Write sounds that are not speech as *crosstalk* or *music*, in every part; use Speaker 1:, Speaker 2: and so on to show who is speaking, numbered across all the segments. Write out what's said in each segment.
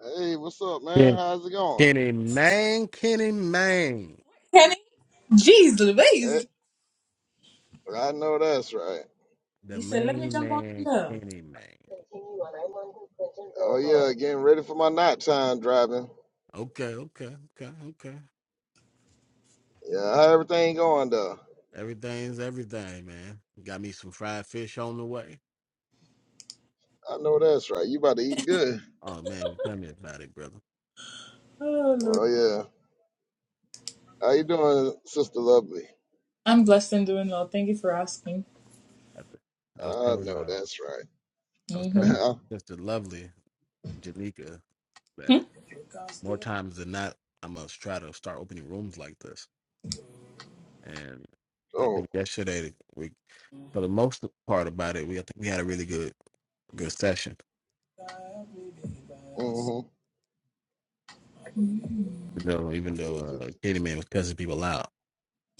Speaker 1: Hey, what's up, man?
Speaker 2: Ken-
Speaker 1: How's it going?
Speaker 2: Kenny Man, Kenny Man,
Speaker 3: Penny? Jeez
Speaker 1: Hey,
Speaker 3: Louise.
Speaker 1: I know that's right.
Speaker 2: the
Speaker 3: You said, let me
Speaker 2: main
Speaker 3: jump on the
Speaker 2: man,
Speaker 3: there.
Speaker 2: Kenny Man.
Speaker 1: Oh yeah, getting ready for my nighttime driving.
Speaker 2: Okay, okay, okay, okay.
Speaker 1: Yeah, how everything going though?
Speaker 2: Everything's everything, man. Got me some fried fish on the way.
Speaker 1: I know that's right. You about to eat good.
Speaker 2: Oh man, tell me about it, brother.
Speaker 3: Oh, Lord.
Speaker 1: Oh yeah. How you doing, sister lovely?
Speaker 3: I'm blessed and doing well. Thank you for asking.
Speaker 2: I, th- I was
Speaker 1: I
Speaker 2: telling,
Speaker 1: know
Speaker 2: uh,
Speaker 1: that's right.
Speaker 2: I was
Speaker 3: Mm-hmm.
Speaker 2: telling Sister Lovely Janika that
Speaker 3: Hmm?
Speaker 2: more times than not, I must try to start opening rooms like this. And
Speaker 1: *laughs*
Speaker 2: I
Speaker 1: oh,
Speaker 2: think yesterday we, for the most part about it, we I think we had a really good good session
Speaker 1: mm-hmm.
Speaker 2: You know, even though uh, Candyman was cussing people out.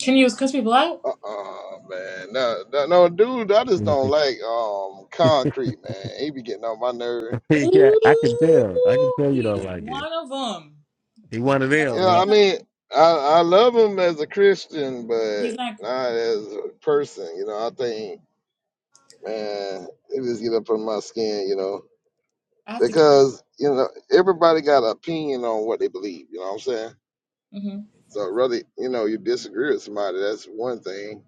Speaker 3: Can you just cuss people out?
Speaker 1: Uh-uh, man. No, no, no, dude, I just
Speaker 2: *laughs*
Speaker 1: don't like um concrete, man. He be getting on my nerve.
Speaker 2: yeah,
Speaker 3: Ooh,
Speaker 2: I can tell. I can tell you
Speaker 3: he's
Speaker 2: don't like it.
Speaker 3: one of them.
Speaker 2: He wanted
Speaker 3: I
Speaker 2: them.
Speaker 3: don't
Speaker 1: Yeah,
Speaker 2: i
Speaker 3: say
Speaker 1: I
Speaker 3: nothing.
Speaker 1: mean, I I love him as a Christian, but
Speaker 3: He's like,
Speaker 1: not as a person. You know, I think man, it just get up on my skin. You know,
Speaker 3: I have to.
Speaker 1: because you know everybody got an opinion on what they believe. You know what I'm saying?
Speaker 3: hmm
Speaker 1: So really, you know, you disagree with somebody, that's one thing,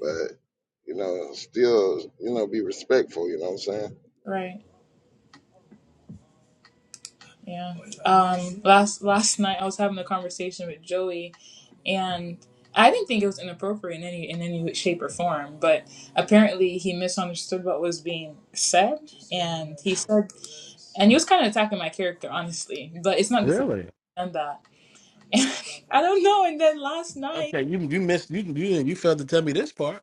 Speaker 1: but you know, still, you know, be respectful. You know what I'm saying?
Speaker 3: Right. Yeah. Um last last night I was having a conversation with Joey and I didn't think it was inappropriate in any in any shape or form, but apparently he misunderstood what was being said and he said and he was kind of attacking my character honestly, but it's not the first
Speaker 2: Really?
Speaker 3: time that. *laughs* I don't know and then last night
Speaker 2: Okay, you you missed you you you failed to tell me this part.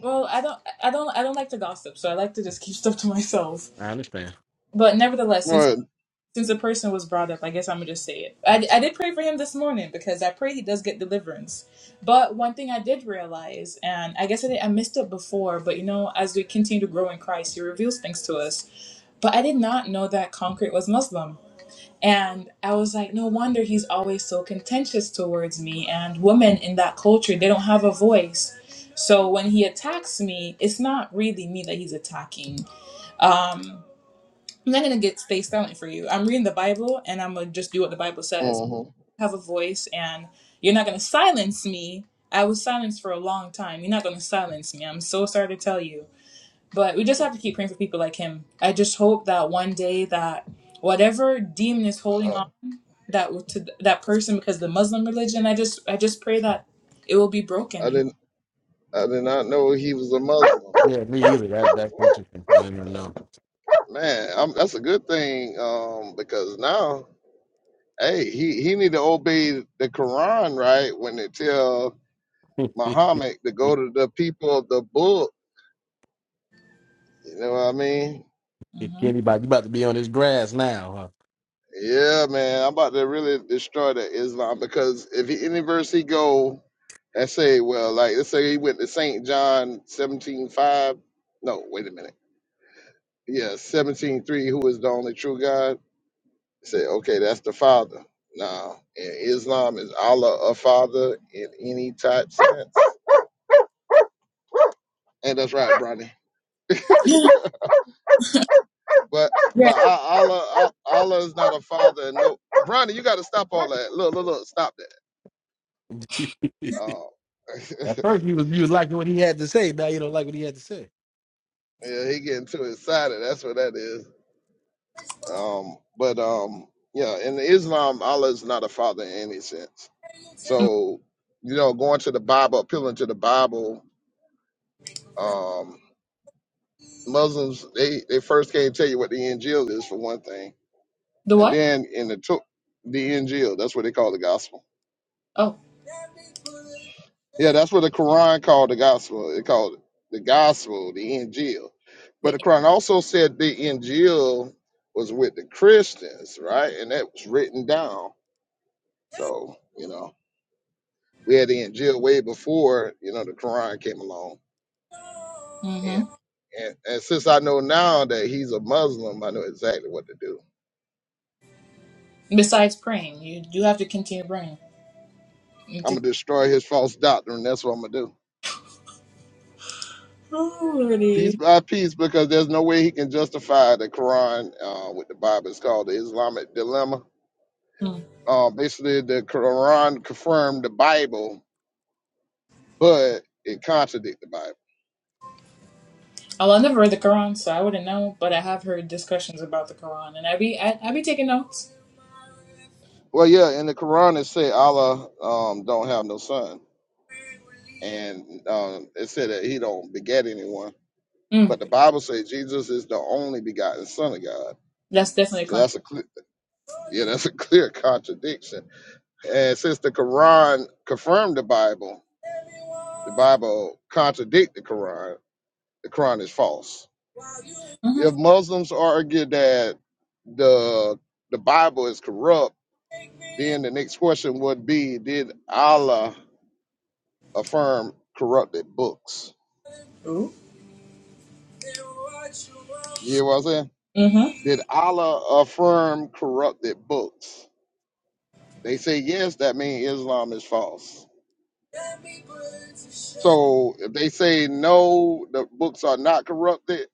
Speaker 3: well, I don't I don't I don't like to gossip, so I like to just keep stuff to myself.
Speaker 2: I understand.
Speaker 3: But nevertheless, since since the person was brought up, I guess I'm gonna just say it. I, I did pray for him this morning because I pray he does get deliverance. But one thing I did realize, and I guess I, did, I missed it before, but you know, as we continue to grow in Christ, he reveals things to us. But I did not know that Concrete was Muslim. And I was like, no wonder he's always so contentious towards me. And women in that culture, they don't have a voice. So when he attacks me, it's not really me that he's attacking. I'm not gonna get stay silent for you. I'm reading the Bible and I'm gonna just do what the Bible says.
Speaker 1: But
Speaker 3: I have a voice and you're not gonna silence me. I was silenced for a long time. You're not gonna silence me. I'm so sorry to tell you. But we just have to keep praying for people like him. I just hope that one day that whatever demon is holding
Speaker 1: uh,
Speaker 3: on that to that person because of the Muslim religion, I just I just pray that it will be broken,
Speaker 1: I
Speaker 3: you know.
Speaker 1: didn't. I did not know he was a Muslim.
Speaker 2: Yeah, me
Speaker 3: like,
Speaker 2: either. That that's interesting. I didn't even know.
Speaker 1: Man, i that's a good thing um, because now hey, he, he need to obey the Quran, right? When it tell Muhammad to go
Speaker 2: *laughs*
Speaker 1: to the people of the book. You know what I mean?
Speaker 3: Mm-hmm. *gasps*
Speaker 2: Anybody, you about to be on his grass now?
Speaker 1: Yeah, man, I'm about to really destroy the Islam because if he, any verse he go and say, well, like let's say he went to Saint John 17:5. No, wait a minute. Yeah, 17:3. Who is the only true God? Say, okay, that's the Father. Now, in Islam, is Allah a Father in any type sense? And that's right, Bronny.
Speaker 3: Yeah.
Speaker 1: But but Al- Allah Allah is not a father. No, Bronny, you got to stop all that. Look look look, stop that.
Speaker 2: Huh? *laughs*
Speaker 1: Oh, *laughs*
Speaker 2: At first, you was you was liking what he had to say. Now you don't like what he had to say.
Speaker 1: yeah, he getting too excited. That's what that is. Um, but um, yeah, in Islam, Allah is not a father in any sense.
Speaker 3: Yeah.
Speaker 1: So you know, going to the Bible, appealing to the Bible. Um, Muslims they they first can't tell you what the Injil is for one thing,
Speaker 3: The
Speaker 1: and
Speaker 3: what?
Speaker 1: then in the to- the Injil, that's what they call the gospel
Speaker 3: Oh,
Speaker 1: Yeah, that's what the Quran called the gospel. It called it the gospel, the Injil. But
Speaker 3: the,
Speaker 1: the Quran also said the Injil was with the Christians, right? And that was written down. So, you know, we had the Injil way before, you know, the Quran came along.
Speaker 3: hmm
Speaker 1: And and, and since I know now that he's a Muslim, I know exactly what to do.
Speaker 3: Besides praying, you do have to continue praying.
Speaker 1: I'm gonna
Speaker 3: Alrighty.
Speaker 1: destroy his false doctrine. That's what I'm gonna do. Piece
Speaker 3: Hmm.
Speaker 1: by piece, because there's no way he can justify the Quran uh, with the Bible. It's called the Islamic dilemma Uh, basically, the Quran confirmed the Bible, but it contradicted the Bible.
Speaker 3: Oh, I never read the Quran, so I wouldn't know. But I have heard discussions about the Quran, and I be I, I be taking notes.
Speaker 1: Well, yeah, in the Quran it said Allah um, don't have no son, and um, it said that He don't beget anyone.
Speaker 3: Mm.
Speaker 1: But the Bible says Jesus is the only begotten Son of God.
Speaker 3: That's definitely a
Speaker 1: So
Speaker 3: country.
Speaker 1: that's a clear, yeah, that's a *laughs* clear contradiction. And since the Quran confirmed the Bible, the Bible contradict the Quran. The Quran is false. if
Speaker 3: Mm-hmm.
Speaker 1: Muslims argue that the the Bible is corrupt, then the next question would be, did Allah affirm corrupted books?
Speaker 3: Ooh.
Speaker 1: You know what I'm saying?
Speaker 3: Mm-hmm.
Speaker 1: Did Allah affirm corrupted books? They say yes, that means Islam is false. So if they say no, the books are not corrupted,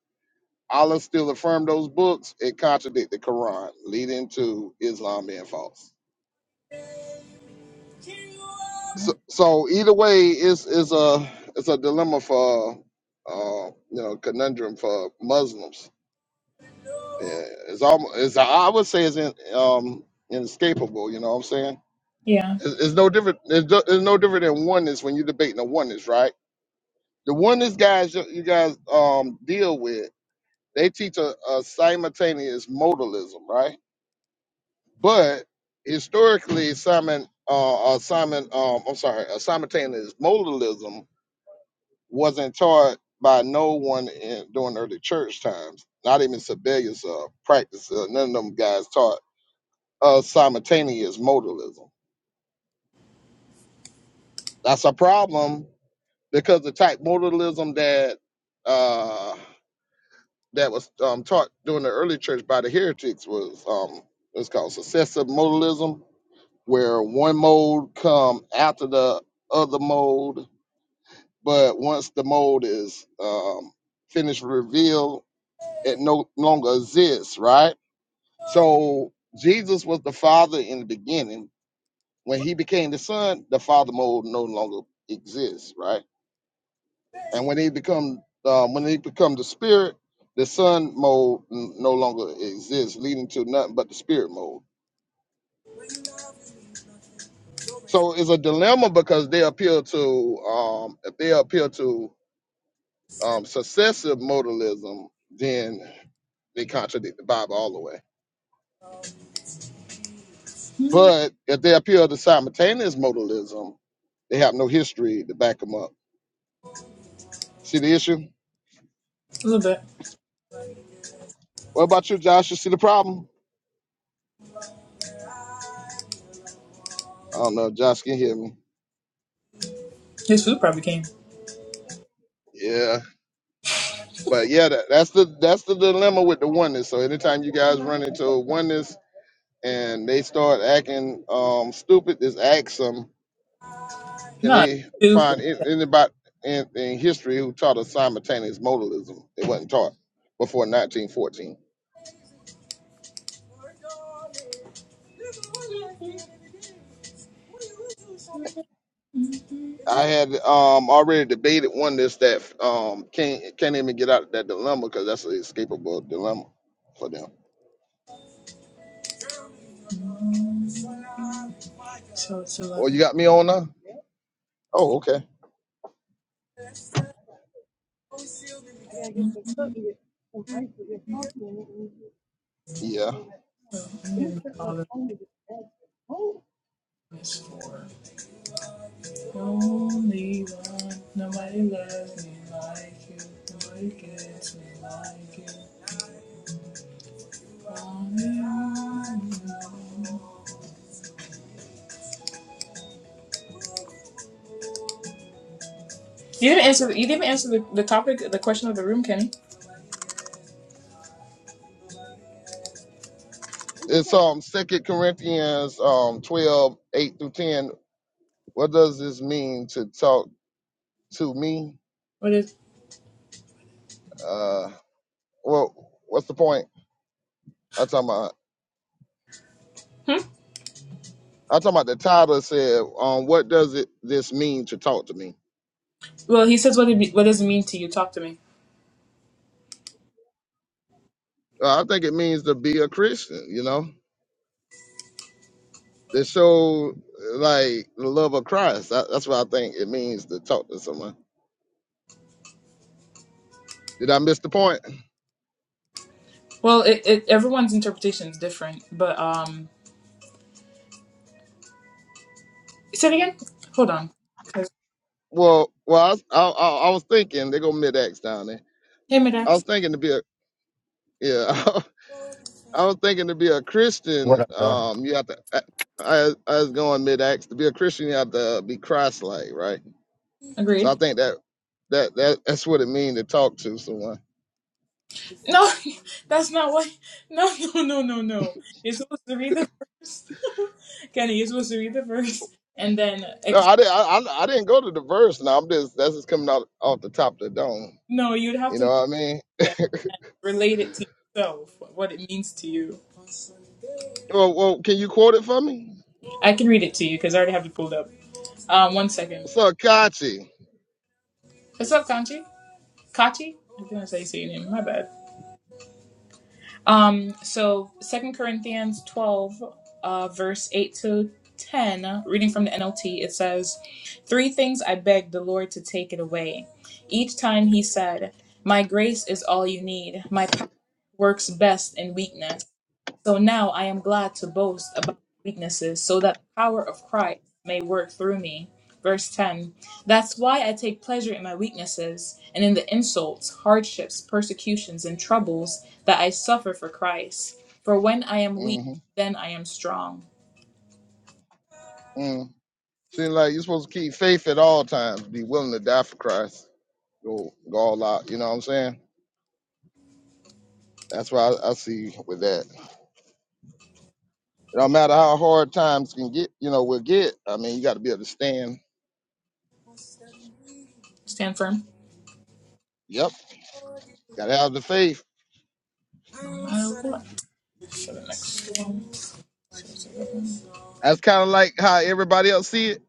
Speaker 1: Allah still affirmed those books, it contradicts the Quran, leading to Islam being false. so, so either way is is a it's a dilemma for uh you know conundrum for muslims Yeah, it's almost it's i would say it's in, um inescapable you know what i'm saying
Speaker 3: Yeah, a
Speaker 1: it's, it's no different it's, do- it's no different than oneness when you're debating a oneness right the oneness guys you, you guys um deal with they teach a, a simultaneous modalism right but historically simon uh, uh simon um i'm sorry a simultaneous modalism wasn't taught by no one in, during early church times. Not even Sabellius uh, practice. Uh, none of them guys taught uh, simultaneous modalism. That's a problem because the type modalism that uh, that was um, taught during the early church by the heretics was um, it's called successive modalism, where one mode come after the other mode, but once the mode is um, finished revealed it no longer exists, right? So Jesus was the Father in the beginning. When he became the Son, the Father mode no longer exists, right? And when he become um, when he become the Spirit, the Son mode n- no longer exists, leading to nothing but the Spirit mode. So it's a dilemma because they appeal to um, if they appeal to um, successive modalism, then they contradict the Bible all the way. But if they appeal to simultaneous modalism, they have no history to back them up. See the issue?
Speaker 3: little bit.
Speaker 1: What about you, Josh? You see the problem? I don't know. if Josh can hear me.
Speaker 3: His food probably came.
Speaker 1: Yeah, but yeah, that, that's the that's the dilemma with the oneness. So anytime you guys run into a oneness and they start acting um, stupid, just ask them, can
Speaker 3: Not
Speaker 1: they
Speaker 3: super.
Speaker 1: find an- anybody in, in history who taught us simultaneous modalism? It wasn't taught before 1914. I had um already debated one that's that um can't can't even get out of that dilemma because that's an escapable dilemma for them.
Speaker 3: So it's
Speaker 1: Well,
Speaker 3: eleven.
Speaker 1: you got me on now? Oh, okay. Yeah.
Speaker 3: So I'm giving all of this for only one. Nobody loves me like you. Nobody gets me like you. Only one. You know. You didn't answer. The, you didn't answer the, the topic, the question of the room, Kenny.
Speaker 1: It's um Second Corinthians um 12, eight through 10. What does this mean to talk to me?
Speaker 3: What is?
Speaker 1: Uh well what's the point? I'm talking about
Speaker 3: Hmm?
Speaker 1: I'm talking about the title said, um, what does it this mean to talk to me?
Speaker 3: Well, he says, "What it be, what does it mean to you? Talk to me."
Speaker 1: Uh, I think it means to be a Christian, you know. that show like the love of Christ. That, that's what I think it means to talk to someone. Did I miss the point?
Speaker 3: Well, it, it everyone's interpretation is different, but um, say it again. Hold on, 'Cause-
Speaker 1: Well, well, I, was- I, I, I was thinking they go mid acts down there.
Speaker 3: hey,
Speaker 1: I
Speaker 3: Midax,
Speaker 1: was thinking to be a yeah. *laughs* I was thinking to be a
Speaker 4: What
Speaker 1: Christian.
Speaker 4: up, y'all?
Speaker 1: Um, you have to. I, I I was going mid acts to be a Christian. You have to be Christ like, right? So I
Speaker 3: agreed.
Speaker 1: think that that that that's what it means to talk to someone.
Speaker 3: No, *laughs* that's not what. No, *laughs* no, no, no, no. You're supposed to read the verse, *laughs* Kenny. You're supposed to read the verse, and then
Speaker 1: No,
Speaker 3: ex-
Speaker 1: I didn't. I, I, I didn't go to the verse. Now I'm just that's just coming out off the top of the dome.
Speaker 3: no, you'd have
Speaker 1: You
Speaker 3: to
Speaker 1: know
Speaker 3: know
Speaker 1: what I mean?
Speaker 3: that- relate it to yourself, what it means to you.
Speaker 1: Well, well, can you quote it for me?
Speaker 3: I can read it to you because I already have it pulled up. Um, one second.
Speaker 1: What's up, Kachi?
Speaker 3: What's up, Kanchi? Kachi? I think that's how you say your name. My bad. Um, so Second Corinthians 12, uh, verse 8 to 10, reading from the NLT, it says, "Three things I begged the Lord to take it away. Each time he said, 'My grace is all you need. My power works best in weakness. So now I am glad to boast about my weaknesses so that the power of Christ may work through me. Verse 10 That's why I take pleasure in my weaknesses and in the insults, hardships, persecutions, and troubles that I suffer for Christ. For when I am weak,
Speaker 1: Mm-hmm.
Speaker 3: then I am strong.
Speaker 1: Mm. Seems like you're supposed to keep faith at all times, be willing to die for Christ, go, go all out. You know what I'm saying? That's why I, I see with that. It don't matter how hard times can get, you know, will get. I mean, you got to be able to stand.
Speaker 3: Stand firm.
Speaker 1: Yep, got to have the faith.
Speaker 3: Uh, what? For the next one.
Speaker 1: That's kind of like how everybody else see it.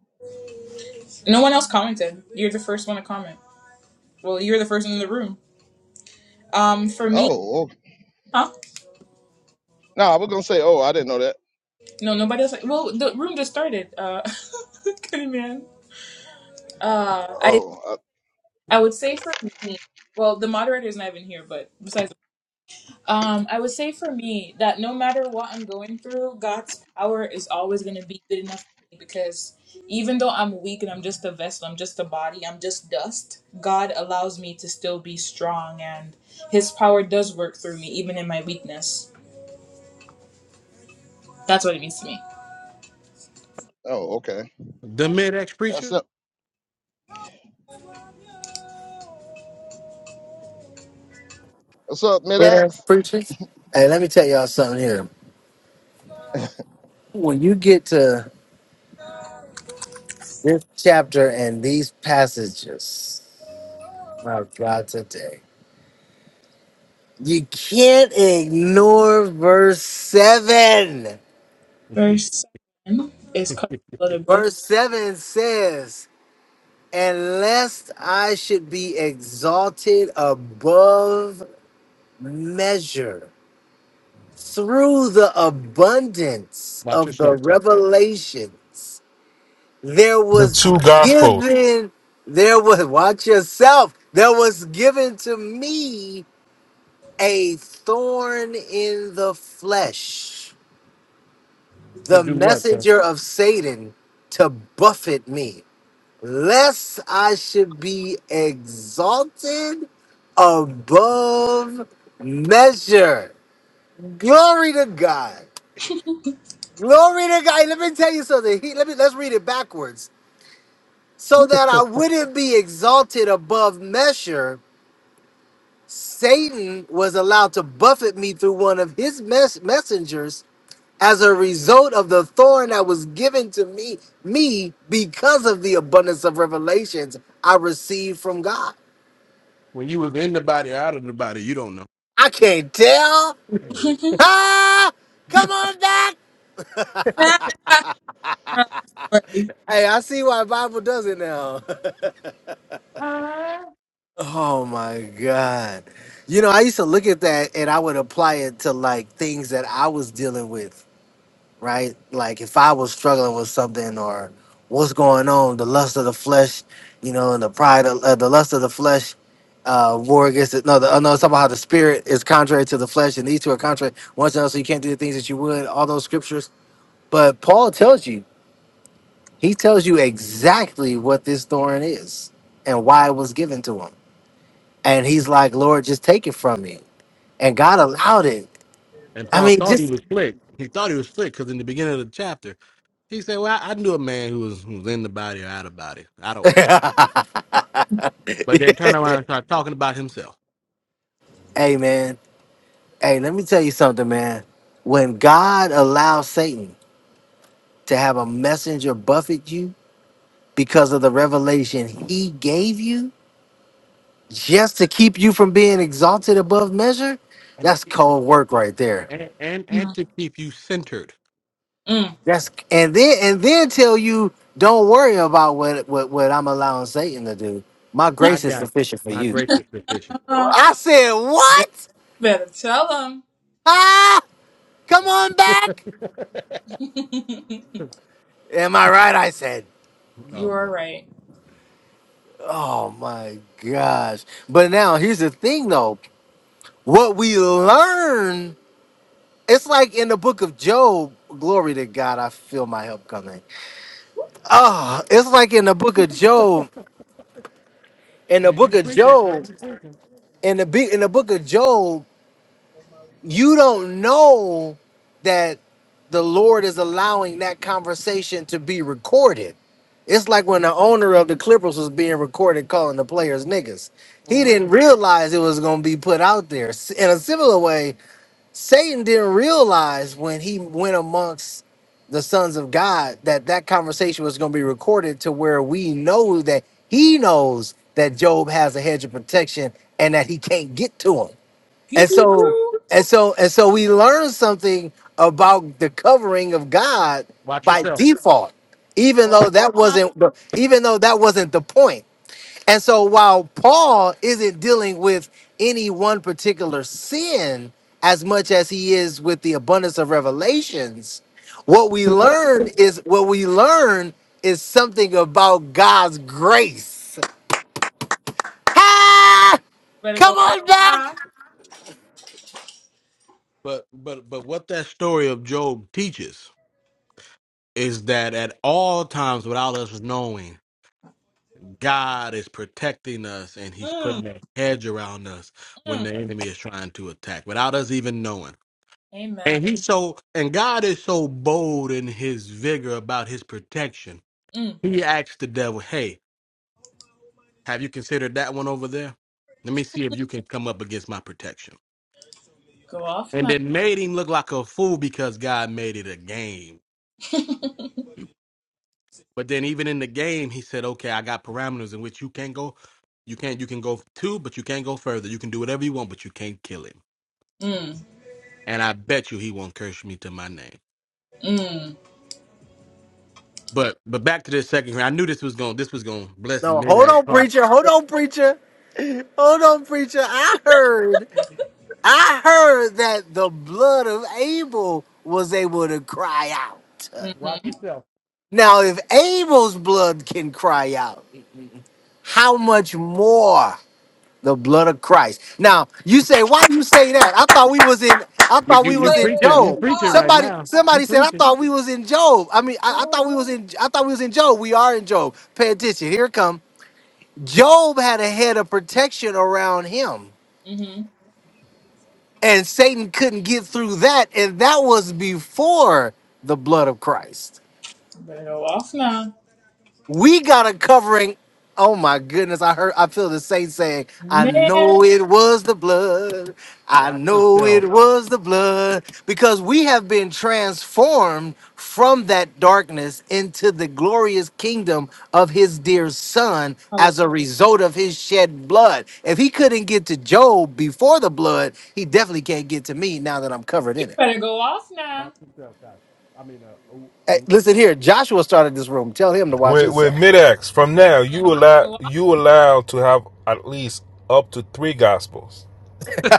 Speaker 3: No one else commented. You're the first one to comment. Well, you're the first one in the room. Um, for me,
Speaker 1: Oh, oh.
Speaker 3: huh?
Speaker 1: no, I was gonna say, oh, I didn't know that.
Speaker 3: No, nobody else. Well, the room just started. Uh, *laughs* good man. Uh, I
Speaker 1: Oh, I,
Speaker 3: I would say for me. Well, the moderator's not even here, but besides, um, I would say for me that no matter what I'm going through, God's power is always going to be good enough for me because even though I'm weak and I'm just a vessel, I'm just a body, I'm just dust. God allows me to still be strong, and His power does work through me, even in my weakness. That's what it means to me.
Speaker 1: oh, okay.
Speaker 2: The mid ex
Speaker 1: That's
Speaker 2: preacher.
Speaker 1: up. What's up,
Speaker 4: Later,
Speaker 1: Mid-X?
Speaker 4: preachers. Hey, let me tell y'all something here. When you get to this chapter and these passages, my God, today, you can't ignore verse 7.
Speaker 2: *laughs*
Speaker 3: Verse seven is cut a little bit.
Speaker 4: Verse 7 says, And lest I should be exalted above measure through the abundance
Speaker 2: Watch
Speaker 4: of the
Speaker 2: yourself, sir.
Speaker 4: revelations. There
Speaker 5: The
Speaker 4: was
Speaker 5: two gospels
Speaker 4: given, there was, watch yourself, there was given to me a thorn in the flesh,
Speaker 2: To
Speaker 4: the
Speaker 2: do what, sir?
Speaker 4: messenger of Satan to buffet me, lest I should be exalted above measure. Glory to God. Glory to God. Let me tell you something. He, let me let's read it backwards. so that I wouldn't be exalted above measure, Satan was allowed to buffet me through one of his mes- messengers as a result of the thorn that was given to me, me because of the abundance of revelations I received from God.
Speaker 2: When you was in the body or out of the body, you don't know.
Speaker 4: I can't tell. Ah, come on back.
Speaker 3: *laughs* You right.
Speaker 4: Hey, I see why Bible does it now.
Speaker 2: Huh?
Speaker 4: *laughs* oh my God. You know, I used to look at that and I would apply it to like things that I was dealing with right? Like if I was struggling with something or what's going on, the lust of the flesh, you know, and the pride of uh, the lust of the flesh, uh, war against it. No, the, uh, no, it's talking about how the spirit is contrary to the flesh, and these two are contrary one to another, so you can't do the things that you would. All those scriptures, but Paul tells you, he tells you exactly what this thorn is and why it was given to him, and he's like, Lord, just take it from me, and God allowed it.
Speaker 2: And
Speaker 4: I
Speaker 2: Paul
Speaker 4: mean,
Speaker 2: thought he
Speaker 4: just.
Speaker 2: was slick. He thought he was slick because in the beginning of the chapter, he said, Well, I, I knew a man who was, who was in the body or out of body. I don't know.
Speaker 4: *laughs*
Speaker 2: But then turn around and start talking about himself.
Speaker 4: Amen. Hey, let me tell you something, man. When God allowed Satan to have a messenger buffet you because of the revelation he gave you just to keep you from being exalted above measure,
Speaker 2: And
Speaker 4: that's cold
Speaker 2: well,
Speaker 4: work right there.
Speaker 2: and, and, and
Speaker 3: Mm.
Speaker 2: to keep you centered,
Speaker 3: Mm.
Speaker 4: That's and then and then tell you don't worry about what what, what I'm allowing Satan to do. My
Speaker 2: I
Speaker 4: grace is
Speaker 2: got
Speaker 4: sufficient for
Speaker 2: my
Speaker 4: you.
Speaker 2: grace is sufficient.
Speaker 3: Uh,
Speaker 4: I said,
Speaker 3: they
Speaker 4: "What?
Speaker 3: better tell them.
Speaker 4: Ah, come on
Speaker 2: Um, *laughs*
Speaker 4: back."
Speaker 3: *laughs*
Speaker 4: Am I right? I said.
Speaker 3: you
Speaker 2: oh,
Speaker 3: are
Speaker 2: God.
Speaker 3: right.
Speaker 4: Oh my gosh. But now here's the thing though. What we learn, it's like in the book of Job, glory to God, I feel my help coming. Oh, it's like in the book of Job, in the
Speaker 2: You, you
Speaker 4: book of
Speaker 2: preaching, sir.
Speaker 4: Job,
Speaker 2: You preaching.
Speaker 4: in the be- in the book of Job, you don't know that the Lord is allowing that conversation to be recorded. It's like when the owner of the Clippers was being recorded calling the players niggas.
Speaker 2: Oh,
Speaker 4: He didn't
Speaker 2: wait.
Speaker 4: realize it was going to be put out there. S- In a similar way, Satan didn't realize when he went amongst the sons of God that that conversation was going to be recorded to where we know that he knows that Job has a hedge of protection and that he can't get to him
Speaker 3: Pew
Speaker 4: and
Speaker 3: pew
Speaker 4: so
Speaker 3: pew.
Speaker 4: and so and so we learn something about the covering of God
Speaker 2: Watch
Speaker 4: by
Speaker 2: yourself.
Speaker 4: default, even
Speaker 3: Go
Speaker 4: though
Speaker 3: off.
Speaker 4: that
Speaker 3: now.
Speaker 4: wasn't the- even though that wasn't the point. And so while Paul isn't dealing with any one particular sin as much as he is with the abundance of revelations, what we learn is what we learn is something about God's grace. Ha!
Speaker 3: Better go
Speaker 4: Come
Speaker 3: off
Speaker 4: on back.
Speaker 3: now.
Speaker 2: But, but, but what that story of Job teaches is that at all times, without us knowing, God is protecting us and he's
Speaker 3: Mm,
Speaker 2: putting a hedge around us when
Speaker 3: mm.
Speaker 2: the enemy is trying to attack without us even knowing.
Speaker 3: Amen.
Speaker 2: And he's so and God is so bold in his vigor about his protection.
Speaker 3: Mm.
Speaker 2: He asks the devil, Hey, have you considered that one over there? Let me see if you can come up against my protection.
Speaker 3: Go off
Speaker 2: And
Speaker 3: now.
Speaker 2: then made him look like a fool because God made it a game. But then even in the game, he said, Okay, I got parameters in which you can't go you can't you can go two, but you can't go further. You can do whatever you want, but you can't kill him.
Speaker 3: Mm,
Speaker 2: and I bet you he won't curse me to my name.
Speaker 3: mm.
Speaker 2: But but back to this second here. I knew this was going this was going to bless
Speaker 4: No,
Speaker 2: mid
Speaker 4: hold on,
Speaker 2: heart.
Speaker 4: preacher. Hold on, preacher. Hold on, preacher. I heard, I heard that the blood of Abel was able to cry out.
Speaker 3: hmm Wait,
Speaker 2: Watch yourself.
Speaker 4: Now, if Abel's blood can cry out, how much more the blood of Christ? Now, you say, why do you say that? I thought we was in, I
Speaker 2: You
Speaker 4: thought
Speaker 2: you
Speaker 4: we
Speaker 2: you
Speaker 4: was
Speaker 3: wait,
Speaker 4: in
Speaker 2: preaching you
Speaker 3: wait.
Speaker 4: Job.
Speaker 2: preaching right
Speaker 4: Somebody,
Speaker 2: now. You
Speaker 4: somebody said, I
Speaker 2: preaching.
Speaker 4: thought we was in Job. I mean, I, I thought
Speaker 3: Pause.
Speaker 4: we was in, I thought we was in Job. We are in Job. Pay attention. Here it come. Job had a head of protection around him,
Speaker 3: Mm-hmm.
Speaker 4: and Satan couldn't get through that. And that was before the blood of Christ.
Speaker 3: Better go off now.
Speaker 4: We got a covering. Oh my goodness, I heard I feel the saint saying, I
Speaker 3: Man.
Speaker 4: know it was the blood. I
Speaker 2: Watch
Speaker 4: know
Speaker 2: yourself.
Speaker 4: it was the blood. Because we have been transformed from that darkness into the glorious kingdom of his dear son
Speaker 3: hallelujah.
Speaker 4: as a result of his shed blood. If he couldn't get to Job before the blood, he definitely can't get to me now that I'm covered
Speaker 3: You
Speaker 4: in it.
Speaker 3: better go off now.
Speaker 2: Watch yourself, Kachi. I mean, uh, ooh,
Speaker 4: Hey,
Speaker 2: ooh.
Speaker 4: listen here, Joshua started this room. Tell him to watch
Speaker 5: with with
Speaker 4: himself.
Speaker 5: mid-ex from now you allow
Speaker 3: Go off.
Speaker 5: you allowed to have at least up to three gospels,
Speaker 2: *laughs*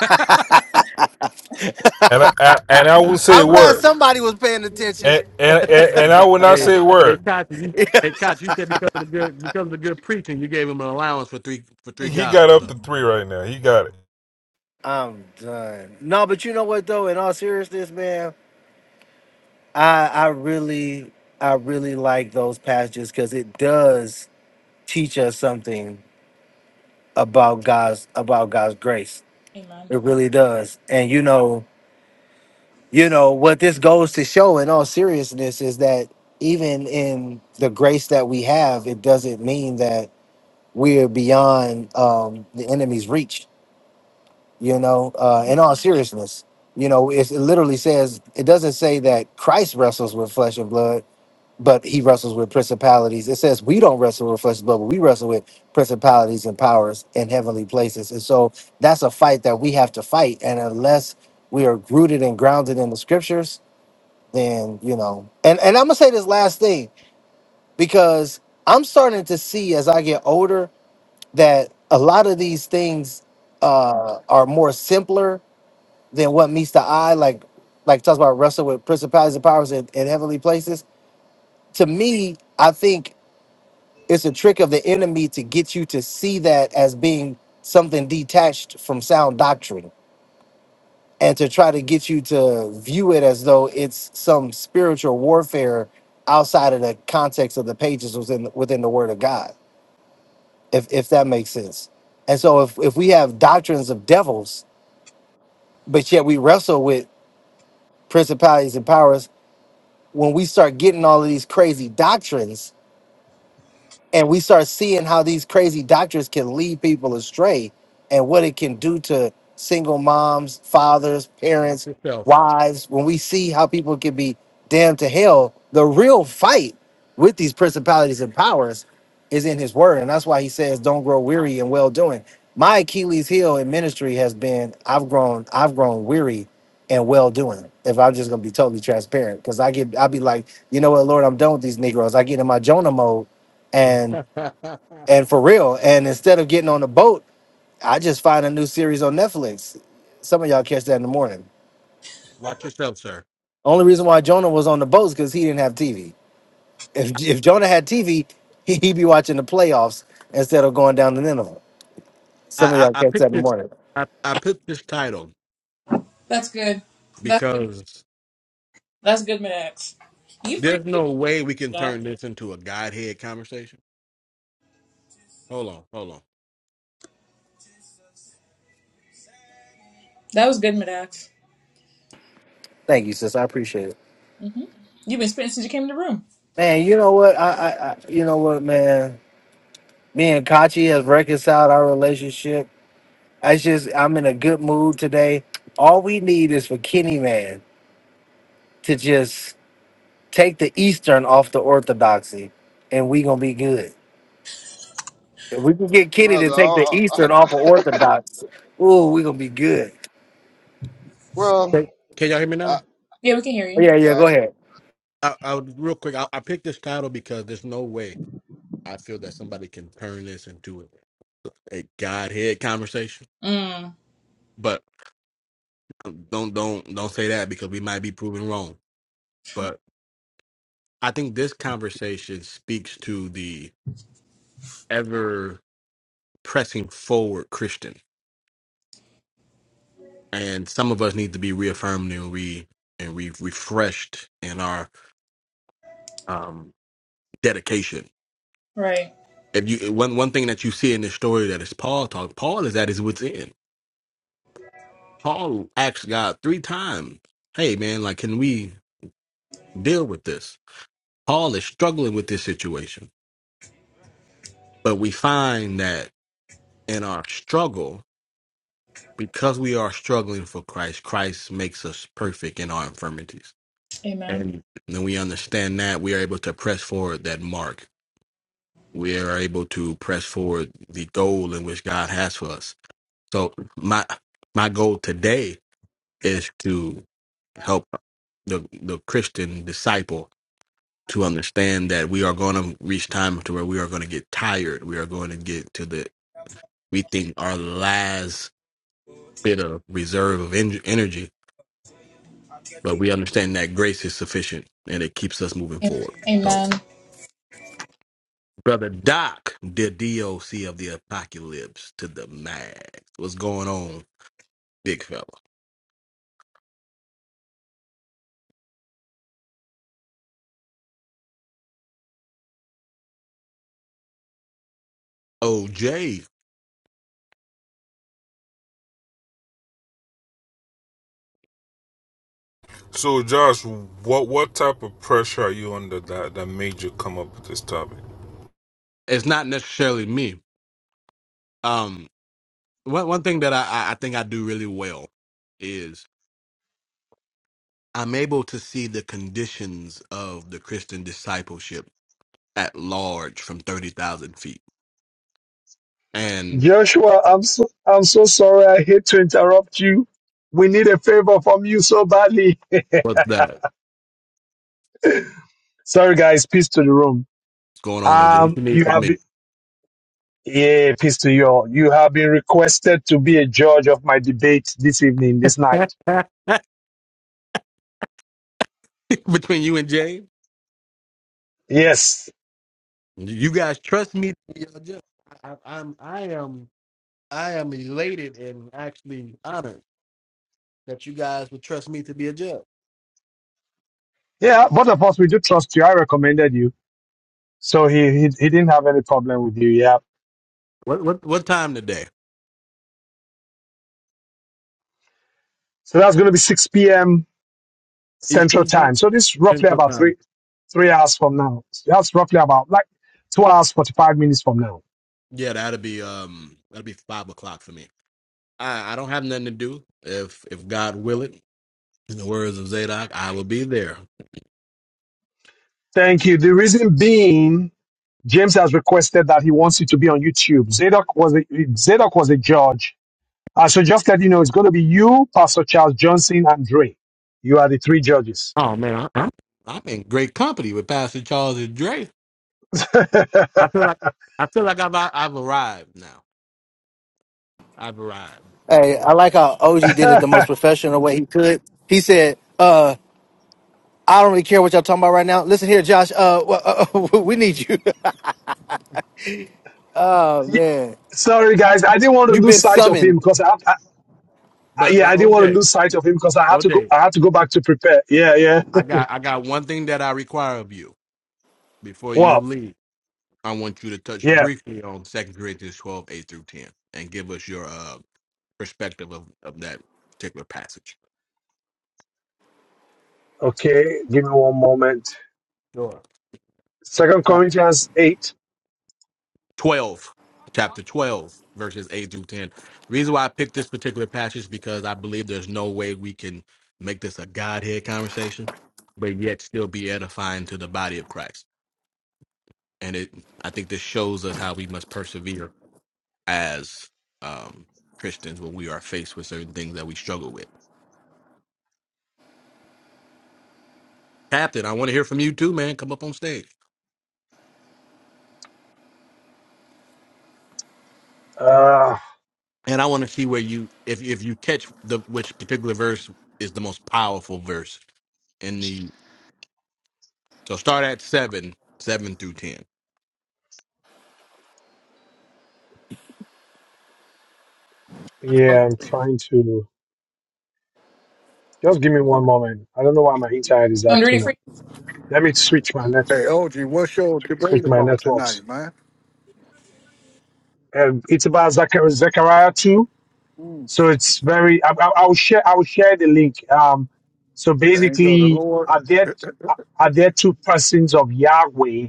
Speaker 5: and I, I and I will say
Speaker 4: I'm
Speaker 5: a
Speaker 4: glad
Speaker 5: word,
Speaker 4: somebody was paying attention
Speaker 5: and and and, and I will not
Speaker 2: hey
Speaker 5: say a
Speaker 2: hey,
Speaker 5: word.
Speaker 2: Kachi, you hey Kachi, you said because of the good because of the good preaching, you gave him an allowance for three for three
Speaker 5: He got
Speaker 2: gospels.
Speaker 5: up
Speaker 2: Huh?
Speaker 5: to three right now. He got it.
Speaker 4: I'm done. No, but you know what though? In all seriousness, man, I I really I really like those passages because it does teach us something about God's about God's grace.
Speaker 3: Amen.
Speaker 4: It really does. And you know, you know what this goes to show in all seriousness is that even in the grace that we have, it doesn't mean that we're beyond um, the enemy's reach you know uh in all seriousness you know it's, it literally says it doesn't say that christ wrestles with flesh and blood but he wrestles with principalities it says we don't wrestle with flesh and blood but we wrestle with principalities and powers in heavenly places and so that's a fight that we have to fight and unless we are rooted and grounded in the scriptures then you know and and i'm gonna say this last thing because i'm starting to see as i get older that a lot of these things uh, are more simpler than what meets the eye, like like talks about wrestle with principalities and powers in, in heavenly places. To me, I think it's a trick of the enemy to get you to see that as being something detached from sound doctrine and to try to get you to view it as though it's some spiritual warfare outside of the context of the pages within within the word of God, if if that makes sense. And so if if we have doctrines of devils, but yet we wrestle with principalities and powers when we start getting all of these crazy doctrines, and we start seeing how these crazy doctors can lead people astray and what it can do to single moms, fathers,
Speaker 2: Watch
Speaker 4: parents,
Speaker 2: yourself.
Speaker 4: wives. When we see how people can be damned to hell, the real fight with these principalities and powers is in his word. And that's why he says, don't grow weary in well doing. My Achilles heel in ministry has been I've grown, I've grown weary and well doing. If I'm just gonna be totally transparent, because I get I'll be like, you know what, Lord, I'm done with these Negroes. I get in my Jonah mode and
Speaker 2: *laughs*
Speaker 4: and for real. And instead of getting on the boat, I just find a new series on Netflix. Some of y'all catch that in the morning.
Speaker 2: Watch yourself, sir.
Speaker 4: Only reason why Jonah was on the boat is because he didn't have TV. If if Jonah had TV, he, *laughs* he'd be watching the playoffs instead of going down the Nineveh. Some of
Speaker 2: I I,
Speaker 4: y'all
Speaker 2: I
Speaker 4: catch that
Speaker 2: picked
Speaker 4: in the
Speaker 2: this
Speaker 4: morning.
Speaker 2: I I picked this title
Speaker 3: That's good. That's good.
Speaker 2: because.
Speaker 3: That's good, Max. You freak,
Speaker 2: There's no way we can
Speaker 3: Jax.
Speaker 2: turn this into a godhead conversation. Hold on, hold on.
Speaker 3: That was good, Madax.
Speaker 4: Thank you, sis. I appreciate it.
Speaker 3: Mm-hmm. You've been spitting since you came in the room.
Speaker 4: Man, you know what? I, I, I you know what, man. Me and Kachi has reconciled our relationship. I just I'm in a good mood today. All we need is for Kenny Man to just Take the Eastern off the Orthodoxy, and we gonna be good. If we can get Kenny to
Speaker 1: brother?
Speaker 4: take the
Speaker 1: Uh, uh,
Speaker 4: Eastern off of Orthodox, ooh, we gonna be good.
Speaker 1: well,
Speaker 2: Okay. Can y'all hear me
Speaker 1: I,
Speaker 2: now?
Speaker 3: Yeah, we can hear
Speaker 4: Oh,
Speaker 3: you.
Speaker 4: Yeah, yeah,
Speaker 1: yeah,
Speaker 4: go ahead.
Speaker 2: I, I would- real quick. I, I picked this title because there's no way I feel that somebody can turn this into a, a godhead conversation.
Speaker 3: Mm.
Speaker 2: But um, don't don't don't say that because we might be proven wrong. But I think this conversation speaks to the ever pressing forward Christian, and some of us need to be reaffirmed and re and re refreshed in our um dedication
Speaker 3: Right.
Speaker 2: if you one one thing that you see in this story that is Paul talk, Paul is at his wit's end. Paul asked God three times, "Hey man, like can we deal with this?" Paul is struggling with this situation, but we find that in our struggle, because we are struggling for Christ, Christ makes us perfect in our infirmities,
Speaker 3: Amen.
Speaker 2: and then we understand that we are able to press forward that mark. We are able to press forward the goal in which God has for us. So my my goal today is to help the the Christian disciple to understand that we are going to reach time to where we are going to get tired. We are going to get to the we think our last bit of reserve of en- energy, but we understand that grace is sufficient and it keeps us moving
Speaker 3: Am-
Speaker 2: forward. So,
Speaker 3: Amen.
Speaker 2: brother Doc, the DOC of the apocalypse to the max. What's going on, big fella? OJ,
Speaker 5: So Josh, what what type of pressure are you under that that made you come up with this topic?
Speaker 2: it's not necessarily me. Um, one one thing that I I I think I do really well is I'm able to see the conditions of the Christian discipleship at large from thirty thousand feet. And
Speaker 6: Joshua, I'm so, I'm so sorry. I hate to interrupt you. We need a favor from you so badly. *laughs*
Speaker 2: what's that? What's
Speaker 6: Sorry, guys. Peace to the room.
Speaker 2: going on, OJ? What
Speaker 6: Um,
Speaker 2: you need
Speaker 6: you
Speaker 2: from
Speaker 6: have
Speaker 2: me?
Speaker 6: been, yeah, peace to you all. You have been requested to be a judge of my debate this evening, this night.
Speaker 2: *laughs* Between you and Jay,
Speaker 6: Yes.
Speaker 2: you guys trust me. to be your judge. I, I'm I am I am elated and actually honored that you guys would trust me to be a judge.
Speaker 6: Yeah, both of us, we do trust you. I recommended you. So he, he, he didn't have any problem with you. Yeah.
Speaker 2: What what what time today?
Speaker 6: So that's going to be 6 p.m. Central
Speaker 2: Eastern time,
Speaker 6: Time. So this is roughly
Speaker 2: Central
Speaker 6: about
Speaker 2: time.
Speaker 6: three, three hours from now. That's roughly about like two hours, 45 minutes from now.
Speaker 2: Yeah, that'd be um that'd be five o'clock for me. I I don't have nothing to do. If if God will it, in the words of Zadok, I will be there.
Speaker 6: Thank you. The reason being, James has requested that he wants it to be on YouTube. Zadok was a, Zadok was a judge. Uh, so just let you know, it's going to be you, Pastor Charles Johnson, and Dre. You are the three judges.
Speaker 2: Oh man, I, I'm I'm in great company with Pastor Charles and Dre. I
Speaker 6: *laughs*
Speaker 2: feel like I feel like I've I've arrived now. I've arrived.
Speaker 4: Hey, I like how OG did it the most professional way he could. He said, uh, I don't really care what y'all talking about right now. Listen here, Josh. Uh, w- *laughs* we need you. *laughs* Oh man,
Speaker 6: Sorry, guys, I didn't want to
Speaker 4: you've
Speaker 6: lose
Speaker 4: been
Speaker 6: sight of
Speaker 4: summoned.
Speaker 6: him because I, I, I-
Speaker 2: But
Speaker 6: yeah,
Speaker 2: but
Speaker 6: I didn't want to
Speaker 2: OJ,
Speaker 6: lose sight of him because I had to go.
Speaker 2: OJ,
Speaker 6: I had to go back to prepare. Yeah, yeah.
Speaker 2: I got I got one thing that I require of you before you
Speaker 6: Wow.
Speaker 2: leave. I want you to touch
Speaker 6: Yeah.
Speaker 2: briefly on Second Corinthians 12 8 through 10, and give us your uh, perspective of, of that particular passage.
Speaker 6: Okay. Give me one moment.
Speaker 2: Sure.
Speaker 6: Second Corinthians eight.
Speaker 2: 12, chapter 12, verses 8 through 10. reason why I picked this particular passage is because I believe there's no way we can make this a Godhead conversation, but yet still be edifying to the body of Christ. And it, I think this shows us how we must persevere as um, Christians when we are faced with certain things that we struggle with. Captain, I want to hear from you too, man. Come up on stage,
Speaker 6: Uh,
Speaker 2: and I want to see where you, if if you catch the which particular verse is the most powerful verse in the. So start at seven, seven through ten.
Speaker 6: yeah, I'm trying to. Just give me one moment. I don't know why my internet is
Speaker 3: I'm read it
Speaker 6: acting
Speaker 3: for
Speaker 6: up. Let me switch my net,
Speaker 7: Hey, OG, what's your debate
Speaker 6: switch my
Speaker 7: about
Speaker 6: networks.
Speaker 7: tonight, man?
Speaker 6: Um, it's about Zechar- Zechariah two,
Speaker 7: Mm,
Speaker 6: so it's very. I, I, I will share. I will share the link. Um, so
Speaker 7: with the angel of the
Speaker 6: basically,
Speaker 7: Lord?
Speaker 6: are there are there two persons of Yahweh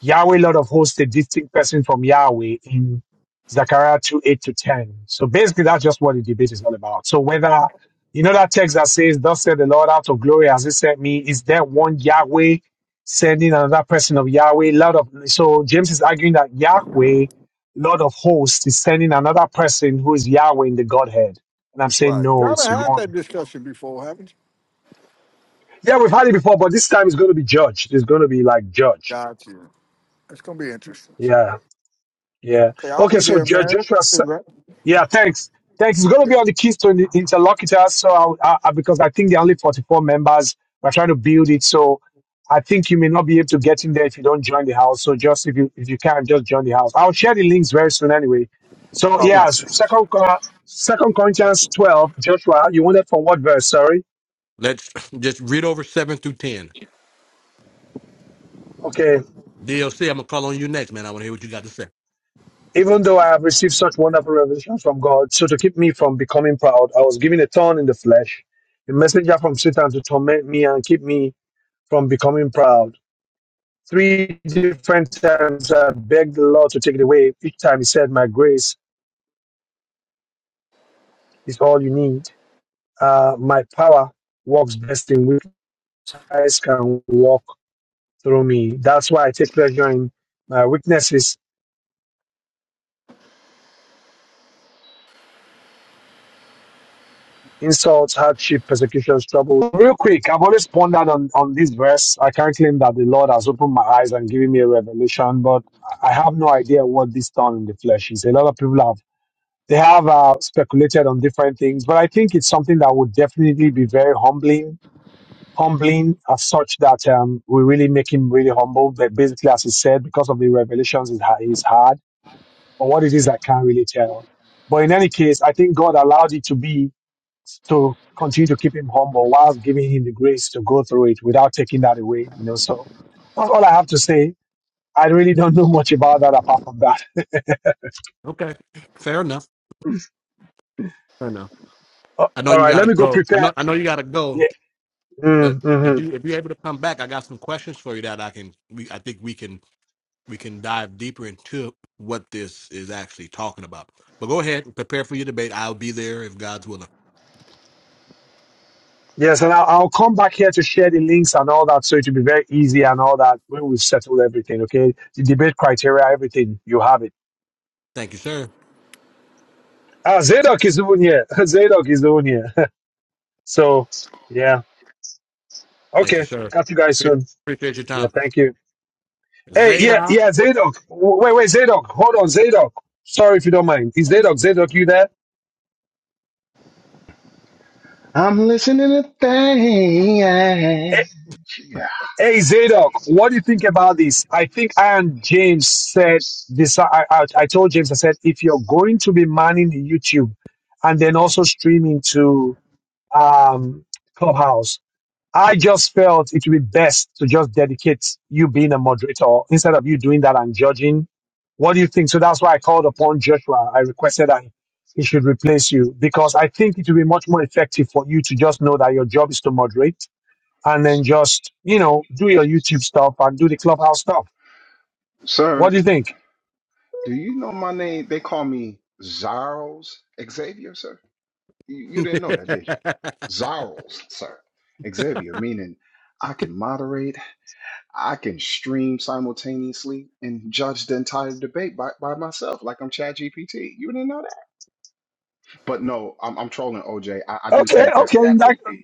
Speaker 6: Yahweh, Lord of hosts, a distinct person from Yahweh in Zechariah 2 8 to 10. So basically,
Speaker 7: Right,
Speaker 6: that's just what the debate is all about. So whether, you know, that text that says, Thus said the Lord out of glory as he sent me, is there one Yahweh sending another person of Yahweh? Lord of, so James is arguing that Yahweh, Lord of hosts, is sending another person who is Yahweh in the Godhead. And I'm saying,
Speaker 7: right.
Speaker 6: no,
Speaker 7: Y'all done
Speaker 6: it's
Speaker 7: had that
Speaker 6: one.
Speaker 7: discussion before, haven't you?
Speaker 6: Yeah, we've had it before, but this time it's going to be judged. It's going to be like judged.
Speaker 7: Got you. It's going to be interesting.
Speaker 6: Yeah, yeah.
Speaker 7: Okay, I'll
Speaker 6: Okay,
Speaker 7: be
Speaker 6: so
Speaker 7: there,
Speaker 6: Jo-
Speaker 7: man.
Speaker 6: Joshua
Speaker 7: Cigarette?
Speaker 6: Yeah, thanks. Thanks. It's going to
Speaker 7: Yeah.
Speaker 6: be on the keys Keystone interlocutors. So, I'll- I, I, because I think there are only 44 members, we're trying to build it. So, I think you may not be able to get in there if you don't join the house. So, just if you if you can, just join the house. I'll share the links very soon anyway. So,
Speaker 7: All
Speaker 6: yeah,
Speaker 7: right.
Speaker 6: s- second uh, Second Corinthians 12, Joshua, you wanted from what verse? Sorry.
Speaker 2: Let's *laughs* just read over seven through ten.
Speaker 6: Okay.
Speaker 2: DLC, I'm gonna call on you next, man. I want to hear what you got to say.
Speaker 6: Even though I have received such wonderful revelations from God, so to keep me from becoming proud, I was given a thorn in the flesh, a messenger from Satan to torment me and keep me from becoming proud. Three different times I begged the Lord to take it away. Each time He said, My grace is all you need. Uh, my power works best in weakness can walk through me. That's why I take pleasure in my weaknesses, insults, hardship, persecutions, trouble. Real quick, I've always pondered on, on this verse. I can't claim that the Lord has opened my eyes and given me a revelation, but I I have no idea what this thorn in the flesh is. A lot of people have They have uh, speculated on different things, but I think it's something that would definitely be very humbling, humbling as such that um, we really make him really humble. But basically, as he said, because of the revelations, is ha- is hard. But what it is, I can't really tell. But in any case, I think God allowed it to be to continue to keep him humble while giving him the grace to go through it without taking that away. You know, so that's all I have to say. I really don't know much about that apart from that.
Speaker 2: Okay, fair enough. Fair enough. I
Speaker 6: *laughs*
Speaker 2: know
Speaker 6: All
Speaker 2: you
Speaker 6: right, let
Speaker 2: gotta
Speaker 6: me go
Speaker 2: go. I
Speaker 6: prepare.
Speaker 2: know. I know you gotta go. But
Speaker 6: Yeah.
Speaker 2: if you if you're able to come back, I got some questions for you that I can. We, I think we can we can dive deeper into what this is actually talking about. But go ahead, prepare for your debate. I'll be there if God's willing.
Speaker 6: Yes, and I'll, I'll come back here to share the links and all that, so it will be very easy and all that when we've settled everything. Okay, the debate criteria, everything you have it.
Speaker 2: Thank you, sir.
Speaker 6: Ah, Zadok is the one here. *laughs* Zadok is the one here. *laughs* so yeah,
Speaker 2: Thank you,
Speaker 6: okay.
Speaker 2: sir.
Speaker 6: Catch you guys
Speaker 2: Pre-
Speaker 6: soon.
Speaker 2: Appreciate your
Speaker 6: Yeah,
Speaker 2: time,
Speaker 6: thank you. Hey, yeah,
Speaker 2: Zadok.
Speaker 6: yeah, Zadok. W- Wait, wait, Zadok. Hold on, Zadok. Sorry if you don't mind. Is Zadok? Zadok, you there?
Speaker 8: I'm listening to things. Yeah.
Speaker 6: Hey Zadok, what do you think about this? I think I and James said this. I, I, I told James, I said, if you're going to be manning YouTube and then also streaming to um, Clubhouse, I just felt it would be best to just dedicate you being a moderator instead of you doing that and judging. What do you think? So that's why I called upon Joshua. I requested that he should replace you because I think it would be much more effective for you to just know that your job is to moderate and then just you know do your YouTube stuff and do the clubhouse stuff. What
Speaker 8: Sir,
Speaker 6: do you think?
Speaker 8: do you know my name? They call me Zarles Xavier, sir. You,
Speaker 2: *laughs*
Speaker 8: you
Speaker 2: can,
Speaker 8: didn't know that, did you? Zarles, sir. Xavier, meaning I can moderate, I can stream simultaneously, and judge the entire debate by, by myself, like I'm Chad GPT. You didn't know that? But no, I'm, I'm trolling OJ. I I do
Speaker 6: Okay,
Speaker 8: think that
Speaker 6: okay,
Speaker 8: that would
Speaker 6: that,
Speaker 8: be.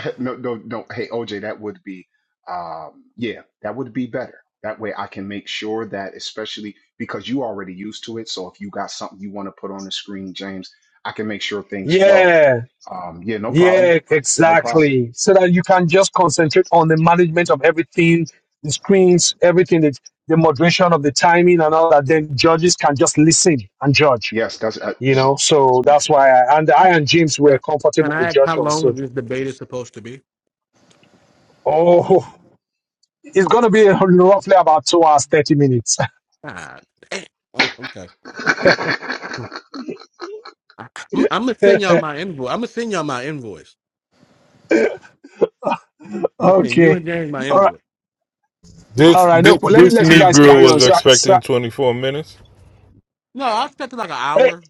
Speaker 8: *laughs* no, no, no. Hey, OJ, that would be, um, yeah, that would be better. That way I can make sure that, especially because you already used to it. So if you got something you want to put on the screen, James, I can make sure things flow.
Speaker 6: yeah,
Speaker 8: Um, yeah, no problem.
Speaker 6: yeah,
Speaker 8: Uh, No problem.
Speaker 6: exactly. So that you can just concentrate on the management of everything, the screens, everything, the, the moderation of the timing and all that. Then judges can just listen and judge.
Speaker 8: Yes, that's uh,
Speaker 6: You
Speaker 8: is-
Speaker 6: know, so that's why I and I and James were
Speaker 2: can
Speaker 6: comfortable with
Speaker 2: I ask how
Speaker 6: Joshua.
Speaker 2: long
Speaker 6: So,
Speaker 2: is this debate is supposed to be?
Speaker 6: oh, it's gonna be *laughs* roughly about two hours thirty minutes.
Speaker 2: Ah, damn. Oh, okay. I, am gonna send
Speaker 6: *laughs*
Speaker 2: y'all my invoice. I'm gonna send y'all my invoice. I'm gonna send you and
Speaker 6: okay.
Speaker 2: James my
Speaker 6: All right.
Speaker 2: invoice.
Speaker 6: All
Speaker 5: This
Speaker 6: right, no,
Speaker 5: this,
Speaker 6: let me
Speaker 5: this
Speaker 6: let you guys
Speaker 5: Negro
Speaker 6: carry on.
Speaker 5: was
Speaker 6: So, so
Speaker 5: expecting 24 minutes.
Speaker 2: No, I expect like an
Speaker 6: hey,
Speaker 2: hour.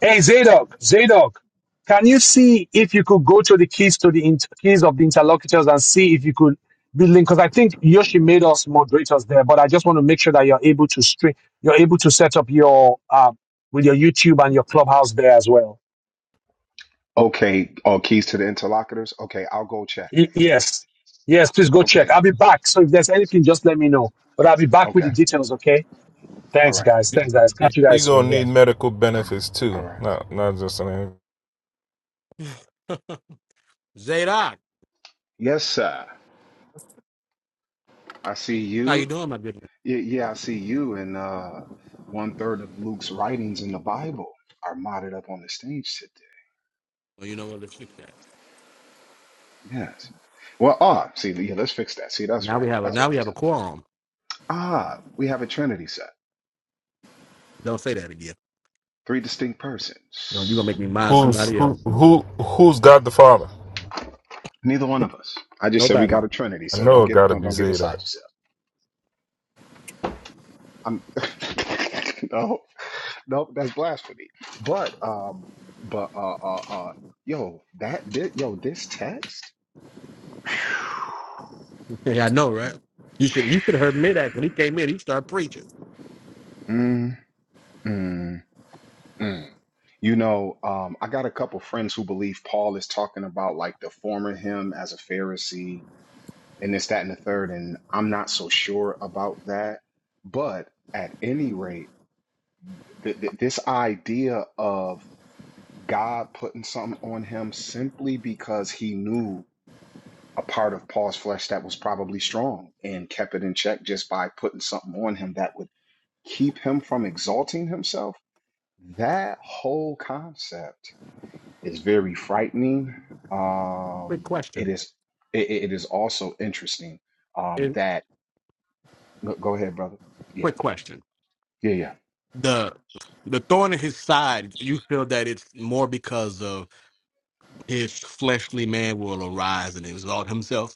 Speaker 6: hey, Zadok, Zadok, can you see if you could go to the keys to the inter- keys of the interlocutors and see if you could be linked? Because I think Yoshi made us moderators there, but I just want to make sure that you're able to stream, you're able to set up your um with your YouTube and your clubhouse there as well.
Speaker 8: okay. Oh, keys to the interlocutors. Okay, I'll go check.
Speaker 6: Y- yes, yes, please go check.
Speaker 8: Okay,
Speaker 6: I'll be back. So if there's anything, just let me know. But I'll be back with the
Speaker 8: okay.
Speaker 6: details. Okay.
Speaker 8: All
Speaker 6: Thanks,
Speaker 8: right,
Speaker 6: guys. Thanks, guys. Catch you
Speaker 5: You
Speaker 6: guys soon.
Speaker 5: gonna
Speaker 6: Yeah.
Speaker 5: need medical benefits
Speaker 8: all
Speaker 5: too,
Speaker 8: right.
Speaker 5: not not just an
Speaker 2: *laughs* Zadok,
Speaker 8: Yes, sir. I see
Speaker 2: how you
Speaker 8: you.
Speaker 2: doing, my good man?
Speaker 8: Yeah, yeah, I see you and uh, one third of Luke's writings in the Bible are modded up on the stage today.
Speaker 2: Well, you know what? Let's fix that.
Speaker 8: Yes. Well, ah, see, yeah, let's fix that. See, that's
Speaker 2: Now we
Speaker 8: right.
Speaker 2: have a
Speaker 8: That's
Speaker 2: now
Speaker 8: what
Speaker 2: we
Speaker 8: I'm
Speaker 2: have a quorum.
Speaker 8: telling. Ah, we have a Trinity set,
Speaker 2: Don't say that again.
Speaker 8: three distinct
Speaker 2: No, you gonna
Speaker 8: persons.
Speaker 2: make me mind
Speaker 5: Who's
Speaker 2: somebody else.
Speaker 5: who who who's God the Father?
Speaker 8: Neither one of us. I just said we
Speaker 2: Nobody.
Speaker 8: got a Trinity,
Speaker 5: I
Speaker 8: sir. don't
Speaker 5: know it
Speaker 8: get
Speaker 5: gotta
Speaker 8: don't
Speaker 5: be
Speaker 8: don't get beside
Speaker 5: Zadok.
Speaker 8: yourself. I'm *laughs* no, no, that's blasphemy. But um, but uh, uh, uh, yo, that did yo this text.
Speaker 2: *laughs* yeah, I know, right? You should you should have heard mid act when he came in. He started preaching.
Speaker 8: *sighs* Mm, mm. You know, um, I got a couple friends who believe Paul is talking about like the former him as a Pharisee and this, that, and the third. And I'm not so sure about that. But at any rate, th th this idea of God putting something on him simply because he knew a part of Paul's flesh that was probably strong and kept it in check just by putting something on him that would keep him from exalting himself. That whole concept. is very frightening.
Speaker 2: Quick
Speaker 8: Um, it
Speaker 2: question.
Speaker 8: is it, it is also interesting um,
Speaker 2: And
Speaker 8: that go go ahead, brother. Yeah,
Speaker 2: quick question.
Speaker 8: yeah,
Speaker 2: the the thorn in his side, you feel that it's more because of his fleshly man will arise and exalt himself?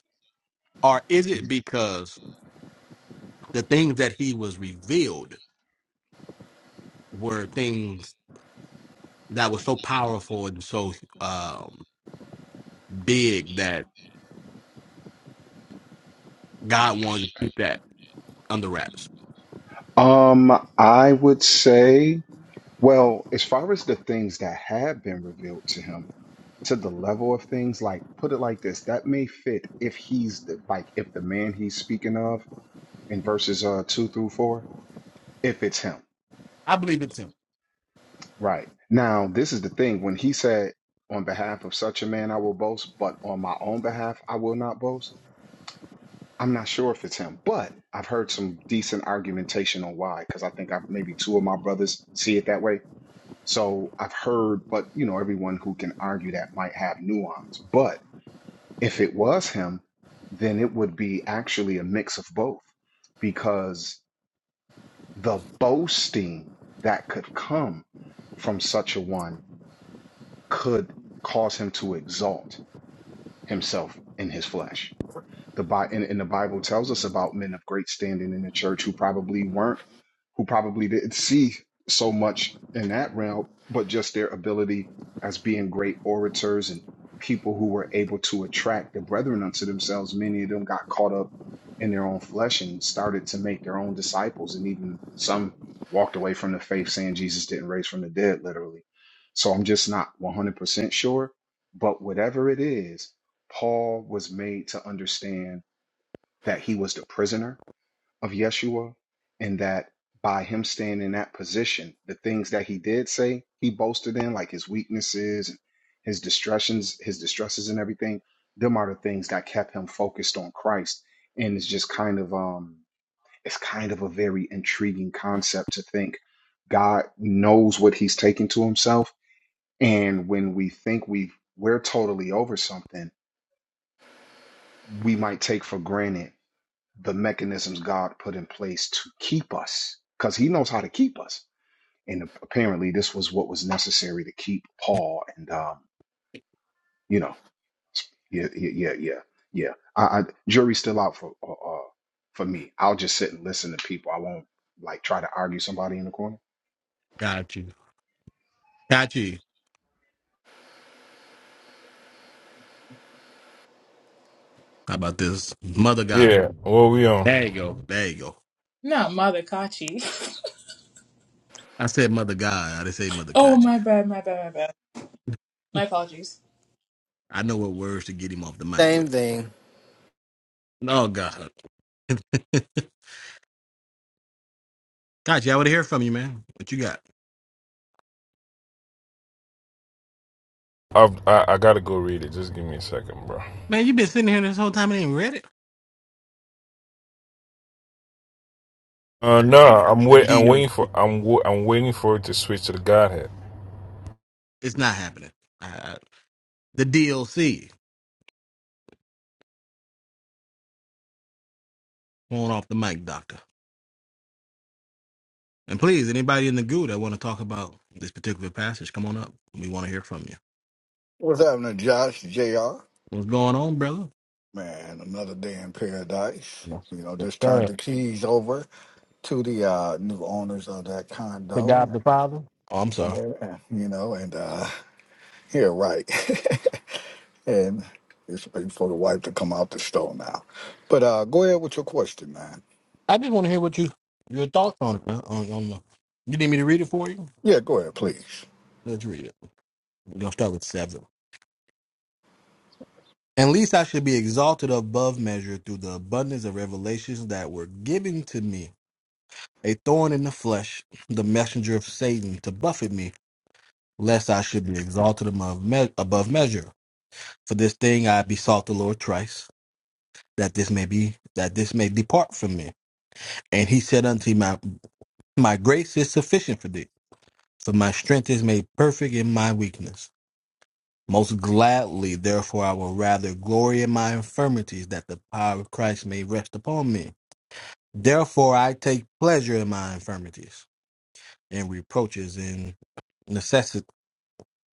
Speaker 2: Or is
Speaker 8: yeah.
Speaker 2: it because the things that he was revealed were things that were so powerful and so um, big that God wanted to keep that under wraps?
Speaker 8: Um, I would say, well, as far as the things that have been revealed to him, to the level of things, like put it like this, that may fit if he's the, like if the man he's speaking of in verses uh two through four, if it's him.
Speaker 2: I believe it's him.
Speaker 8: Right. Now, this is the thing. When he said, on behalf of such a man, I will boast, but on my own behalf, I will not boast, I'm not sure if it's him, but I've heard some decent argumentation on why, because I think I've, maybe two of my brothers see it that way. So I've heard, but you know, everyone who can argue that might have nuance. But if it was him, then it would be actually a mix of both, because the boasting that could come from such a one could cause him to exalt himself in his flesh. The Bi- and, and the Bible tells us about men of great standing in the church who probably weren't, who probably didn't see so much in that realm, but just their ability as being great orators and people who were able to attract the brethren unto themselves. Many of them got caught up in their own flesh and started to make their own disciples, and even some walked away from the faith saying Jesus didn't raise from the dead, literally. So I'm just not 100% sure. But whatever it is, Paul was made to understand that he was the prisoner of Yeshua and that by him staying in that position, the things that he did say, he boasted in, like his weaknesses and his distressions, his distresses and everything, them are the things that kept him focused on Christ. And it's just kind of um it's kind of a very intriguing concept to think God knows what he's taking to himself. And when we think we've we're totally over something, we might take for granted the mechanisms God put in place to keep us because he knows how to keep us. And apparently, this was what was necessary to keep Paul. And, um, you know, yeah, yeah, yeah, yeah. yeah. I, I, jury's still out for uh, uh, for me. I'll just sit and listen to people. I won't like try to argue somebody in the corner.
Speaker 2: Got you. Got you. How about this? Mother God.
Speaker 5: Yeah, well we on.
Speaker 2: There you go. There you go.
Speaker 3: you. No, Mother Kachi.
Speaker 2: I said Mother God. I didn't say Mother
Speaker 3: *laughs* oh,
Speaker 2: Kachi.
Speaker 3: my bad, my bad, my bad. My apologies.
Speaker 2: I know what words to get him off the mic
Speaker 4: Same
Speaker 2: with.
Speaker 4: thing.
Speaker 2: Oh God. *laughs* Kachi, I want to hear from you, man. What you got?
Speaker 5: I've, I I gotta go read it. Just give me a second, bro.
Speaker 2: Man, you been sitting here this whole time and ain't read it.
Speaker 5: Uh no, I'm
Speaker 2: The
Speaker 5: wait. I'm
Speaker 2: deal.
Speaker 5: waiting for. I'm wa- I'm waiting for it to switch to the Godhead.
Speaker 2: It's not happening. I, I, the DLC. Going off the mic, Doctor. And please, anybody in the goo that want to talk about this particular passage, come on up. We want to hear from you.
Speaker 7: What's happening, Josh, JR?
Speaker 2: What's going on, brother?
Speaker 7: Man, another day in paradise.
Speaker 2: Yeah.
Speaker 7: You know,
Speaker 2: Yes,
Speaker 7: just turned
Speaker 2: sir.
Speaker 7: the keys over to the uh, new owners of that
Speaker 2: To
Speaker 7: condo.
Speaker 2: God the Father. Oh, I'm sorry.
Speaker 7: And, yeah, you know, and uh, Yeah, right. *laughs* and it's waiting for the wife to come out the store now. But uh, go ahead with your question, man.
Speaker 2: I just want to hear what you your thoughts on it. man, On, on the, you need me to read it for you?
Speaker 7: Yeah, go ahead, please.
Speaker 2: Let's read it. We're gonna start with seven. And least I should be exalted above measure through the abundance of revelations that were given to me. A thorn in the flesh, the messenger of Satan to buffet me, lest I should be exalted above, me- above measure. For this thing I besought the Lord thrice, that this may be that this may depart from me. And he said unto me, My my grace is sufficient for thee, for my strength is made perfect in my weakness. Most gladly, therefore, I will rather glory in my infirmities, that the power of Christ may rest upon me. Therefore, I take pleasure in my infirmities, and reproaches, and necessi-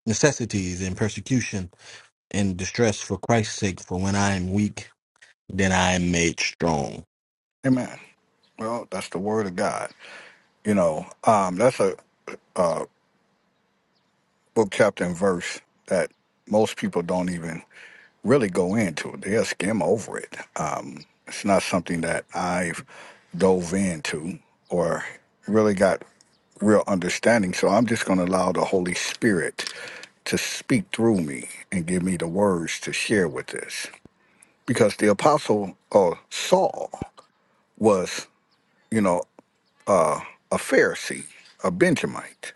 Speaker 2: necessities, and persecution, and distress for Christ's sake. For when I am weak, then I am made strong.
Speaker 7: Amen. Well, that's the word of God. You know, um, that's a uh, book, chapter, and verse that most people don't even really go into. They'll skim over it. Um, it's not something that I've dove into or really got real understanding. So I'm just going to allow the Holy Spirit to speak through me and give me the words to share with this. Because the apostle uh, Saul was, you know, a Pharisee, a Benjamite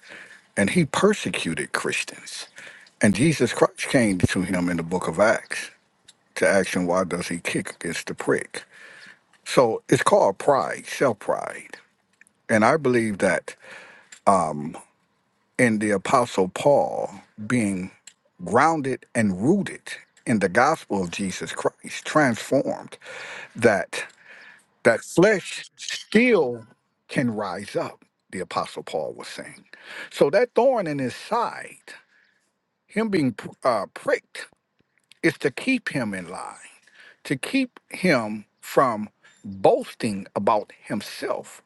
Speaker 7: and he persecuted Christians. And Jesus Christ came to him in the book of Acts to ask him, why does he kick against the prick? So it's called pride, self pride. And I believe that in the Apostle Paul being grounded and rooted in the gospel of Jesus Christ, transformed, that that flesh still can rise up, the Apostle Paul was saying. So that thorn in his side, him being uh, pricked is to keep him in line, to keep him from boasting about himself,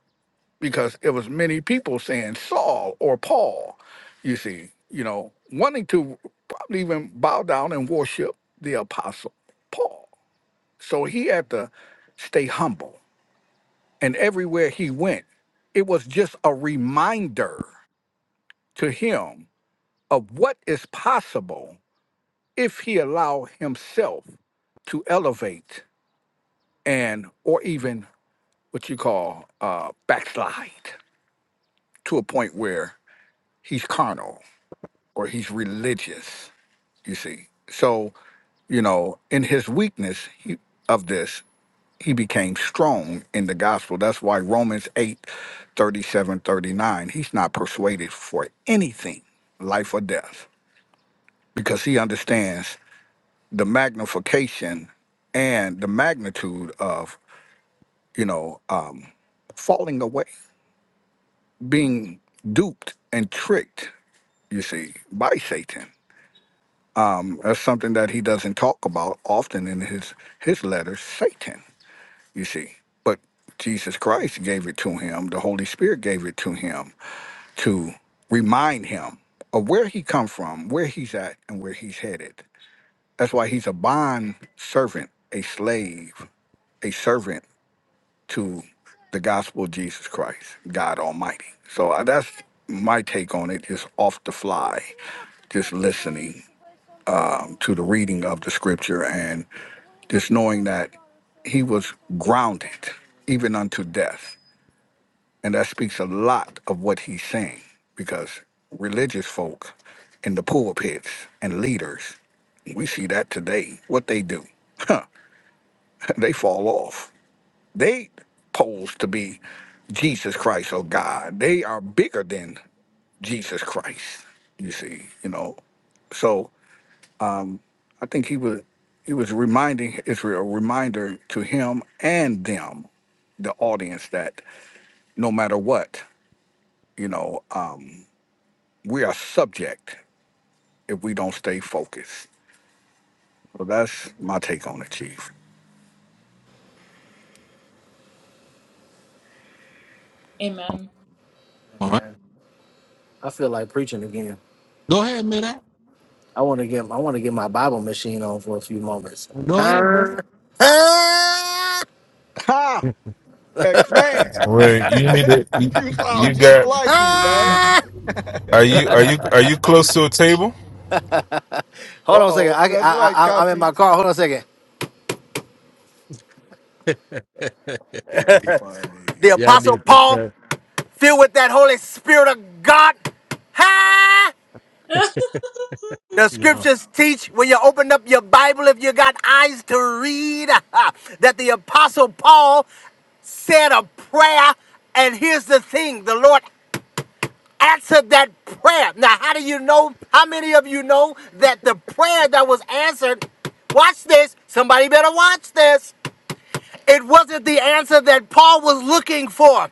Speaker 7: because it was many people saying Saul or Paul, you see, you know, wanting to probably even bow down and worship the apostle Paul. So he had to stay humble. And everywhere he went, it was just a reminder to him of what is possible if he allow himself to elevate and or even what you call uh, backslide to a point where he's carnal or he's religious. You see, so you know, in his weakness he, of this, he became strong in the gospel. That's why Romans 8, 37, 39. he's not persuaded for anything, life or death, because he understands the magnification and the magnitude of, you know, um, falling away. being duped and tricked, you see, by Satan. That's something that he doesn't talk about often in his his letters, Satan, you see. But Jesus Christ gave it to him, the Holy Spirit gave it to him to remind him of where he come from, where he's at and where he's headed. That's why he's a bond servant, a slave, a servant to the gospel of Jesus Christ, God Almighty. So uh, that's my take on it, just off the fly, just listening to the reading of the scripture and just knowing that he was grounded even unto death. And that speaks a lot of what he's saying because religious folk in the pulpits and leaders, we see that today, what they do, *laughs* they fall off They pose to be Jesus Christ or God. They are bigger than Jesus Christ. You see, you know. So I think he was he was reminding Israel, a reminder to him and them, the audience, that no matter what, you know, um, we are subject if we don't stay focused. So that's my take on it, Chief.
Speaker 3: Amen.
Speaker 2: All right.
Speaker 4: I feel like preaching again.
Speaker 2: Go ahead, man.
Speaker 4: I want to get I want to get my Bible machine on for a few moments. *laughs*
Speaker 2: Go ahead, brother.
Speaker 4: Ah, ah,
Speaker 7: Ha! X man,
Speaker 5: Wait, you need to. You,
Speaker 7: *laughs* you
Speaker 5: you
Speaker 7: sound just
Speaker 5: got.
Speaker 7: like him, man.
Speaker 4: ah.
Speaker 5: Are
Speaker 7: *laughs*
Speaker 5: you are you are you close to a table?
Speaker 4: Hold
Speaker 7: Uh
Speaker 4: on a second.
Speaker 7: oh,
Speaker 4: I, I,
Speaker 7: that's right,
Speaker 4: I, I'm in
Speaker 7: Kachi.
Speaker 4: my car. Hold on a second.
Speaker 2: *laughs*
Speaker 7: That's
Speaker 4: The
Speaker 7: funny.
Speaker 2: Y'all
Speaker 4: Apostle
Speaker 2: need to
Speaker 4: Paul,
Speaker 2: say,
Speaker 4: filled with that Holy Spirit of God. Ha!
Speaker 3: *laughs* that
Speaker 4: The
Speaker 2: yeah.
Speaker 4: scriptures teach when you open up your Bible, if you got eyes to read, *laughs* that the Apostle Paul said a prayer. And here's the thing the Lord answered that prayer. Now, how do you know? How many of you know that the prayer that was answered? Watch this. Somebody better watch this. It wasn't the answer that Paul was looking for.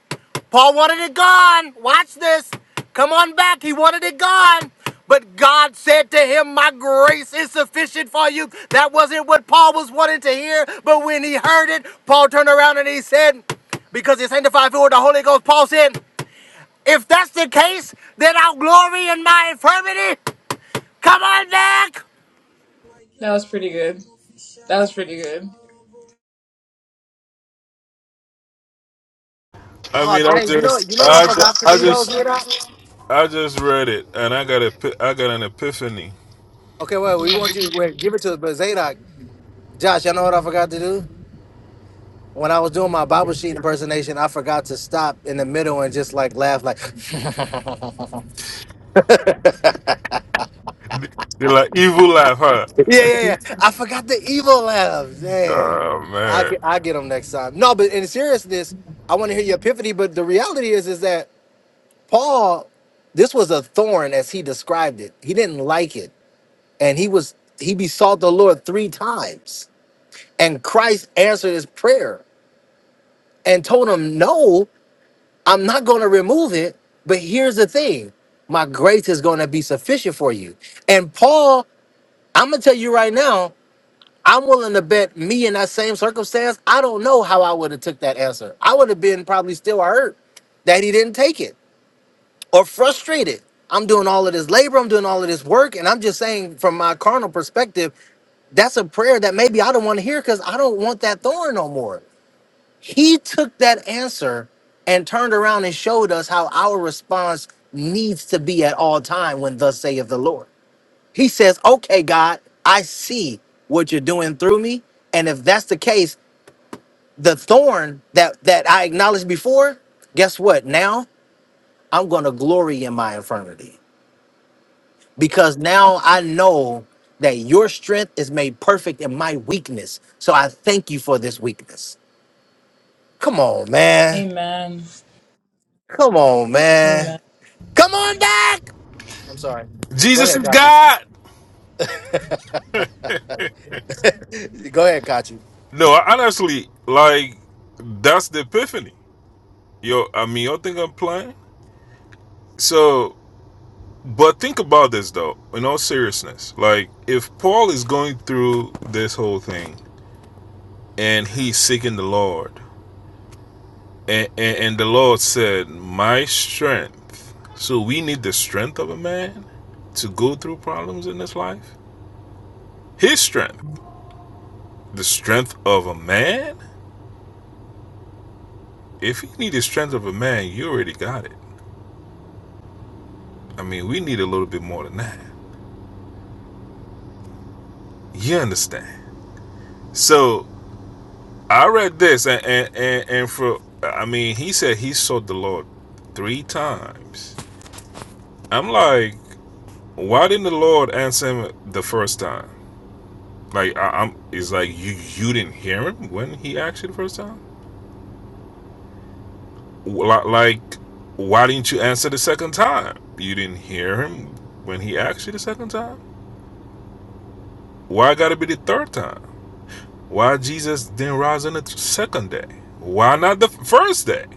Speaker 4: Paul wanted it gone. Watch this. Come on back. He wanted it gone. But God said to him, My grace is sufficient for you. That wasn't what Paul was wanting to hear. But when he heard it, Paul turned around and he said, Because he's sanctified through the Holy Ghost, Paul said, If that's the case, then I'll glory in my infirmity. Come on back.
Speaker 3: was pretty good. That was pretty good.
Speaker 5: I
Speaker 4: Oh
Speaker 5: mean, I
Speaker 4: dang, you know you
Speaker 5: just
Speaker 4: know what I
Speaker 5: I
Speaker 4: forgot to
Speaker 5: just I
Speaker 4: do those
Speaker 5: just
Speaker 4: Zadok?
Speaker 5: I just read it and I got a epi- I got an epiphany.
Speaker 4: Okay, well we want you wait, give it to us, but Zadok. Josh, y'all know what I forgot to do? When I was doing my Bible sheet impersonation, I forgot to stop in the middle and just like laugh, like,
Speaker 5: You're like evil laugh, huh?
Speaker 4: *laughs* yeah, yeah, yeah. I forgot the evil laugh. Dang.
Speaker 5: Oh
Speaker 4: I
Speaker 5: man,
Speaker 4: get, I get them next time. No, but in seriousness, I want to hear your epiphany. But the reality is, is that Paul, this was a thorn as he described it. He didn't like it. And he was, he besought the Lord three times. And Christ answered his prayer and told him no. I'm not going to remove it, but here's the thing my grace is going to be sufficient for you. And Paul, I'm going to tell you right now, I'm willing to bet me in that same circumstance, I don't know how I would have took that answer. I would have been probably still hurt that he didn't take it or frustrated. I'm doing all of this labor, I'm doing all of this work, and I'm just saying from my carnal perspective, that's a prayer that maybe I don't want to hear because I don't want that thorn no more. He took that answer and turned around and showed us how our response needs to be at all time when thus saith the Lord. He says, "Okay, God, I see what you're doing through me, and if that's the case, the thorn that that I acknowledged before, guess what? Now I'm going to glory in my infirmity because now I know that your strength is made perfect in my weakness. So I thank you for this weakness. Come on, man.
Speaker 3: Amen.
Speaker 4: Come on, man.
Speaker 3: Amen.
Speaker 4: Come on back. I'm sorry. Go
Speaker 5: Jesus
Speaker 4: ahead,
Speaker 5: is
Speaker 4: got you.
Speaker 5: God.
Speaker 4: Go ahead, got you.
Speaker 5: No, I honestly, like, that's the epiphany. Yo, I mean, you think I'm playing? So, but think about this though, in all seriousness. Like, if Paul is going through this whole thing and he's seeking the Lord, and, and, and the Lord said, My strength. So, we need the strength of a man to go through problems in this life. His strength. The strength of a man? If you need the strength of a man, you already got it. I mean, we need a little bit more than that. You understand? So I read this, and and and, and for I mean, he said he sought the Lord three times. I'm like, why didn't the Lord answer him the first time? Like, I, I'm, it's like you you didn't hear him when he asked you the first time. Like, why didn't you answer the second time? You didn't hear him when he asked you the second time. Why got to be the third time? Why Jesus didn't rise on the second day? Why not the first day?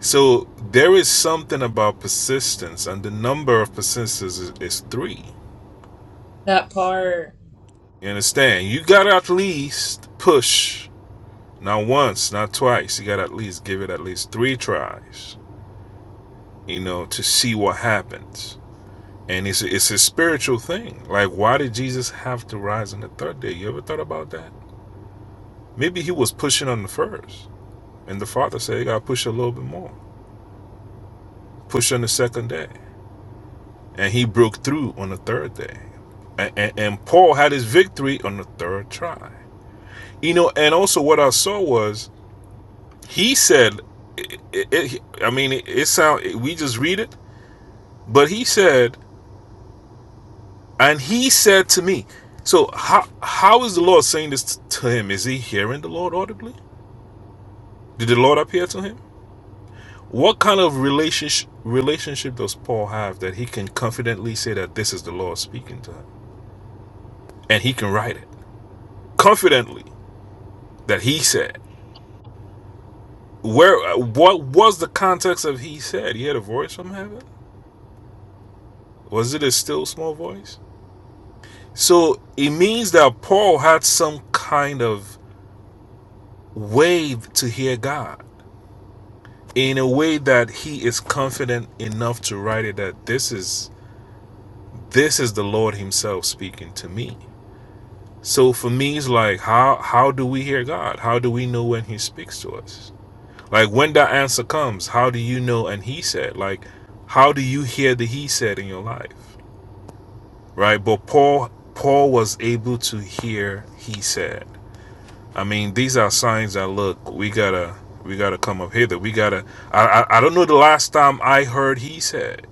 Speaker 5: So there is something about persistence, and the number of persistences is, is three.
Speaker 3: That part.
Speaker 5: You understand? You gotta at least push, not once, not twice. You gotta at least give it at least three tries, you know, to see what happens. And it's it's a spiritual thing. Like, why did Jesus have to rise on the third day? You ever thought about that? Maybe he was pushing on the first, and the Father said, "You gotta push a little bit more. Push on the second day." And he broke through on the third day. And, and, and Paul had his victory on the third try. You know, and also what I saw was he said, it, it, it- I mean, it, it sound we just read it, but he said, and he said to me. So how how is the Lord saying this to him? Is he hearing the Lord audibly? Did the Lord appear to him? What kind of relationship relationship does Paul have that he can confidently say that this is the Lord speaking to him, and he can write it confidently that he said? Where? What was the context of he said? He had a voice from heaven. Was it a still small voice? So it means that Paul had some kind of way to hear God in a way that he is confident enough to write it that this is this is the Lord Himself speaking to me. So for me, it's like how how do we hear God? How do we know when He speaks to us? Like when that answer comes, how do you know? And He said, like, how do you hear the He said in your life? right? But Paul Paul was able to hear. He said, "I mean, these are signs that look. We gotta we gotta come up hither. We gotta. I I, I don't know the last time I heard he said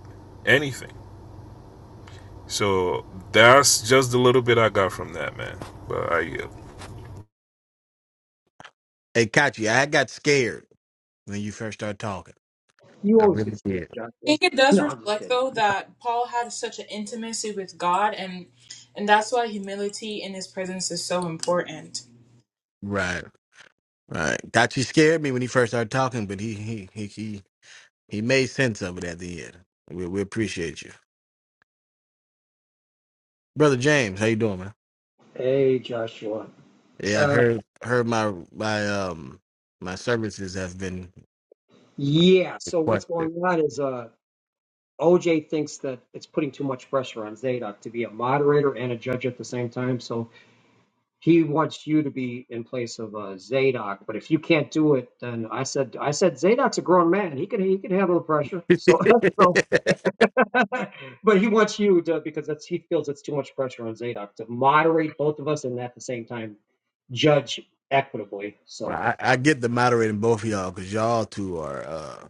Speaker 5: anything. So that's just the little bit I got from that man. But I yield.
Speaker 2: Hey, Kachi, I got scared when you first started talking.
Speaker 9: You
Speaker 2: I
Speaker 9: always
Speaker 2: really
Speaker 9: get scared,
Speaker 2: did.
Speaker 9: Joshua.
Speaker 3: think it
Speaker 9: *laughs*
Speaker 3: does
Speaker 9: No, I'm just
Speaker 3: reflect
Speaker 9: kidding.
Speaker 3: though that Paul had such an intimacy with God and and that's why humility in his presence is so important.
Speaker 2: Right. Right. Got you scared me when he first started talking, but he he he he, he made sense of it at the end. We we appreciate you. Brother James, how you doing, man?
Speaker 9: Hey, Joshua.
Speaker 2: Yeah, I've
Speaker 9: Uh,
Speaker 2: heard heard my my um my services have been
Speaker 9: yeah. So what's
Speaker 2: requested.
Speaker 9: going on is uh, OJ thinks that it's putting too much pressure on Zeta to be a moderator and a judge at the same time. So he wants you to be in place of uh, Zadok. But if you can't do it, then I said I said Zadok's a grown man. He can he can handle the pressure. So *laughs* so.
Speaker 2: *laughs*
Speaker 9: *laughs* but he wants you to because that's he feels it's too much pressure on Zadok to moderate both of us and at the same time judge equitably.
Speaker 2: well,
Speaker 9: So.
Speaker 2: I, I get the moderating both of y'all because y'all two are uh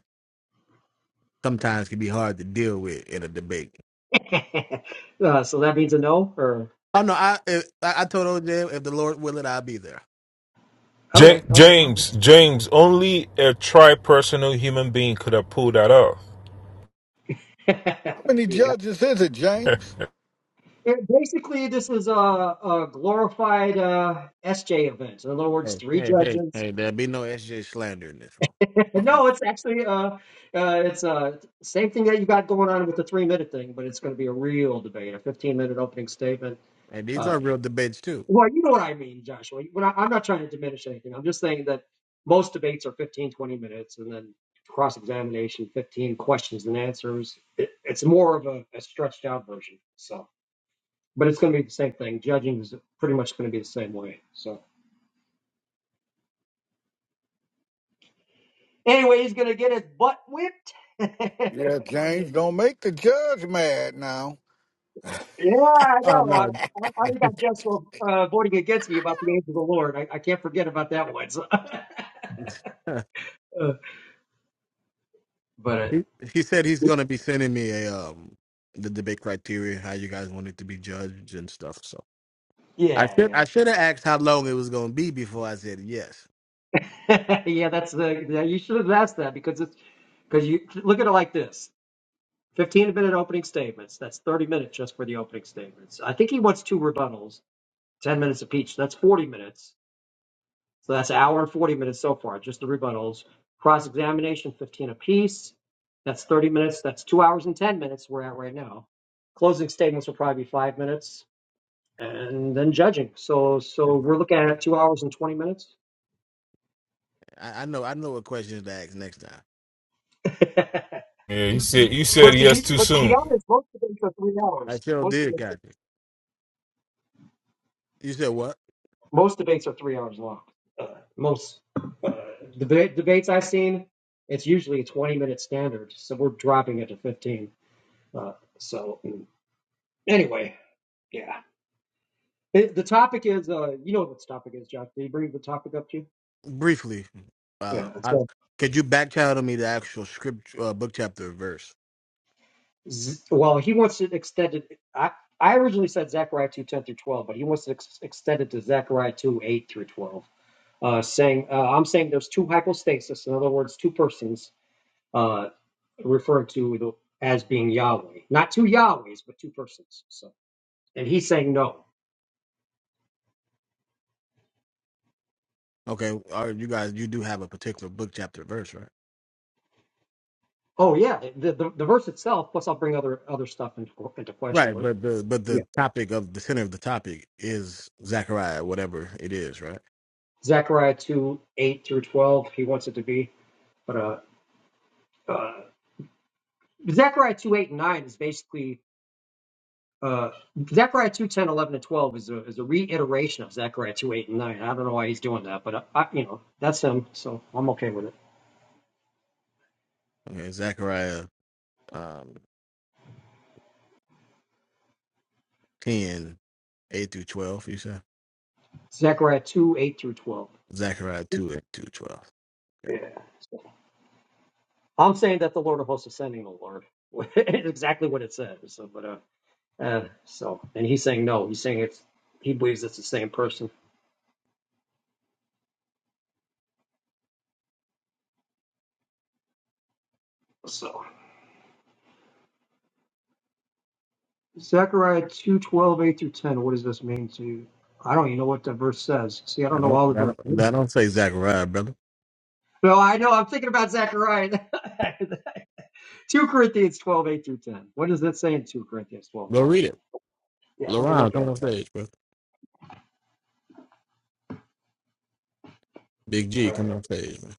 Speaker 2: sometimes can be hard to deal with in a debate.
Speaker 9: *laughs* uh, so that means a no, or
Speaker 2: Oh no, I if, I I told OJ if the Lord will it, I'll be there.
Speaker 5: Ja-
Speaker 9: okay.
Speaker 5: James, James, only a tri-personal human being could have pulled that off.
Speaker 9: okay.
Speaker 7: How many
Speaker 9: *laughs* yeah.
Speaker 7: judges is it, James?
Speaker 9: It- basically, this is a, a glorified uh, SJ event. In other words,
Speaker 2: Hey,
Speaker 9: three
Speaker 2: hey, hey,
Speaker 9: judges.
Speaker 2: hey, there'll be no SJ slander in this room.
Speaker 9: *laughs* no, it's actually uh, uh, it's uh, same thing that you got going on with the three minute thing, but it's going to be a real debate, a 15 minute opening statement.
Speaker 2: And these
Speaker 9: uh,
Speaker 2: are real debates too.
Speaker 9: Well, you know what I mean, Joshua. When I, I'm not trying to diminish anything. I'm just saying that most debates are 15, 20 minutes, and then cross examination, 15 questions and answers. It, it's more of a, a stretched out version. So, but it's going to be the same thing. Judging is pretty much going to be the same way. So, anyway, he's going to get his butt whipped. *laughs* yeah,
Speaker 7: Yeah, James, don't make the judge mad now.
Speaker 9: I
Speaker 2: Oh
Speaker 9: know. I, I,
Speaker 2: no.
Speaker 9: I already got Joshua uh, voting against me about the angel of the Lord. I, I can't forget about that one. So. *laughs*
Speaker 2: *laughs*
Speaker 9: Uh, but
Speaker 2: He
Speaker 9: uh,
Speaker 2: he said he's gonna be sending me a um the debate criteria, how you guys want it to be judged and stuff. So I
Speaker 9: yeah,
Speaker 2: should
Speaker 9: yeah.
Speaker 2: I should have asked how long it was gonna be before I said yes.
Speaker 9: *laughs* Yeah, that's the, yeah, you should have asked that because it's because you look at it like this. 15 minute opening statements. That's 30 minutes just for the opening statements. I think he wants two rebuttals, 10 minutes apiece. That's 40 minutes. So that's an hour and 40 minutes so far, just the rebuttals. Cross examination, 15 apiece. That's 30 minutes. That's two hours and 10 minutes we're at right now. Closing statements will probably be five minutes and then judging. So,
Speaker 2: *laughs* That's
Speaker 9: so
Speaker 2: the
Speaker 9: we're looking
Speaker 2: thing.
Speaker 9: at two hours and 20 minutes.
Speaker 2: I, I know I know what questions to ask next time.
Speaker 9: *laughs*
Speaker 5: Yeah, you said you said
Speaker 9: But to
Speaker 5: yes
Speaker 9: be
Speaker 5: too
Speaker 9: but to be
Speaker 5: soon.
Speaker 9: honest, most debates are three
Speaker 2: I
Speaker 9: hours.
Speaker 2: sure
Speaker 9: Most
Speaker 2: did,
Speaker 9: debates
Speaker 2: got it. You said what?
Speaker 9: most debates are three hours long. Uh, most uh, debate debates I've seen, it's usually a twenty minute standard. So we're dropping it to fifteen. Uh, so mm, anyway, yeah. It, the topic is uh, you know what the topic is, Josh. Did he bring the topic up to you?
Speaker 2: Briefly, uh,
Speaker 9: Yeah.
Speaker 2: I
Speaker 9: So,
Speaker 2: could you back channel me the actual script, uh, book chapter verse?
Speaker 9: z- well, he wants it extended. I I originally said Zechariah two ten through twelve, but he wants it ex- extended to Zechariah two eight through twelve. uh, saying uh, I'm saying there's two hypostasis, in other words, two persons uh, referred to as being Yahweh, not two Yahwehs, but two persons. So, and he's saying no.
Speaker 2: Okay, or you guys, you do have a particular book chapter verse, right?
Speaker 9: Oh yeah, the, the, the verse itself. Plus, I'll bring other other stuff into into question.
Speaker 2: Right,
Speaker 9: But
Speaker 2: but the but the
Speaker 9: yeah,
Speaker 2: topic of the center of the topic is Zechariah, whatever it is, right?
Speaker 9: Zechariah two eight through twelve. He wants it to be, but uh, uh, Zechariah two eight and nine is basically. Uh, Zechariah two ten eleven 10, and 12 is a, is a reiteration of Zechariah 2, 8, and 9. I don't know why he's doing that, but I, I, you know, that's him, so I'm okay with it.
Speaker 2: Okay, Zechariah um ten eight through twelve, you said?
Speaker 9: Zechariah 2, 8 through 12.
Speaker 2: Zechariah two eight through twelve. Okay.
Speaker 9: Yeah. I'm saying that the Lord of hosts is sending the Lord. *laughs* exactly what it says. So, but uh, uh, so and he's saying no. He's saying it's he believes it's the same person. So Zechariah two twelve eight through ten. What does this mean to you? I don't even know what the verse says. See, I don't
Speaker 2: That
Speaker 9: know all
Speaker 2: don't
Speaker 9: the
Speaker 2: that
Speaker 9: verses.
Speaker 2: don't that
Speaker 9: *laughs*
Speaker 2: don't say Zechariah, brother.
Speaker 9: No, I know. I'm thinking about Zechariah. *laughs* two Corinthians twelve eight through ten. What does that say in two Corinthians twelve eight
Speaker 2: Go read
Speaker 9: through ten?
Speaker 2: it.
Speaker 9: Yeah, let me
Speaker 2: LaRon,
Speaker 9: look at
Speaker 2: come
Speaker 9: it.
Speaker 2: on stage, bro. Big
Speaker 9: All
Speaker 2: G, come
Speaker 9: right,
Speaker 2: on stage, man.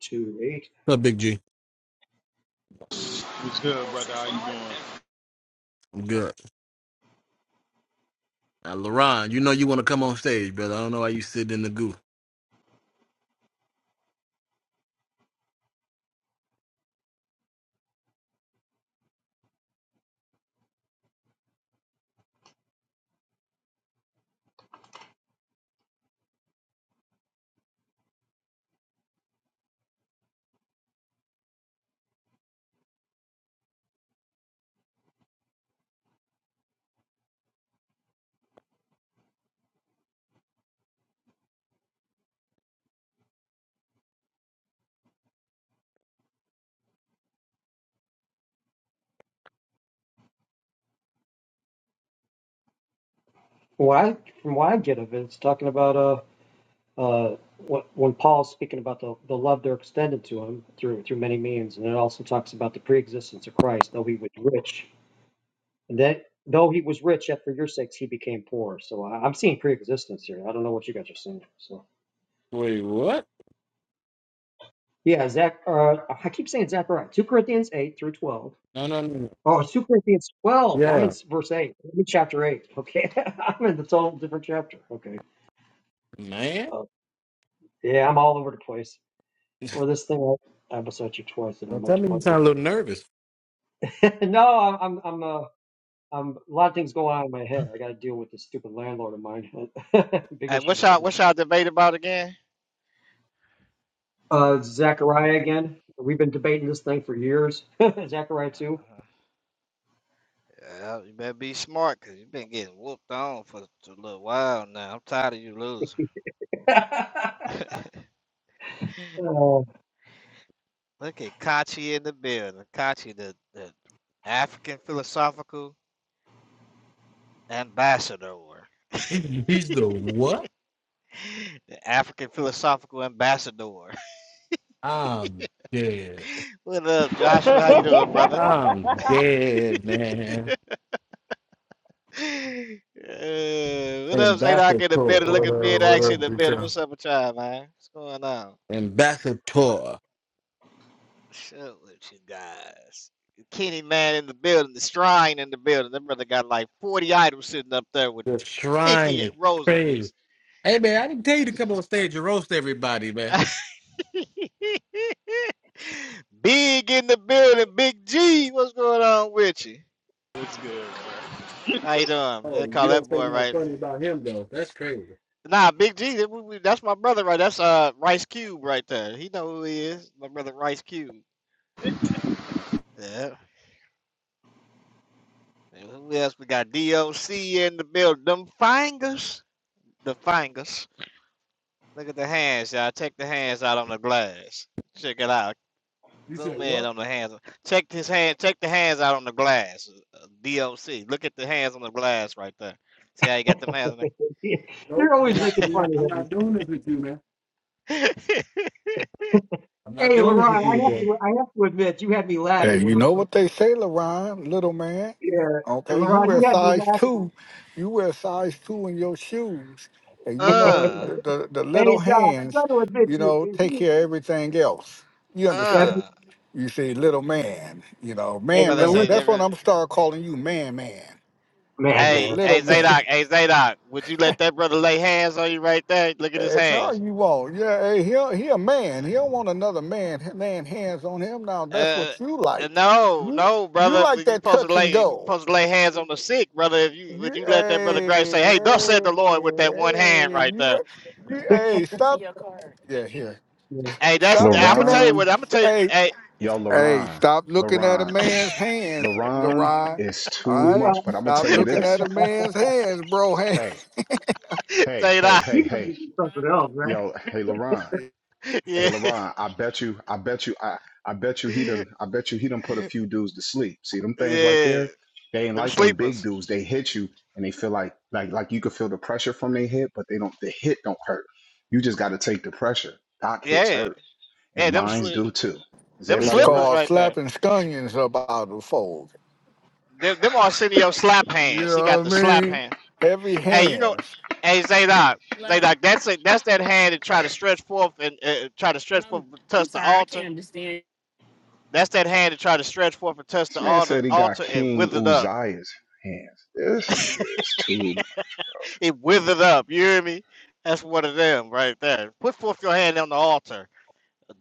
Speaker 9: two eight.
Speaker 2: What's up, Big G?
Speaker 10: What's good, brother? How you doing?
Speaker 2: I'm good. Now, LaRon, you know you want to come on stage, brother. I don't know why you sitting in the goo.
Speaker 9: What I, from what I get of it, it's talking about uh uh what, when Paul's speaking about the, the love they're extended to him through through many means, and it also talks about the preexistence of Christ, though he was rich, and that though he was rich, yet for your sakes he became poor. So I, I'm seeing preexistence here. I don't know what you guys are seeing. So
Speaker 2: Wait, what?
Speaker 9: yeah, Zach. Uh, I keep saying Zachariah, two Corinthians eight through twelve.
Speaker 2: No, no, no.
Speaker 9: Oh, it's two Corinthians twelve. I'm in
Speaker 2: Yeah,
Speaker 9: verse eight. I'm in chapter eight. Okay, *laughs* I'm in the total different chapter. Okay.
Speaker 2: man.
Speaker 9: Uh, yeah, I'm all over the place. Or this thing I, I was at you twice, and I
Speaker 2: Don't
Speaker 9: might
Speaker 2: tell me you
Speaker 9: depart.
Speaker 2: sound a little
Speaker 9: you.
Speaker 2: nervous.
Speaker 9: *laughs* no, I'm I'm I'm uh, I'm a lot of things going on in my head. I got to deal with this stupid landlord of mine. *laughs* Big
Speaker 11: Hey,
Speaker 9: issue
Speaker 11: what's
Speaker 9: with
Speaker 11: y'all
Speaker 9: that.
Speaker 11: what's y'all debate about again?
Speaker 9: Uh, Zachariah again. We've been debating this thing for years. *laughs* Zachariah too. *laughs*
Speaker 11: Uh-huh. Yeah, you better be smart because you've been getting whooped on for a little while now. I'm tired of you losing. *laughs*
Speaker 9: Oh,
Speaker 11: Look at Kachi in the building. Kachi, the, the African philosophical ambassador. *laughs*
Speaker 2: *laughs* He- He's the what?
Speaker 11: The African philosophical ambassador. *laughs*
Speaker 2: I'm dead.
Speaker 11: what up, Joshua? How you doing, brother?
Speaker 2: I'm dead, man.
Speaker 11: *laughs* Uh, what up, Zadok in the building?
Speaker 2: Ambassador.
Speaker 11: Look at mid action in the building.
Speaker 5: Yeah,
Speaker 11: What's up with y'all, man? What's going on?
Speaker 2: Ambassador.
Speaker 11: Shut with you guys. Kenny Man in the building, the shrine in the building. That brother got like 40 items sitting up there with
Speaker 2: The shrine
Speaker 11: 50
Speaker 2: is crazy.
Speaker 11: rosaries.
Speaker 2: Hey, man, I didn't tell you to come on stage and roast everybody, man.
Speaker 11: *laughs* big in the building, Big G. What's going on with you?
Speaker 10: What's good, brother?
Speaker 11: How you doing? They
Speaker 2: Oh, you
Speaker 11: call that
Speaker 2: don't say
Speaker 11: boy
Speaker 2: nothing
Speaker 11: right.
Speaker 2: funny about him, though. That's crazy.
Speaker 11: Nah, Big G. that- we- we- That's my brother right. That's uh Rice Cube right there. He know who he is. My brother Rice Cube. Yeah. And who else? We got DOC in the building. Them fingers. The fingers. Look at the hands, y'all. Check the hands out on the glass. Check it out.
Speaker 2: You said
Speaker 11: Zoom in
Speaker 2: what?
Speaker 11: on the hands. Check his hand. Check the hands out on the glass. uh, DOC. Look at the hands on the glass right there. See how you got them hands on
Speaker 2: Nope,
Speaker 9: you're
Speaker 2: I'm
Speaker 9: always
Speaker 2: not.
Speaker 9: making
Speaker 2: I'm
Speaker 9: fun
Speaker 2: not. I'm
Speaker 9: of him.
Speaker 2: not doing this with you,
Speaker 11: there?
Speaker 2: I'm not
Speaker 9: Hey,
Speaker 2: doing this
Speaker 9: LeRon,
Speaker 2: with you
Speaker 9: I have
Speaker 2: today.
Speaker 9: to
Speaker 11: *laughs*
Speaker 9: I have to admit, you had me
Speaker 7: Hey,
Speaker 9: laughing when
Speaker 7: you
Speaker 9: you
Speaker 7: know
Speaker 9: said,
Speaker 7: what they say, LaRon, little man?
Speaker 9: "Yeah,
Speaker 7: Okay, you
Speaker 9: LeRon,
Speaker 7: wear
Speaker 9: you had me
Speaker 7: size
Speaker 9: laughing."
Speaker 7: two. You wear size two in your shoes. And you
Speaker 9: *laughs*
Speaker 7: know,
Speaker 11: uh,
Speaker 7: the, the little
Speaker 9: Hey, Josh, you
Speaker 7: hands,
Speaker 9: got to admit,
Speaker 7: you
Speaker 9: you
Speaker 7: know,
Speaker 9: is
Speaker 7: take
Speaker 9: he?
Speaker 7: care of everything else. You
Speaker 9: Yeah, I
Speaker 7: understand?
Speaker 9: mean,
Speaker 11: uh.
Speaker 7: You see, little man, you know,
Speaker 11: That
Speaker 9: hey,
Speaker 7: man,
Speaker 11: brother
Speaker 9: but
Speaker 7: man.
Speaker 11: say,
Speaker 9: listen,
Speaker 11: that
Speaker 7: That's what
Speaker 11: brother,
Speaker 7: I'm start calling you, man, man.
Speaker 9: man,
Speaker 7: Okay,
Speaker 11: hey,
Speaker 9: man.
Speaker 11: hey,
Speaker 7: little
Speaker 11: Zadok,
Speaker 7: man.
Speaker 11: hey, Zadok, would you let that brother lay hands on you right there? Look at his
Speaker 7: Heck no,
Speaker 11: hands.
Speaker 7: you won't. Yeah, hey, he he a man. He don't want another man man hands on him. Now that's
Speaker 11: Uh,
Speaker 7: what you
Speaker 11: uh,
Speaker 7: like.
Speaker 11: no,
Speaker 7: You
Speaker 11: no,
Speaker 7: you
Speaker 11: brother.
Speaker 7: like
Speaker 11: You
Speaker 7: that
Speaker 11: supposed to
Speaker 7: touch and
Speaker 11: lay you
Speaker 7: go.
Speaker 11: supposed to lay hands on the sick, brother. If you would
Speaker 7: You
Speaker 11: you let that brother Grace say,
Speaker 7: hey
Speaker 11: "Hey, thus said
Speaker 7: hey
Speaker 11: the Lord" with that one hand
Speaker 7: hey.
Speaker 11: right
Speaker 7: You
Speaker 11: there.
Speaker 7: like you hey stop. Yeah, here.
Speaker 11: Hey, that's
Speaker 7: Stop
Speaker 11: I'm gonna
Speaker 7: looking
Speaker 11: tell
Speaker 7: at
Speaker 11: you what
Speaker 8: LaRon,
Speaker 11: I'm gonna tell you.
Speaker 7: hey
Speaker 11: Hey,
Speaker 8: yo,
Speaker 7: hey.
Speaker 8: LaRon,
Speaker 7: Stop looking at a
Speaker 8: LaRon,
Speaker 7: man's hands,
Speaker 8: LaRon
Speaker 7: Leron.
Speaker 8: is too
Speaker 7: All
Speaker 9: You,
Speaker 7: right.
Speaker 8: much.
Speaker 9: um,
Speaker 8: But I'm gonna
Speaker 7: Stop
Speaker 8: tell you
Speaker 7: looking at
Speaker 8: this.
Speaker 7: a man's hands, bro. *laughs* Hand.
Speaker 8: Hey,
Speaker 11: *laughs*
Speaker 8: hey,
Speaker 11: say
Speaker 8: hey,
Speaker 11: that.
Speaker 8: hey,
Speaker 9: you gotta do
Speaker 8: hey,
Speaker 9: something else, man.
Speaker 8: yo, hey, LaRon.
Speaker 11: *laughs*
Speaker 8: Hey,
Speaker 11: Yeah,
Speaker 8: LaRon, I bet you, I bet you, I, I bet you he done, I bet you he done put a few dudes to sleep. See them things right
Speaker 11: yeah.
Speaker 8: there? They ain't
Speaker 11: Them
Speaker 8: like them big
Speaker 11: sleepers.
Speaker 8: dudes. They hit you and they feel like, like, like you could feel the pressure from their hit, but they don't, the hit don't hurt. You just got to take the pressure. Doc hits
Speaker 11: Yeah,
Speaker 8: hurt
Speaker 11: yeah.
Speaker 8: and
Speaker 11: Them
Speaker 8: mines
Speaker 11: sli-
Speaker 8: do too. Is
Speaker 11: them
Speaker 7: It's
Speaker 8: everybody all
Speaker 11: slippers
Speaker 8: right?
Speaker 7: called
Speaker 11: right there.
Speaker 7: slapping scunions about the fold.
Speaker 11: Them, them Arsenio slap
Speaker 7: You
Speaker 11: hands. He got
Speaker 7: know
Speaker 11: the
Speaker 7: what I
Speaker 11: slap
Speaker 7: mean?
Speaker 11: hand.
Speaker 7: Heavy
Speaker 11: Hey, you know,
Speaker 7: hands.
Speaker 11: hey Zadok,
Speaker 7: Hello.
Speaker 11: Zadok. That's it. That's that hand that try to stretch forth and uh, try to stretch forth,
Speaker 7: Um,
Speaker 11: and
Speaker 7: I'm
Speaker 11: touch the
Speaker 7: sorry, I
Speaker 11: altar
Speaker 7: can't understand.
Speaker 11: That's that hand that tried to stretch forth and touch
Speaker 8: This
Speaker 11: the
Speaker 8: man
Speaker 11: altar,
Speaker 8: said he got
Speaker 11: altar and
Speaker 8: King
Speaker 11: withered up.
Speaker 8: Uzziah's hands. This nigga is too,
Speaker 11: It withered up. You hear me? That's one of them right there. Put forth your hand on the altar.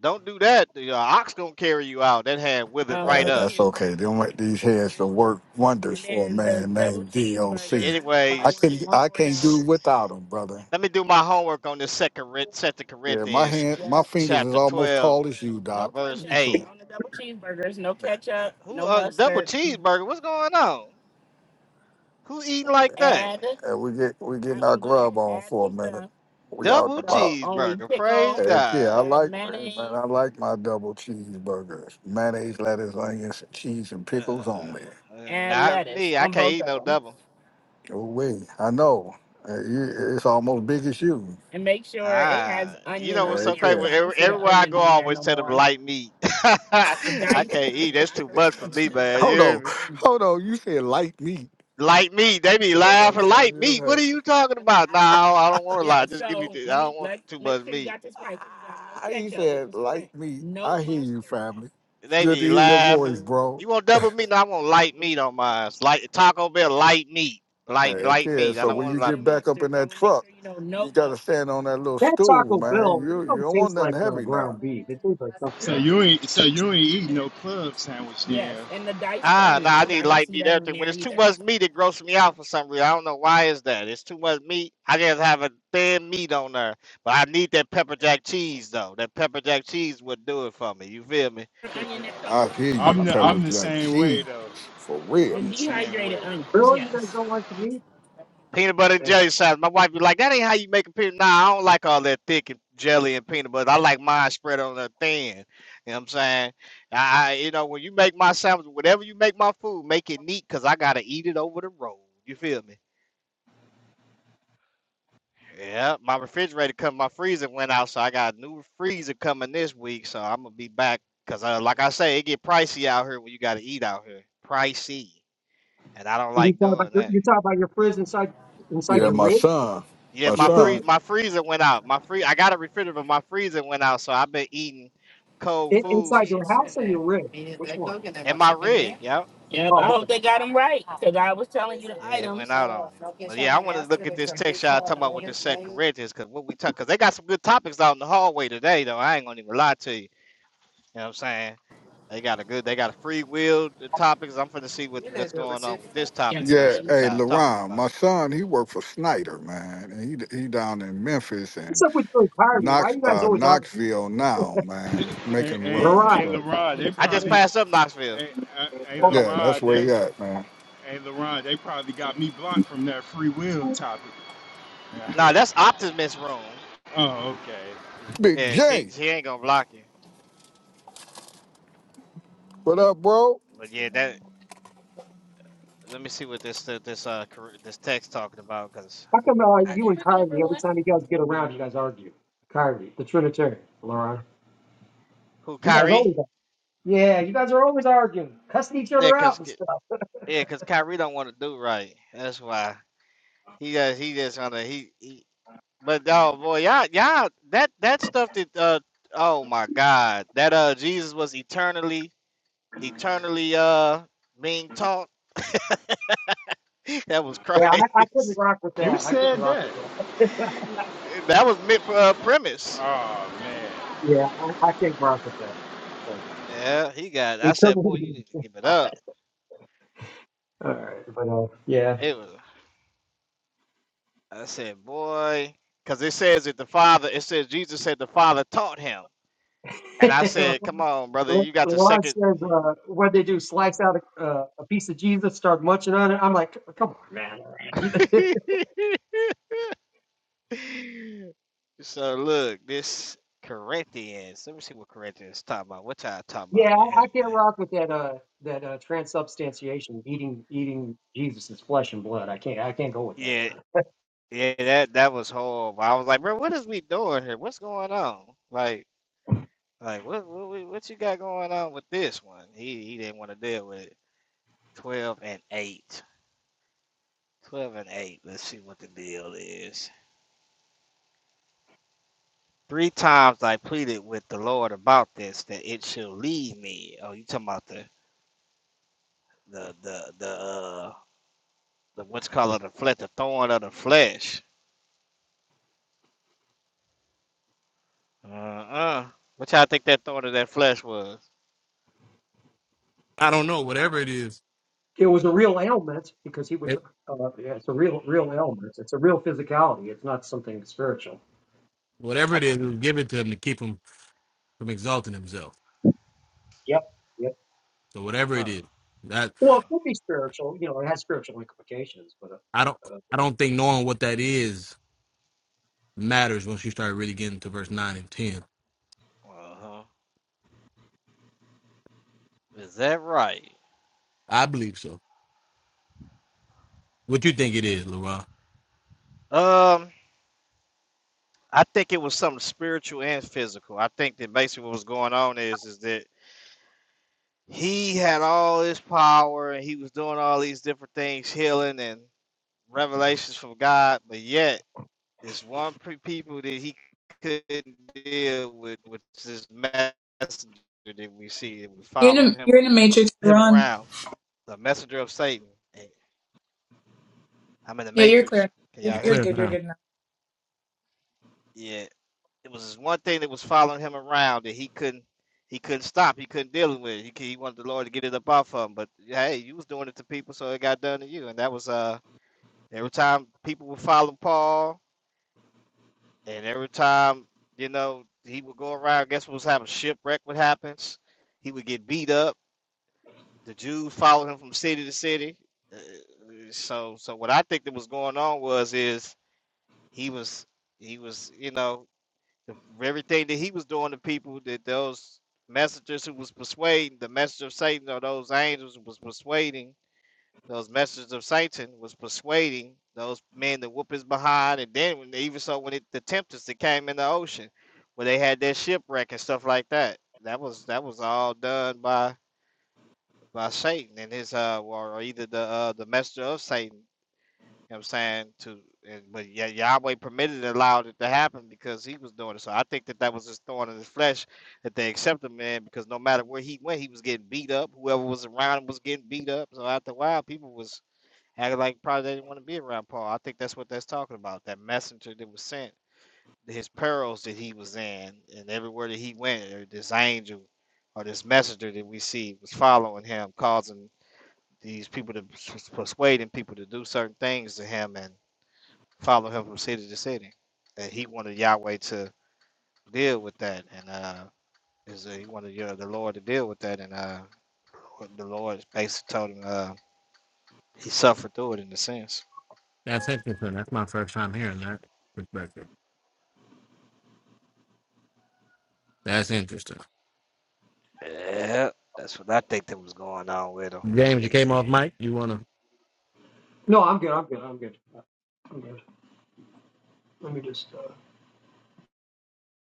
Speaker 11: Don't do that. The uh, ox gonna carry you out. That hand withered
Speaker 7: Um, Uh,
Speaker 11: right
Speaker 7: that's
Speaker 11: up.
Speaker 7: okay. Them these hands can work wonders for a man named DOC. I
Speaker 11: Anyways,
Speaker 7: can of I can can't do without them, brother.
Speaker 11: let me do my homework on this second Corin- second
Speaker 7: Yeah, my
Speaker 11: Corinthians
Speaker 7: hand my Yep. fingers is
Speaker 11: chapter
Speaker 7: almost
Speaker 11: twelve,
Speaker 7: tall as you, No Doc. We
Speaker 11: verse
Speaker 7: ketchup cool.
Speaker 11: eight.
Speaker 7: on the double cheeseburgers. No ketchup.
Speaker 11: Who
Speaker 7: No
Speaker 11: uh double
Speaker 7: mustard.
Speaker 11: cheeseburger? What's going on? Who eating like that?
Speaker 7: Add And we get we getting our grub on for a minute. We out and
Speaker 11: Double
Speaker 7: about. So only
Speaker 11: cheeseburger.
Speaker 7: pickle
Speaker 11: Praise
Speaker 7: Heck yeah, I
Speaker 11: God.
Speaker 7: and like mayonnaise. man, I like my double cheeseburgers. Mayonnaise, lettuce, onions, cheese, and pickles
Speaker 11: Uh,
Speaker 7: only.
Speaker 11: uh,
Speaker 7: and
Speaker 11: not
Speaker 7: lettuce
Speaker 11: me. I
Speaker 7: on
Speaker 11: can't
Speaker 7: both
Speaker 11: eat
Speaker 7: of
Speaker 11: no
Speaker 7: them
Speaker 11: double.
Speaker 7: Oh wait, I know. Uh, you- It's almost big as you. and make sure it has
Speaker 11: Ah, you
Speaker 7: onion
Speaker 11: know
Speaker 7: on
Speaker 11: what's so
Speaker 7: Heck
Speaker 11: crazy?
Speaker 7: there because
Speaker 11: Well,
Speaker 7: yeah. I don't
Speaker 11: Every,
Speaker 7: see the
Speaker 11: everywhere I
Speaker 7: onion
Speaker 11: go, I
Speaker 7: on there
Speaker 11: always
Speaker 7: no
Speaker 11: tell them
Speaker 7: more.
Speaker 11: light meat. *laughs*
Speaker 7: The
Speaker 11: I
Speaker 7: diced *laughs*
Speaker 11: can't eat.
Speaker 7: onion,
Speaker 11: That's
Speaker 7: not
Speaker 11: too
Speaker 7: the
Speaker 11: much for me,
Speaker 7: sliver, the *laughs*
Speaker 11: man. You
Speaker 7: Hold on,
Speaker 11: hear me?
Speaker 7: hold on. You said light meat.
Speaker 11: Light meat. They be
Speaker 7: Man, that's
Speaker 11: laughing.
Speaker 7: funny.
Speaker 11: Light
Speaker 7: as
Speaker 11: meat. What
Speaker 7: heck.
Speaker 11: are you talking about? No, I don't want to
Speaker 7: Yeah,
Speaker 11: lie. Just give me.
Speaker 7: so
Speaker 11: The, I
Speaker 7: let me
Speaker 11: don't want
Speaker 7: let
Speaker 11: too
Speaker 7: make
Speaker 11: much
Speaker 7: sure you
Speaker 11: meat.
Speaker 7: got this right because you got no I ain't catch up with said the like me. No I hear you, mustard. family. It's
Speaker 11: They
Speaker 7: good to
Speaker 11: be
Speaker 7: hear your voice,
Speaker 11: laughing.
Speaker 7: No bro.
Speaker 11: You want double meat? No, I want light meat on mine. It's Light Taco Bell. Light meat.
Speaker 7: Hey, no
Speaker 11: Light
Speaker 7: kid.
Speaker 11: light meat. I
Speaker 7: So girl
Speaker 11: don't
Speaker 7: when can
Speaker 11: want a
Speaker 7: you get
Speaker 11: lot
Speaker 7: say
Speaker 11: of meat.
Speaker 7: back up mustard, in so that let make truck, sure you know you no gotta mustard. stand on that little
Speaker 9: That
Speaker 7: stool,
Speaker 9: Taco
Speaker 7: man.
Speaker 9: Bell, that
Speaker 7: You you
Speaker 9: don't
Speaker 7: don't want
Speaker 9: taste
Speaker 7: nothing
Speaker 9: like uh,
Speaker 7: heavy now.
Speaker 9: ground beef. It tastes like something
Speaker 10: So you ain't so you ain't eating no club sandwich
Speaker 7: Yes,
Speaker 10: then.
Speaker 7: and the diced
Speaker 11: Ah, no,
Speaker 7: onion
Speaker 11: I
Speaker 7: because I
Speaker 11: need
Speaker 7: don't
Speaker 11: light
Speaker 7: see
Speaker 11: meat
Speaker 7: that on
Speaker 11: everything. When
Speaker 7: there
Speaker 11: it's too
Speaker 7: either.
Speaker 11: much meat, it grosses me out for some reason. I don't know why is that. It's too much meat. I just have a thin meat on there, but I need that pepper jack cheese though. That pepper jack cheese would do it for me. You feel me?
Speaker 7: The
Speaker 10: *laughs*
Speaker 7: onion that And comes I with hear it, you,
Speaker 10: I'm
Speaker 9: else.
Speaker 10: the
Speaker 7: pepper
Speaker 10: I'm the
Speaker 7: jack
Speaker 10: same way
Speaker 7: cheese,
Speaker 10: though.
Speaker 7: for the
Speaker 10: I'm
Speaker 7: real.
Speaker 10: the same way.
Speaker 7: dehydrated onions.
Speaker 9: Really, you guys
Speaker 7: Yes.
Speaker 9: don't like the meat?
Speaker 11: Peanut butter and
Speaker 9: Hey,
Speaker 11: jelly sandwich. My wife be like, "That ain't how you make a peanut." Nah, I don't like all that thick and jelly and peanut butter. I like mine spread on there thin. You know what I'm saying? I, I- you know, when you make my sandwich, whatever you make my food, make it neat, cause I gotta eat it over the road. You feel me? Yeah, my refrigerator come, my freezer went out, so I got a new freezer coming this week. So I'm gonna be back because, uh, like I say, it get pricey out here when you gotta eat out here, pricey, and I don't
Speaker 9: you
Speaker 11: like
Speaker 9: talk about
Speaker 11: doing
Speaker 9: your,
Speaker 11: that.
Speaker 9: you talk about your fridge inside inside
Speaker 7: Yeah,
Speaker 9: your
Speaker 7: my
Speaker 9: rig,
Speaker 7: son,
Speaker 11: Yeah,
Speaker 7: my
Speaker 9: your
Speaker 11: my
Speaker 9: fridge
Speaker 11: free
Speaker 7: son.
Speaker 11: my freezer went out. My free I got a refrigerator, but my freezer went out, so I've been eating cold
Speaker 9: in, inside
Speaker 11: foods
Speaker 9: your house or your rig. Which one?
Speaker 11: and my rig. Yep,
Speaker 7: Yep. I
Speaker 9: Oh,
Speaker 7: hope
Speaker 9: okay.
Speaker 7: they got them right because I was telling you the
Speaker 11: yeah, it
Speaker 7: items
Speaker 11: went out on me. But yeah, I want to look at this text y'all talking about with the set Corinthians because what we talk because they got some good topics out in the hallway today though. I ain't gonna even lie to you. You know what I'm saying? They got a good. They got a free will uh, topics. I'm finna see what what's going on with this
Speaker 7: Yes,
Speaker 11: topic though.
Speaker 7: Yeah,
Speaker 11: See
Speaker 7: please.
Speaker 11: what
Speaker 7: hey,
Speaker 11: y'all talking
Speaker 7: LaRon, my
Speaker 11: about.
Speaker 7: son, he worked for Snyder, man. And he he down in Memphis
Speaker 9: What's
Speaker 7: and
Speaker 9: up with you and Kyrie? Why
Speaker 7: Knox
Speaker 9: you guys
Speaker 7: uh
Speaker 9: always argue?
Speaker 7: Knoxville now, man,
Speaker 10: Hey,
Speaker 7: making
Speaker 10: hey,
Speaker 7: runs.
Speaker 9: Mariah,
Speaker 10: hey,
Speaker 7: But
Speaker 10: LaRod, they
Speaker 7: Thank
Speaker 11: I
Speaker 7: you.
Speaker 11: just
Speaker 10: probably
Speaker 11: passed up Knoxville.
Speaker 10: hey, uh, hey
Speaker 9: hold on.
Speaker 7: yeah, that's
Speaker 10: LaRod,
Speaker 7: where
Speaker 10: they
Speaker 7: he at, man.
Speaker 10: hey LaRod, they probably got me blocked from that free will topic. *laughs*
Speaker 11: Nah, that's Optimus room.
Speaker 10: oh, okay.
Speaker 7: Big
Speaker 11: Yeah, she
Speaker 7: J,
Speaker 11: she ain't gonna block you.
Speaker 7: what up, bro?
Speaker 11: But yeah, that. Let me see what this uh, this uh Kyr- this text talking about. Cause
Speaker 9: How come uh,
Speaker 11: I
Speaker 9: you and Kyrie every time you guys get around, you guys argue? Kyrie, the Trinitarian, Laron.
Speaker 11: who
Speaker 9: You guys always.
Speaker 11: Kyrie?
Speaker 9: Yeah, you guys are always arguing, cussing each other
Speaker 11: Yeah, cause
Speaker 9: out.
Speaker 11: Ky- yeah, cause Kyrie don't want to do right. That's why he just he just wanna he. he but oh boy, y'all y'all that that stuff that uh oh my god that uh Jesus was eternally eternally uh being taught. *laughs* That was Christ.
Speaker 9: Yeah, I, I couldn't rock with
Speaker 10: Who
Speaker 9: that. I couldn't
Speaker 10: said
Speaker 9: rock
Speaker 10: that?
Speaker 9: with that.
Speaker 11: *laughs* that was mid uh, premise.
Speaker 10: Oh man.
Speaker 9: Yeah, I, I can't rock with that. So
Speaker 11: Yeah, he got.
Speaker 9: he
Speaker 11: I
Speaker 9: took
Speaker 11: said, boy, you
Speaker 9: me.
Speaker 11: need to
Speaker 9: *laughs*
Speaker 11: give it up.
Speaker 9: All right, but uh, yeah.
Speaker 11: It was. I said, boy, because it says that the Father. It says Jesus said the Father taught him, and I said, come
Speaker 9: *laughs*
Speaker 11: on, brother,
Speaker 9: Le-
Speaker 11: you got the
Speaker 9: LeRon
Speaker 11: second.
Speaker 9: says, uh, "What they do? Slice out a, uh, a piece of Jesus, start munching on it." I'm like, "Come on, man!" *laughs*
Speaker 11: *laughs* so look, this Corinthians. Let me see what Corinthians talking about. What y'all talking
Speaker 9: yeah,
Speaker 11: about in
Speaker 9: I,
Speaker 11: here,
Speaker 9: I can't
Speaker 11: man?
Speaker 9: rock with that. Uh, that uh, transubstantiation, eating eating Jesus's flesh and blood. I can't. I can't go with that.
Speaker 11: Yeah. Yeah, that that was horrible. I was like, bro, what is we doing here? What's going on? Like, like what what we- what you got going on with this one? He he didn't want to deal with it. Twelve and eight. Twelve and eight. Let's see what the deal is. Three times I pleaded with the Lord about this that it shall leave me. Oh, you talking about the the the the uh the what's called the flesh, the thorn of the flesh. Uh uh. What y'all think that thorn of that flesh was?
Speaker 2: I don't know. Whatever it is,
Speaker 9: it was a real ailment because he was.
Speaker 2: it,
Speaker 9: Uh, yeah, it's a real, real ailment. It's a real physicality. It's not something spiritual.
Speaker 2: whatever
Speaker 11: I
Speaker 2: it is,
Speaker 11: think.
Speaker 2: it was given to him to keep him from exalting himself.
Speaker 9: Yep. Yep.
Speaker 2: So whatever it
Speaker 11: Uh
Speaker 2: is, that
Speaker 9: Well,
Speaker 11: uh.
Speaker 9: it could be spiritual. You know, it has spiritual implications. But
Speaker 2: I don't,
Speaker 9: uh, uh,
Speaker 2: I don't think knowing what that is matters once you start really getting to verse nine and ten.
Speaker 11: Uh huh. Is that right?
Speaker 2: I believe so. What you think it is, Laura?
Speaker 11: Um, I think it was something spiritual and physical. I think that basically what was going on is is that he had all this power and he was doing all these different things, healing and revelations from God, but yet it's one pre- people that he couldn't deal with, with this messenger that we see and we
Speaker 3: You're in
Speaker 11: follow
Speaker 3: a,
Speaker 11: him
Speaker 3: you're in a matrix,
Speaker 11: him
Speaker 3: Laron.
Speaker 11: around, the messenger of Satan. Hey, I'm in the
Speaker 3: Yeah, you're
Speaker 11: Matrix.
Speaker 3: clear.
Speaker 11: Can
Speaker 3: You're,
Speaker 2: You
Speaker 11: y'all hear
Speaker 3: you're
Speaker 2: clear
Speaker 11: me?
Speaker 3: good. You're
Speaker 2: now?
Speaker 3: good now.
Speaker 11: Yeah. it was one thing that was following him around that he couldn't he couldn't stop. He couldn't deal with. it. He, he wanted the Lord to get it up off of him. But hey, you was doing it to people, so it got done to you. And that was uh every time people would follow Paul, and every time you know he would go around. Guess what was happening? Shipwreck would happen. He would get beat up. The Jews followed him from city to city. Uh, So so what I think that was going on was is he was he was you know The, everything that he was doing to people, that those messengers who was persuading, the messenger of Satan or those angels was persuading, those messengers of Satan was persuading those men to whoop his behind. And then when, even so, when it, the tempest that came in the ocean, where they had their shipwreck and stuff like that, that was that was all done by by Satan and his uh, or either the uh, the messenger of Satan you know what I'm saying? To and, but yeah, Yahweh permitted and allowed it to happen because he was doing it. So I think that that was his thorn in his flesh that they accepted him in because no matter where he went, he was getting beat up. Whoever was around him was getting beat up. So after a while, people was acting like probably they didn't want to be around Paul. I think that's what that's talking about. That messenger that was sent, his perils that he was in, and everywhere that he went, or this angel or this messenger that we see was following him, causing these people to persuading people to do certain things to him and follow him from city to city. And he wanted Yahweh to deal with that. And uh, is that he wanted you know, the Lord to deal with that. And uh, the Lord basically told him uh, he suffered through it in a sense.
Speaker 2: That's interesting. That's my first time hearing that perspective. That's interesting.
Speaker 11: Yeah, that's what I think that was going on with him. I
Speaker 2: James, you
Speaker 11: think
Speaker 2: came
Speaker 11: he,
Speaker 2: off mic. You wanna?
Speaker 9: no, I'm good. I'm good. I'm good. Uh,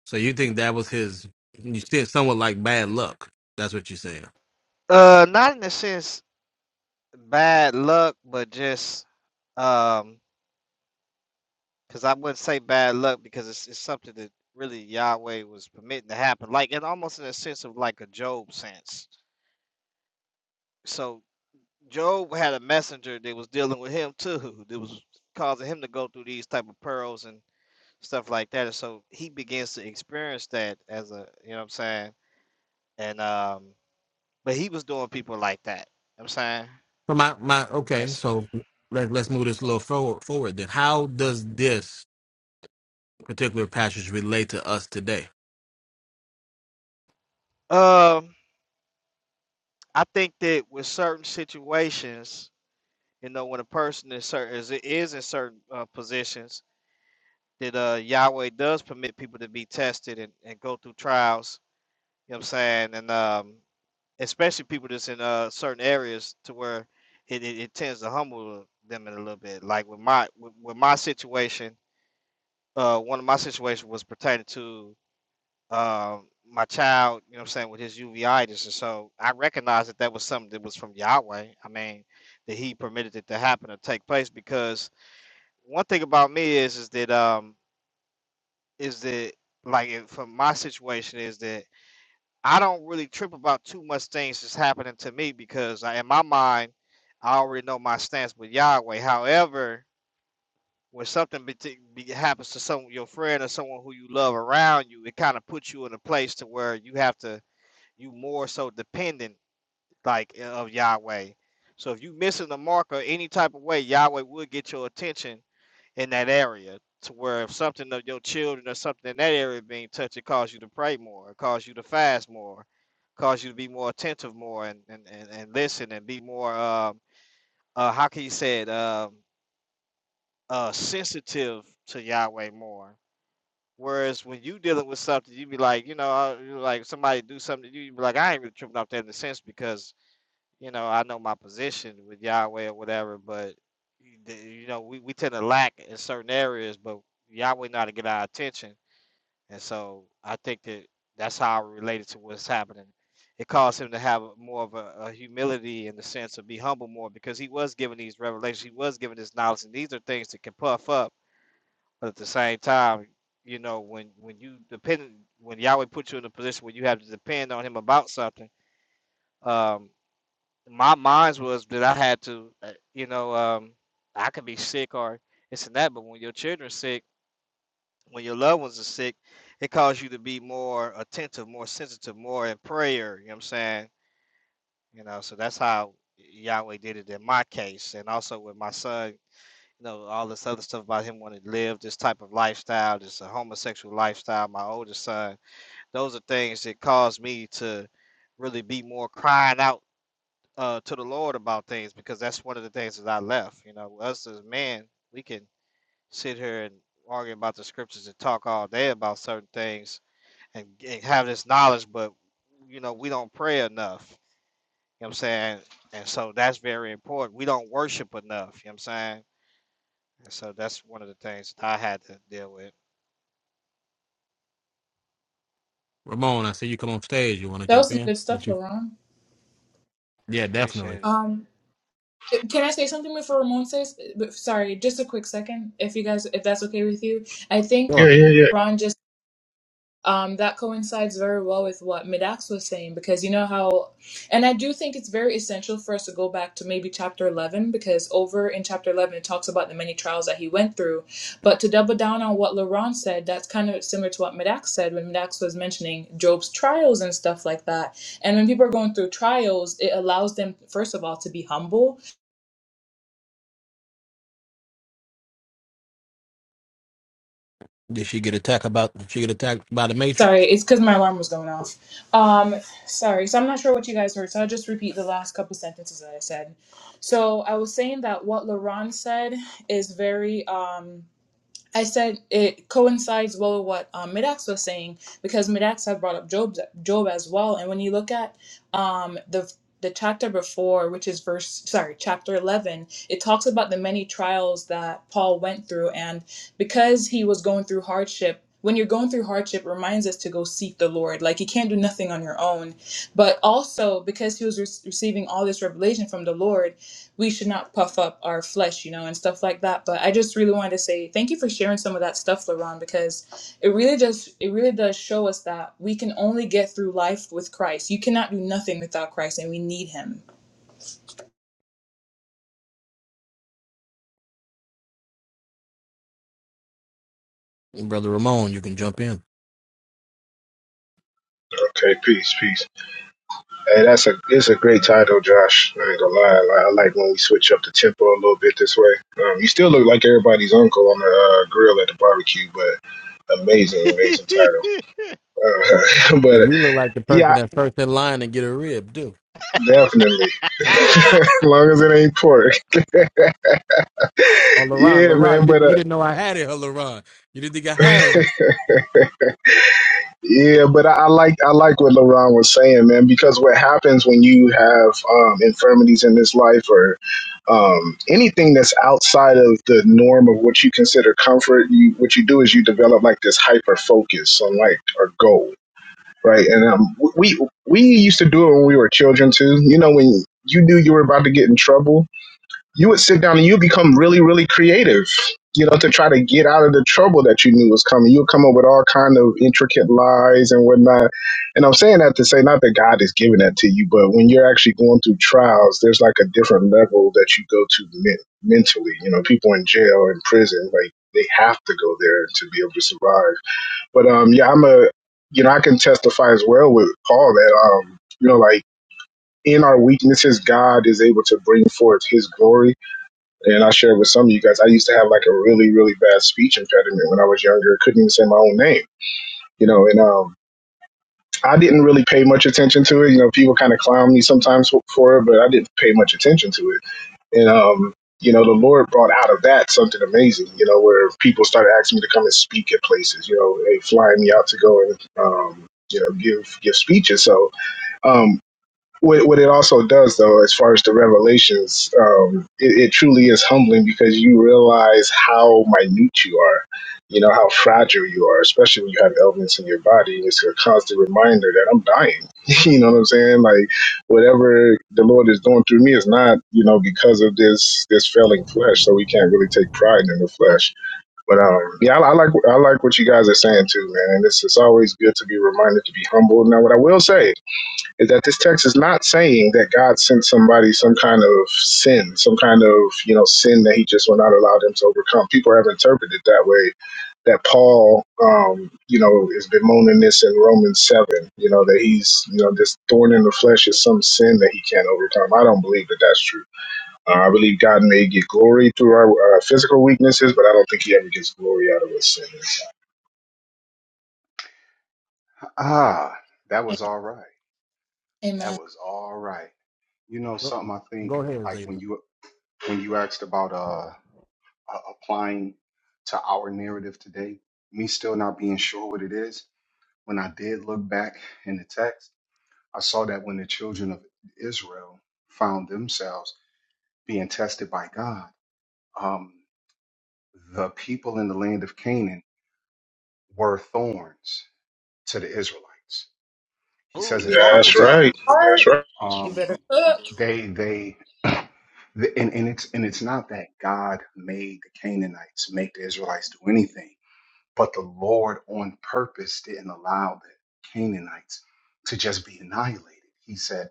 Speaker 2: So you think that was his? You said somewhat like bad luck. That's what you're saying.
Speaker 11: uh, not in a sense bad luck, but just um, because I wouldn't say bad luck because it's, it's something that really Yahweh was permitting to happen, like and almost in a sense of like a Job sense. So Job had a messenger that was dealing with him too, that was causing him to go through these type of pearls and stuff like that. And so he begins to experience that as a you know what I'm saying. And um, but he was doing people like that. You know what I'm saying.
Speaker 2: So my my okay,
Speaker 11: That's,
Speaker 2: so let, let's move this a little forward, forward then. How does this particular passage relate to us today?
Speaker 11: um, I think that with certain situations, you know, when a person is certain is, is in certain uh, positions, that uh Yahweh does permit people to be tested and, and go through trials. You know what I'm saying? And um, especially people that's in uh certain areas to where it, it, it tends to humble them in a little bit. Like with my with, with my situation, uh, one of my situations was pertaining to um my child. You know, what I'm saying with his uveitis, and so I recognized that that was something that was from Yahweh. I mean, that He permitted it to happen or take place because one thing about me is is that um is that like if- for my situation is that I don't really trip about too much things that's happening to me because I, in my mind, I already know my stance with Yahweh. However, when something be, be, happens to some your friend or someone who you love around you, it kind of puts you in a place to where you have to you more so dependent like uh, of Yahweh. So if you missing the mark or any type of way, Yahweh will get your attention in that area to where if something of your children or something in that area being touched, it cause you to pray more, it cause you to fast more, cause you to be more attentive more and and, and, and listen and be more um uh how can you say it um uh sensitive to Yahweh more. Whereas when you dealing with something, you be like, you know, uh, you like somebody do something, to you you be like, I ain't really tripping off that in a sense because you know, I know my position with Yahweh or whatever, but you know, we, we tend to lack in certain areas, but Yahweh know how to get our attention. And so I think that that's how I related to what's happening. It caused him to have more of a, a humility in the sense of be humble more because he was given these revelations, he was given this knowledge, and these are things that can puff up. But at the same time, you know, when when you depend, when Yahweh puts you in a position where you have to depend on Him about something, um, my minds was that I had to, uh, you know, um, I could be sick or this and that, but when your children's sick, when your loved ones are sick, it calls you to be more attentive, more sensitive, more in prayer. You know what I'm saying? You know, so that's how Yahweh did it in my case, and also with my son. You know, all this other stuff about him wanting to live this type of lifestyle, this a homosexual lifestyle. My oldest son, those are things that caused me to really be more crying out uh to the Lord about things because that's one of the things that I left. You know, us as men, we can sit here and argue about the scriptures and talk all day about certain things and, and have this knowledge, but you know, we don't pray enough. You know what I'm saying? And so that's very important. We don't worship enough, you know what I'm saying? And so that's one of the things that I had to deal with.
Speaker 2: Ramon, I see you come on stage. You want to
Speaker 3: That
Speaker 2: jump
Speaker 3: was some
Speaker 2: in?
Speaker 3: good
Speaker 2: Would
Speaker 3: stuff,
Speaker 2: you?
Speaker 3: Laron.
Speaker 2: Yeah, definitely.
Speaker 11: Appreciate
Speaker 3: Um, eh, can I say something before Ramon says? Sorry, just a quick second, if you guys, if that's okay with you. I think
Speaker 2: Sure.
Speaker 12: Yeah, yeah, yeah.
Speaker 3: Ron just um that coincides very well with what Midax was saying because you know how, and I do think it's very essential for us to go back to maybe chapter eleven because over in chapter eleven it talks about the many trials that he went through, but to double down on what Laron said, that's kind of similar to what Midax said when Midax was mentioning Job's trials and stuff like that. And when people are going through trials, it allows them first of all to be humble
Speaker 2: Did she get attacked about? Did she get attacked by the
Speaker 3: Sorry,
Speaker 2: Matrix?
Speaker 3: it's because my alarm was going off. Um, sorry, so I'm not sure what you guys heard, so I'll just repeat the last couple sentences that I said. So I was saying that what LaRon said is very um, I said it coincides well with what um, Midax was saying because Midax had brought up Job, Job as well. And when you look at um, the the chapter before, which is verse sorry, chapter eleven, it talks about the many trials that Paul went through, and because he was going through hardship. When you're going through hardship, it reminds us to go seek the Lord. Like you can't do nothing on your own, but also because he was who's re- receiving all this revelation from the Lord, we should not puff up our flesh, you know, and stuff like that. But I just really wanted to say thank you for sharing some of that stuff, LaRon, because it really just it really does show us that we can only get through life with Christ. You cannot do nothing without Christ, and we need Him.
Speaker 2: Brother Ramon, you can jump in.
Speaker 12: Okay, peace, peace. Hey, that's a it's a great title, Josh. I ain't gonna lie. I like, I like when we switch up the tempo a little bit this way. Um, you still look like everybody's uncle on the uh, grill at the barbecue, but amazing, amazing
Speaker 11: appreciated.
Speaker 12: title. Uh, *laughs*
Speaker 2: And
Speaker 12: but
Speaker 2: you look like the person
Speaker 12: yeah,
Speaker 2: that's first in line and get a rib, too.
Speaker 12: definitely. *laughs*
Speaker 11: *laughs* ah,
Speaker 12: as long as it ain't pork. *laughs*
Speaker 2: Oh, LaRon,
Speaker 12: Yeah,
Speaker 2: LaRon,
Speaker 12: man.
Speaker 2: you
Speaker 12: But
Speaker 2: didn't you didn't know I had it, huh, LaRon? You didn't think I had it, huh?
Speaker 12: uh, *laughs* Yeah, but I, I like I like what LaRon was saying, man, because what happens when you have um, infirmities in this life or um, anything that's outside of the norm of what you consider comfort, you what you do is you develop like this hyper focus on like a goal, right? And um, we we used to do it when we were children too. You know, when you knew you were about to get in trouble, you would sit down and you become really, really creative, you know, to try to get out of the trouble that you knew was coming. You would come up with all kind of intricate lies and whatnot. And I'm saying that to say not that God is giving that to you, but when you're actually going through trials, there's like a different level that you go to men- mentally. You know, people in jail or in prison, like they have to go there to be able to survive. But um, yeah, I'm a, you know, I can testify as well with Paul that um, you know, like in our weaknesses, God is able to bring forth His glory and I shared with some of you guys, I used to have like a really, really bad speech impediment when I was younger. Couldn't even say my own name, you know, and um, I didn't really pay much attention to it. You know, people kind of clown me sometimes for it, but I didn't pay much attention to it. And, um, you know, the Lord brought out of that something amazing, you know, where people started asking me to come and speak at places, you know, they flying me out to go and, um, you know, give give speeches. So um, what, what it also does though as far as the revelations um, it, it truly is humbling because you realize how minute you are you know how fragile you are especially when you have ailments in your body it's a constant reminder that i'm dying *laughs* you know what i'm saying like whatever the lord is doing through me is not you know because of this this failing flesh so we can't really take pride in the flesh but um, yeah, I, I like I like what you guys are saying too, man. And it's it's always good to be reminded to be humble. Now, what I will say is that this text is not saying that God sent somebody some kind of sin, some kind of you know sin that He just will not allow them to overcome. People have interpreted that way. That Paul, um, you know, is bemoaning this in Romans seven. You know that he's, you know, this thorn in the flesh is some sin that he can't overcome. I don't believe that that's true. Uh, I believe God may get glory through our uh, physical weaknesses, but I don't think He ever gets glory out of what sin
Speaker 8: ah, that was all right. That
Speaker 3: Amen.
Speaker 8: was all right. You know
Speaker 2: Go
Speaker 8: something I think,
Speaker 2: go ahead,
Speaker 8: like
Speaker 2: Zeta.
Speaker 8: when you when you asked about uh, uh, applying to our narrative today, me still not being sure what it is, when I did look back in the text, I saw that when the children of Israel found themselves being tested by God, um, the people in the land of Canaan were thorns to the Israelites. He
Speaker 11: ooh,
Speaker 8: says it a
Speaker 11: you own to
Speaker 8: couple
Speaker 12: That's
Speaker 8: times.
Speaker 12: right.
Speaker 11: something.
Speaker 12: That's right.
Speaker 3: Ugh.
Speaker 8: They they the- and, and it's and it's not that God made the Canaanites make the Israelites do anything, but the Lord on purpose didn't allow the Canaanites to just be annihilated. He said,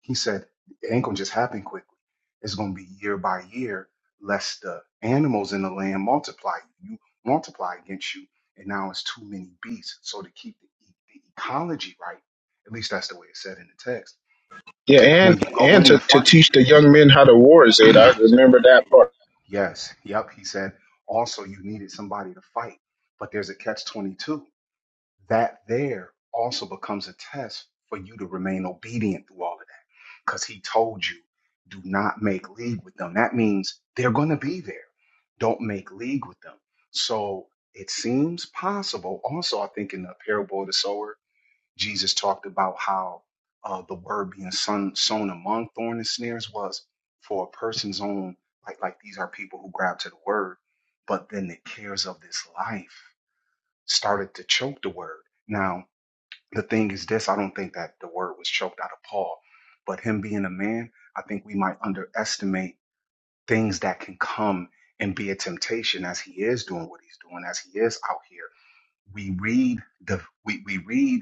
Speaker 8: He said, it ain't gonna just happen quickly. It's gonna be year by year, lest the animals in the land multiply. You multiply against you, and now it's too many beasts. So to keep the, e- the ecology right, at least that's the way it's said in the text.
Speaker 12: Yeah, and
Speaker 8: When you go
Speaker 12: and
Speaker 8: in
Speaker 12: to,
Speaker 8: the
Speaker 12: to
Speaker 8: fight.
Speaker 12: teach the young men how to war, Zayda.
Speaker 8: *clears throat*
Speaker 12: I remember that part.
Speaker 8: Yes. Yep. He said also you needed somebody to fight, but there's a catch 22. That there also becomes a test for you to remain obedient through all of that because he told you, do not make league with them. That means they're going to be there. Don't make league with them. So it seems possible. Also, I think in the parable of the sower. Jesus talked about how uh, the word being sown, sown among thorn and snares was for a person's own, like like these are people who grab to the word, but then the cares of this life started to choke the word. Now the thing is this: I don't think that the word was choked out of Paul, but him being a man, I think we might underestimate things that can come and be a temptation as he is doing what he's doing, as he is out here we read the we, we read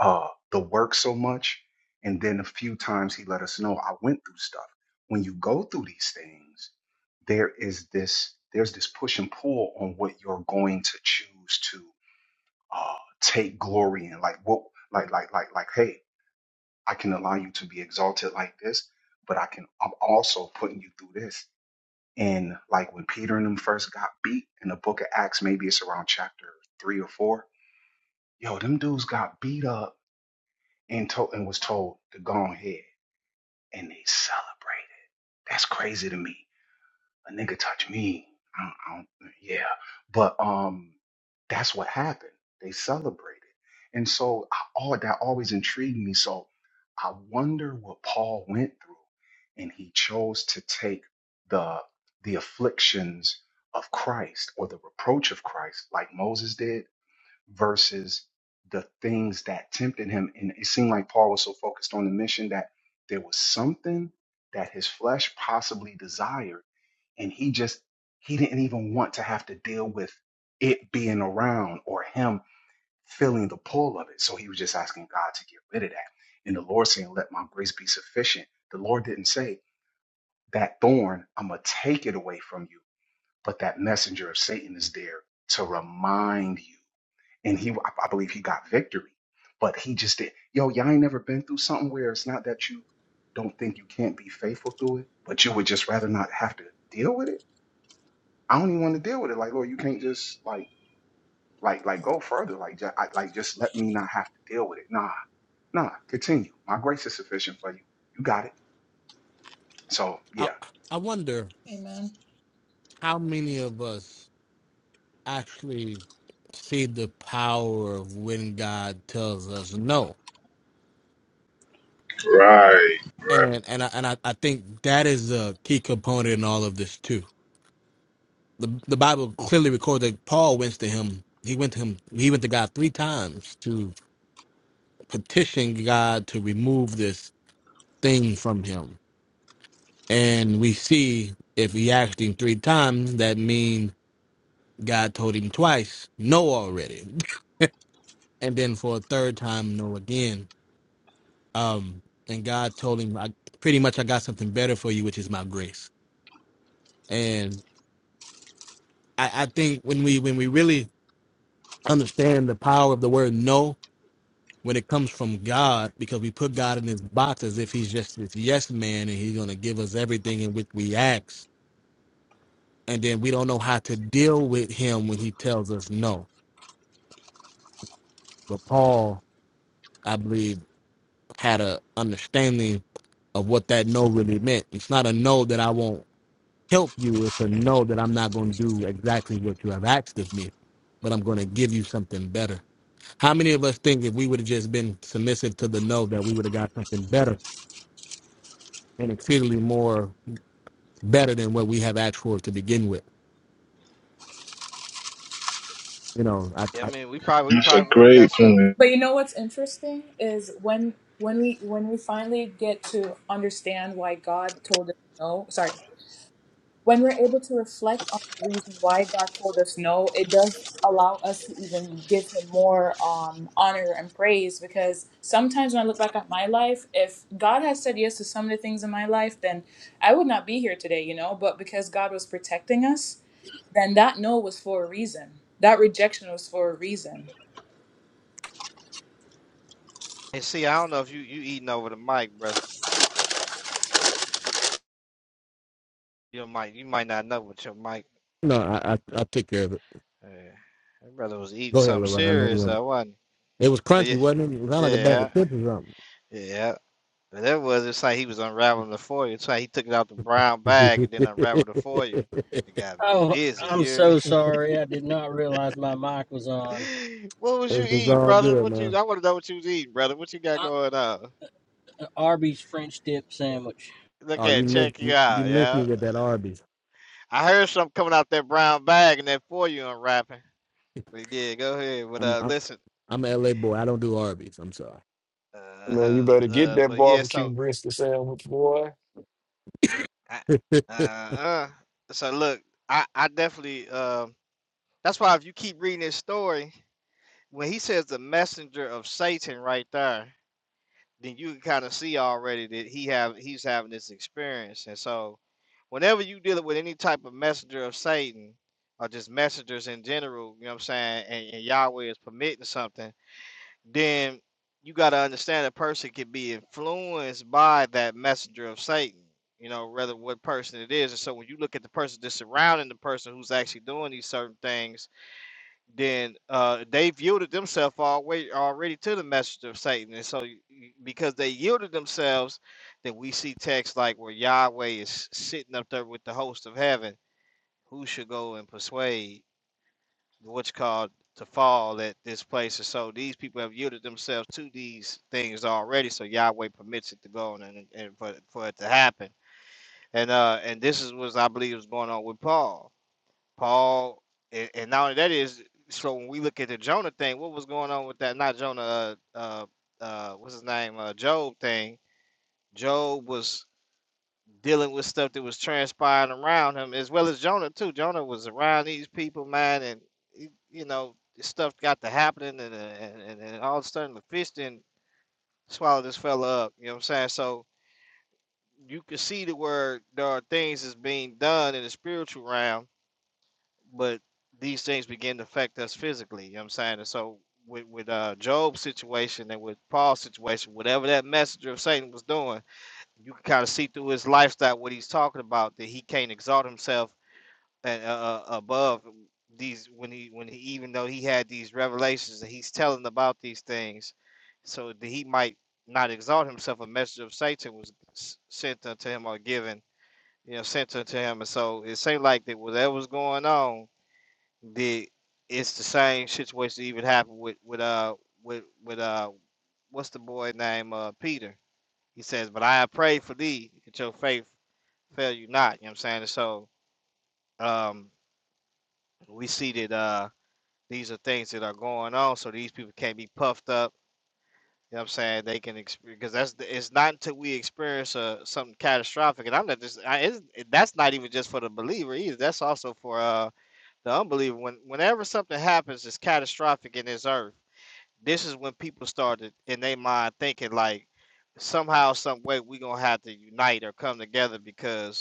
Speaker 8: uh the work so much and then a few times he let us know i went through stuff when you go through these things there is this there's this push and pull on what you're going to choose to uh take glory in like what like like like like hey i can allow you to be exalted like this but i can i'm also putting you through this and like when peter and them first got beat in the book of acts maybe it's around chapter three or four Yo, them dudes got beat up and told and was told to go on ahead, and they celebrated. That's crazy to me. A nigga touch me. I don't, I don't, yeah, but um, that's what happened. They celebrated, and so I, all that always intrigued me. So I wonder what Paul went through, and he chose to take the the afflictions of Christ or the reproach of Christ, like Moses did versus the things that tempted him. And it seemed like Paul was so focused on the mission that there was something that his flesh possibly desired. And he just, he didn't even want to have to deal with it being around or him feeling the pull of it. So he was just asking God to get rid of that. And the Lord saying, Let my grace be sufficient. The Lord didn't say, That thorn, I'm going to take it away from you. But that messenger of Satan is there to remind you and he I believe he got victory. But he just did. Yo, y'all ain't never been through something where it's not that you don't think you can't be faithful through it, but you would just rather not have to deal with it. I don't even want to deal with it. Like, Lord, you can't just like like like go further. Like just, I, like just let me not have to deal with it. Nah, nah. Continue. My grace is sufficient for you. You got it. So
Speaker 2: I
Speaker 8: yeah.
Speaker 2: I wonder
Speaker 3: Amen.
Speaker 2: how many of us. actually see the power of when God tells us no.
Speaker 12: Right, right.
Speaker 2: And and I, and I, I think that is a key component in all of this too. The the Bible clearly records that Paul went to him. He went to him. He went to God three times to petition God to remove this thing from him. And we see if he asked him three times, that means God told him twice no already, *laughs* and then for a third time no again um, and God told him, I, pretty much, I got something better for you, which is my grace. And I, I think when we when we really understand the power of the word no, when it comes from God, because we put God in this box as if He's just this yes man, and He's going to give us everything in which we ask, and then we don't know how to deal with Him when He tells us no. But Paul, I believe, had a understanding of what that no really meant. It's not a no that I won't help you is to know that I'm not going to do exactly what you have asked of me, but I'm going to give you something better. How many of us think if we would have just been submissive to the no, that we would have got something better and exceedingly more better than what we have asked for to begin with? You know, I,
Speaker 11: Yeah, I
Speaker 2: I
Speaker 11: mean, we probably we
Speaker 12: That's a
Speaker 11: probably would have
Speaker 12: great
Speaker 11: got some.
Speaker 12: point.
Speaker 3: But you know what's interesting is when when we when we finally get to understand why God told us no. Sorry, when we're able to reflect on the reason why God told us no, it does allow us to even give Him more um, honor and praise. Because sometimes when I look back at my life, if God had said yes to some of the things in my life, then I would not be here today, you know. But because God was protecting us, then that no was for a reason. That rejection was for a reason
Speaker 11: And see, I don't know if you you eating over the mic, bro. You might you might not know, what your mic,
Speaker 2: no, I, I, I took care of it.
Speaker 11: uh, that brother was eating
Speaker 2: Go ahead,
Speaker 11: something
Speaker 2: Lorraine. I know you
Speaker 11: serious.
Speaker 2: want it.
Speaker 11: though, wasn't. he?
Speaker 2: It was
Speaker 11: But
Speaker 2: crunchy,
Speaker 11: yeah,
Speaker 2: wasn't it? It sounded like a bag
Speaker 11: yeah,
Speaker 2: of chips or
Speaker 11: yeah. But that was it's like he was unraveling the foil. It's like he took it out the brown bag and then unraveled the foil.
Speaker 2: something.
Speaker 11: It got
Speaker 13: Oh,
Speaker 11: busy. You
Speaker 13: I'm
Speaker 11: hear
Speaker 13: so sorry. I did not realize my mic was on.
Speaker 11: me? *laughs* what
Speaker 2: *laughs*
Speaker 11: was you
Speaker 2: it's
Speaker 11: eating,
Speaker 2: all
Speaker 11: brother?
Speaker 2: good,
Speaker 11: What you?
Speaker 2: man.
Speaker 11: I want to know what you was eating, brother. What you got
Speaker 13: Uh,
Speaker 11: going on?
Speaker 13: Arby's French dip sandwich.
Speaker 11: Look
Speaker 2: Oh, you
Speaker 11: at
Speaker 2: missed
Speaker 11: check you
Speaker 2: you, you
Speaker 11: out,
Speaker 2: missed me
Speaker 11: yeah.
Speaker 2: with that Arby's.
Speaker 11: I heard something coming out that brown bag and that foil you unwrapping. But yeah, go ahead. But
Speaker 2: I'm.
Speaker 11: uh, listen.
Speaker 2: I'm an LA boy. I don't do Arby's. I'm sorry.
Speaker 14: Man, you
Speaker 11: Uh,
Speaker 14: better get
Speaker 11: uh,
Speaker 14: that
Speaker 11: but yeah, so
Speaker 14: barbecue brisket sandwich, boy.
Speaker 11: I,
Speaker 2: *laughs*
Speaker 11: uh, uh. So look, I, I definitely. Uh, that's why if you keep reading this story, when he says the messenger of Satan right there, then you can kind of see already that he have he's having this experience. And so, whenever you dealing with any type of messenger of Satan or just messengers in general, you know what I'm saying, and, and Yahweh is permitting something then you got to understand a person can be influenced by that messenger of Satan, you know, rather what person it is. And so when you look at the person that's surrounding the person who's actually doing these certain things, then uh, they yielded themselves already, already to the messenger of Satan. And so y- y- because they yielded themselves, then we see texts like where Yahweh is sitting up there with the host of heaven. Who should go and persuade? what's called to fall at this place. And so these people have yielded themselves to these things already. So Yahweh permits it to go on and, and for, for it to happen. And uh and this is what I believe is going on with Paul. Paul and, and not only that is so when we look at the Jonah thing, what was going on with that? Not Jonah, uh, uh, uh what's his name? Uh, Job thing. Job was dealing with stuff that was transpiring around him, as well as Jonah too. Jonah was around these people, man, and y- you know stuff got to happening, and uh, and, and, and all of a sudden the fish didn't swallow this fella up. You know what I'm saying? So you can see the where there are things that's being done in the spiritual realm, but these things begin to affect us physically. You know what I'm saying? And so with with uh, Job's situation and with Paul's situation, whatever that messenger of Satan was doing you can kind of see through his lifestyle what he's talking about that he can't exalt himself and uh, uh, above these when he when he even though he had these revelations and he's telling about these things so that he might not exalt himself a message of satan was s- sent unto him or given you know sent unto him and so it seemed like that whatever's going on the it's the same situation that even happened with with uh with with uh what's the boy name uh peter he says, But I have prayed for thee that your faith fail you not. You know what I'm saying? And so um, we see that uh, these are things that are going on. So these people can't be puffed up. You know what I'm saying? They can experience because that's the- it's not until we experience uh, something catastrophic. And I'm not just I, it's, that's not even just for the believer either. That's also for uh, the unbeliever. When whenever something happens that's catastrophic in this earth, this is when people started in their mind thinking like somehow, some way, we gonna have to unite or come together because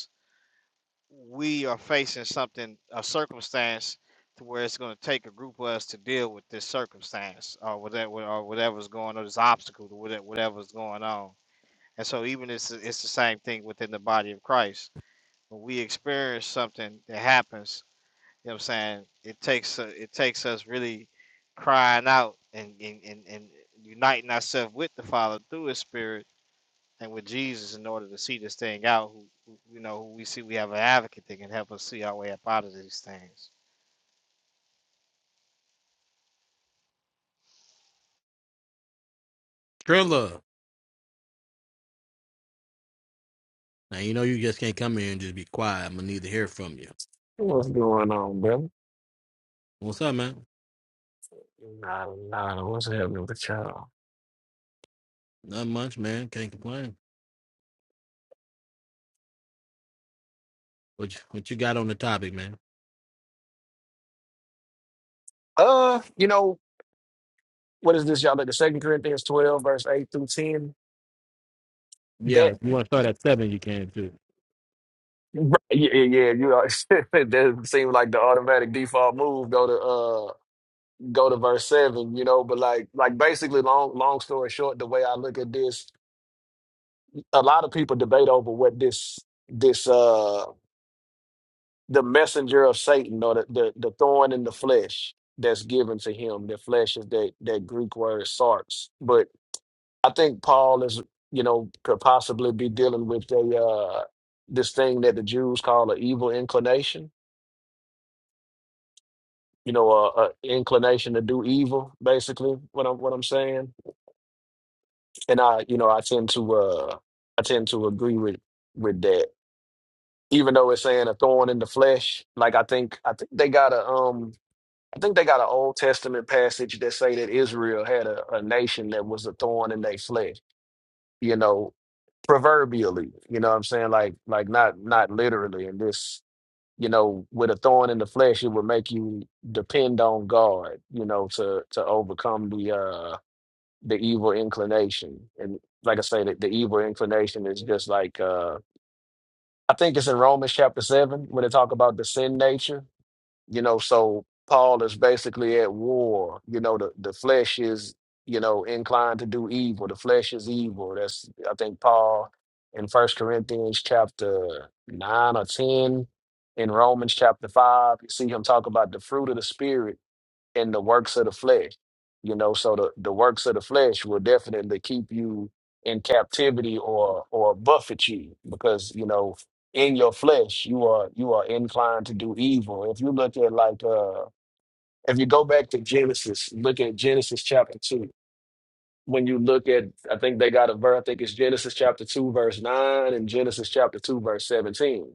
Speaker 11: we are facing something, a circumstance, to where it's going to take a group of us to deal with this circumstance or whatever, or whatever's going on, this obstacle, or whatever, whatever's going on. And so, even it's it's the same thing within the body of Christ. When we experience something that happens, you know what I'm saying? It takes uh, it takes us really crying out and and and, and uniting ourselves with the Father through His Spirit and with Jesus in order to see this thing out. Who, you know, who we see we have an advocate that can help us see our way up out of these things.
Speaker 2: Trilla. Now you know you just can't come here and just be quiet. I'm gonna need to hear from you.
Speaker 14: What's going on, brother?
Speaker 2: What's up, man?
Speaker 14: Nah, nah, what's happening with y'all?
Speaker 2: Not much, man. Can't complain. What you, what you got on the topic, man?
Speaker 14: Uh, you know, what is this, y'all? Like the Second Corinthians 12, verse 8 through 10.
Speaker 2: Yeah,
Speaker 14: That,
Speaker 2: if you want to start at seven, you can too.
Speaker 14: right, yeah, yeah, yeah, you know, *laughs* that seemed like the automatic default move. Go to, uh, go to verse 7, you know, but like, like basically, long, long story short, the way I look at this, a lot of people debate over what this, this, uh, the messenger of Satan or the, the, the thorn in the flesh that's given to him. The flesh is that, that Greek word sarx. But I think Paul is, you know, could possibly be dealing with a uh, this thing that the Jews call an evil inclination. You know, a, a inclination to do evil, basically. What I'm what I'm saying, and I, you know, I tend to uh, I tend to agree with with that. Even though it's saying a thorn in the flesh, like I think I think they got a um I think they got an Old Testament passage that say that Israel had a, a nation that was a thorn in their flesh, you know, proverbially, you know what I'm saying? Like like not not literally and this, you know, with a thorn in the flesh, it would make you depend on God, you know, to to overcome the uh the evil inclination. And like I say, the, the evil inclination is just like uh I think it's in Romans chapter seven when they talk about the sin nature you know so paul is basically at war you know the, the flesh is you know inclined to do evil the flesh is evil that's i think paul in first corinthians chapter 9 or 10 in romans chapter 5 you see him talk about the fruit of the spirit in the works of the flesh. You know, so the, the works of the flesh will definitely keep you in captivity or or buffet you because you know in your flesh you are you are inclined to do evil. If you look at like uh if you go back to Genesis, look at Genesis chapter two when you look at, I think they got a verse, I think it's Genesis chapter 2, verse 9, and Genesis chapter 2, verse 17.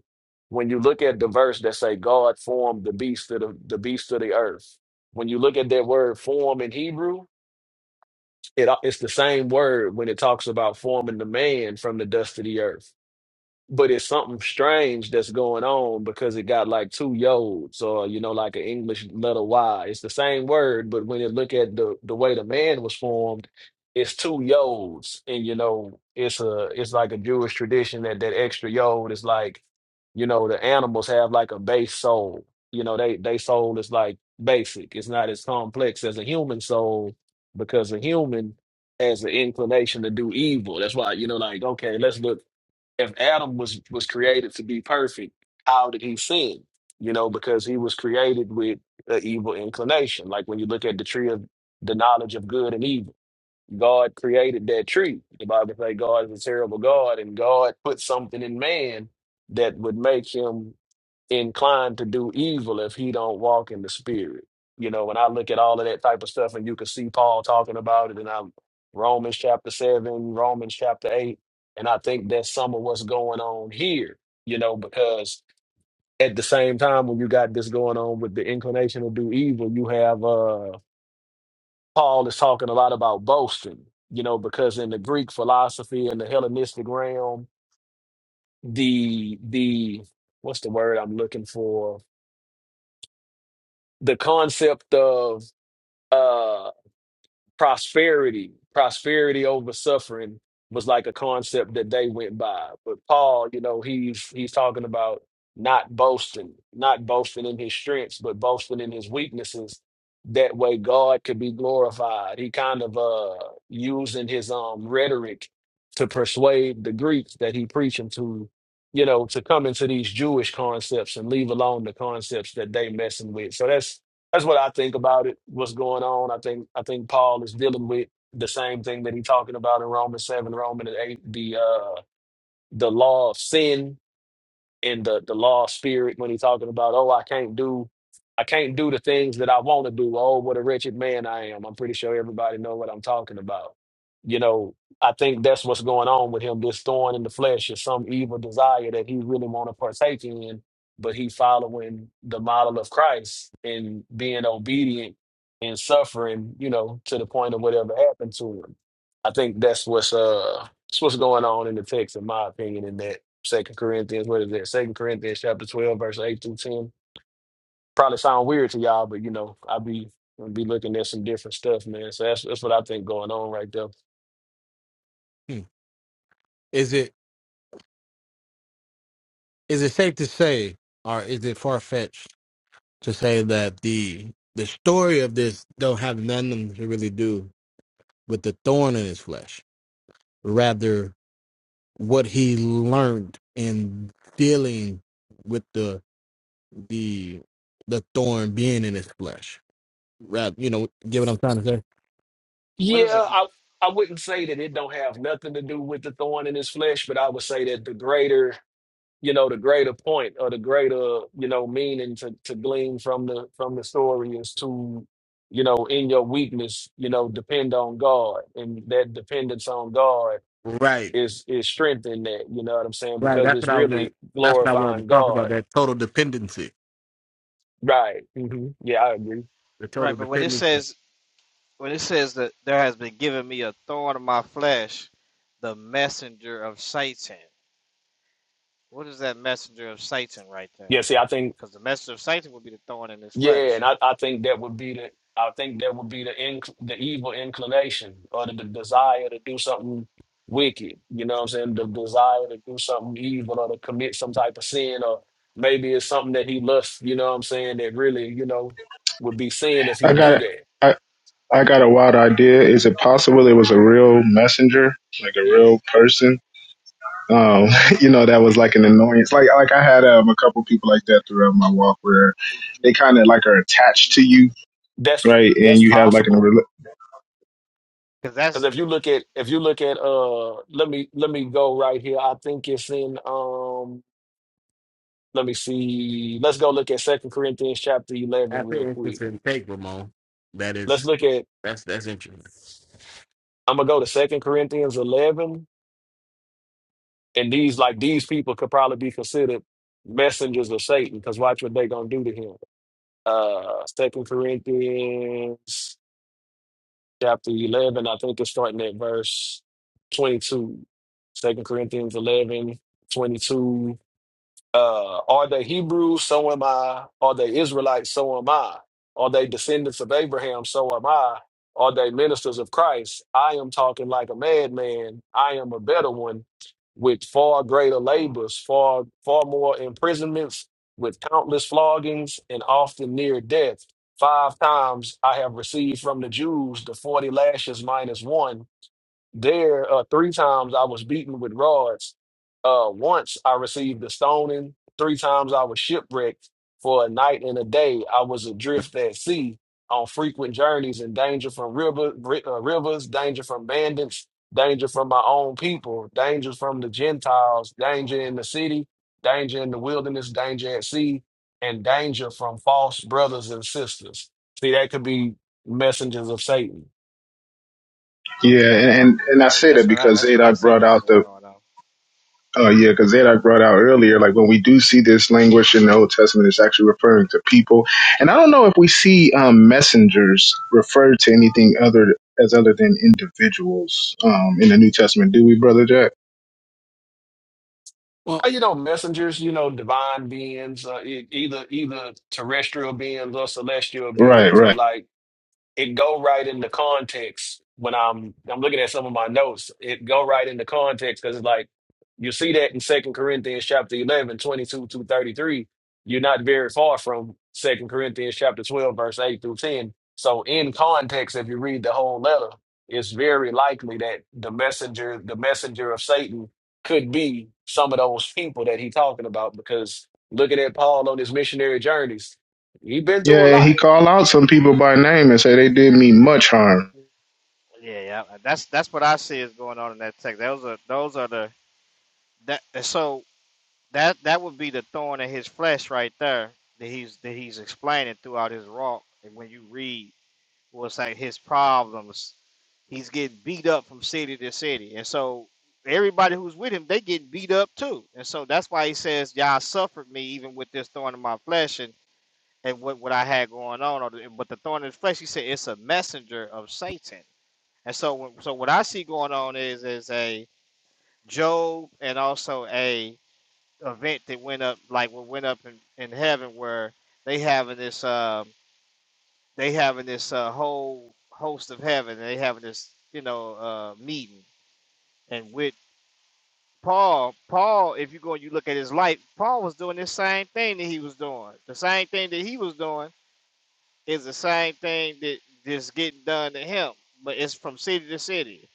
Speaker 14: When you look at the verse that say God formed the beast of the, the beast of the earth, when you look at that word form in Hebrew, it, it's the same word when it talks about forming the man from the dust of the earth but it's something strange that's going on because it got like two yods or you know like an english letter y it's the same word but when you look at the the way the man was formed it's two yods and you know it's a it's like a jewish tradition that that extra yod is like you know the animals have like a base soul you know they they soul is like basic it's not as complex as a human soul because a human has the inclination to do evil that's why you know like okay let's look if Adam was was created to be perfect, how did he sin? You know, because he was created with an evil inclination. Like when you look at the tree of the knowledge of good and evil, God created that tree. The Bible says God is a terrible God, and God put something in man that would make him inclined to do evil if he don't walk in the spirit. You know, when I look at all of that type of stuff and you can see Paul talking about it and I'm Romans chapter seven, Romans chapter eight, and I think that's some of what's going on here, you know, because at the same time when you got this going on with the inclination to do evil, you have uh Paul is talking a lot about boasting, you know, because in the Greek philosophy and the Hellenistic realm, the the what's the word I'm looking for? the concept of uh prosperity prosperity over suffering was like a concept that they went by but paul you know he's he's talking about not boasting not boasting in his strengths but boasting in his weaknesses that way god could be glorified he kind of uh using his um rhetoric to persuade the greeks that he preaching to you know to come into these jewish concepts and leave alone the concepts that they messing with so that's that's what I think about it. What's going on? I think I think Paul is dealing with the same thing that he's talking about in Romans seven, Romans eight, the uh the law of sin in the the law spirit when he's talking about, oh, I can't do I can't do the things that I want to do. Oh, what a wretched man I am. I'm pretty sure everybody know what I'm talking about. You know, I think that's what's going on with him. This thorn in the flesh is some evil desire that he really want to partake in, but he following the model of Christ and being obedient and suffering, you know, to the point of whatever happened to him. I think that's what's uh that's what's going on in the text, in my opinion, in that Second Corinthians, what is that? Second Corinthians chapter twelve, verse eight through ten. Probably sound weird to y'all, but you know, I'll be I'll be looking at some different stuff, man. So that's that's what I think going on right there.
Speaker 2: Hmm. Is it is it safe to say, or is it far fetched to say that the the story of this don't have nothing to really do with the thorn in his flesh? Rather what he learned in dealing with the the the thorn being in his flesh. Right, you know, get what I'm trying to say.
Speaker 11: What is it?
Speaker 14: Yeah, I I wouldn't say that it don't have nothing to do with the thorn in his flesh, but I would say that the greater, you know, the greater point or the greater, you know, meaning to, to glean from the from the story is to, you know, in your weakness, you know, depend on God. And that dependence on God
Speaker 2: Right,
Speaker 14: is is strength in that. You know what I'm saying?
Speaker 2: right.
Speaker 14: Because
Speaker 2: That's
Speaker 14: it's
Speaker 2: what I was. Gonna,
Speaker 14: really
Speaker 2: that's what I wanted to
Speaker 14: glorifying
Speaker 2: talk about.
Speaker 14: God,
Speaker 2: That total dependency.
Speaker 14: right? hmm Yeah, I agree.
Speaker 2: The
Speaker 11: Right,
Speaker 2: total
Speaker 11: but when it
Speaker 2: dependency.
Speaker 11: says when it says that there has been given me a thorn in my flesh, the messenger of Satan. What is that messenger of Satan right there?
Speaker 14: Yeah, see, I think
Speaker 11: Because the messenger of Satan would be the thorn in his
Speaker 14: yeah,
Speaker 11: flesh.
Speaker 14: and I, I think that would be the I think that would be the inc- the evil inclination or the, the desire to do something wicked. You know what I'm saying? The desire to do something evil or to commit some type of sin or maybe it's something that he lusts. You know what I'm saying? That really you know would be sin if
Speaker 12: I
Speaker 14: he do
Speaker 12: got
Speaker 14: that.
Speaker 12: I I got a wild idea. Is it possible it was a real messenger, like a
Speaker 11: Yeah,
Speaker 12: real person? Um, *laughs* you know, that was like an annoyance. Like like I had um, a couple people like that throughout my walk, where they kind of like are attached to you,
Speaker 14: That's
Speaker 12: right? And
Speaker 14: that's
Speaker 12: you have like an
Speaker 14: possible
Speaker 12: rela-
Speaker 11: because
Speaker 14: Because
Speaker 11: that's
Speaker 14: if you look at if you look at uh let me let me go right here. I think it's in um let me see. Let's go look at Second Corinthians chapter eleven
Speaker 2: That's an
Speaker 14: real quick.
Speaker 2: interesting take, Ramon. That
Speaker 14: Let's
Speaker 2: is.
Speaker 14: look at
Speaker 2: That's that's interesting.
Speaker 14: I'm gonna go to Second Corinthians eleven and these like these people could probably be considered messengers of Satan because watch what they gonna do to him. Uh Second Corinthians chapter eleven, I think it's starting at verse twenty two. Second Corinthians 11 22. Uh, are they Hebrews? So am I. Are they Israelites? So am I. Are they descendants of Abraham? So am I. Are they ministers of Christ? I am talking like a madman. I am a better one with far greater labors, far, far more imprisonments, with countless floggings, and often near death. Five times I have received from the Jews the 40 lashes minus one. There, uh, three times I was beaten with rods. Uh, once I received a stoning. Three times I was shipwrecked. For a night and a day, I was adrift at sea on frequent journeys in danger from river, ri- uh, rivers, danger from bandits, danger from my own people, danger from the Gentiles, danger in the city, danger in the wilderness, danger at sea, and danger from false brothers and sisters. See, that could be messengers of Satan.
Speaker 12: yeah, and, and and I
Speaker 11: yeah,
Speaker 12: say that
Speaker 11: that's what I
Speaker 12: because
Speaker 11: that's what I
Speaker 12: Zadok
Speaker 11: say.
Speaker 12: brought
Speaker 11: That's
Speaker 12: out the
Speaker 11: going on.
Speaker 12: Oh yeah, because that I brought out earlier, like when we do see this language in the Old Testament, it's actually referring to people. And I don't know if we see um, messengers referred to anything other as other than individuals um, in the New Testament, do we, Brother Jack?
Speaker 2: Well,
Speaker 14: Uh, You know, messengers, you know, divine beings, uh, e- either either terrestrial beings or celestial
Speaker 12: Right,
Speaker 14: beings, but
Speaker 12: right.
Speaker 14: like it go right into context when I'm I'm looking at some of my notes. It go right into context because it's like you see that in Second Corinthians chapter 11 22 to 33. You're not very far from Second Corinthians chapter 12, verse 8 through 10. So in context, if you read the whole letter, it's very likely that the messenger, the messenger of Satan could be some of those people that he's talking about because looking at Paul on his missionary journeys, he's been through a
Speaker 12: Yeah, and he
Speaker 14: lot
Speaker 12: called out some people by name and said they did me much harm.
Speaker 11: Yeah, yeah. That's that's what I see is going on in that text. Those are those are the that. So that that would be the thorn in his flesh right there that he's that he's explaining throughout his walk. And when you read what's like his problems, he's getting beat up from city to city, and so everybody who's with him they getting beat up too. And so that's why he says, "Y'all suffered me even with this thorn in my flesh and and what what I had going on." Or the- But the thorn in the flesh, he said, it's a messenger of Satan. And so when- so what I see going on is is a Job and also a event that went up like what went up in, in heaven where they having this um they having this uh, whole host of heaven and they having this you know uh meeting and with paul paul if you go and you look at his life paul was doing this same thing that he was doing the same thing that he was doing is the same thing that that's getting done to him but it's from city to city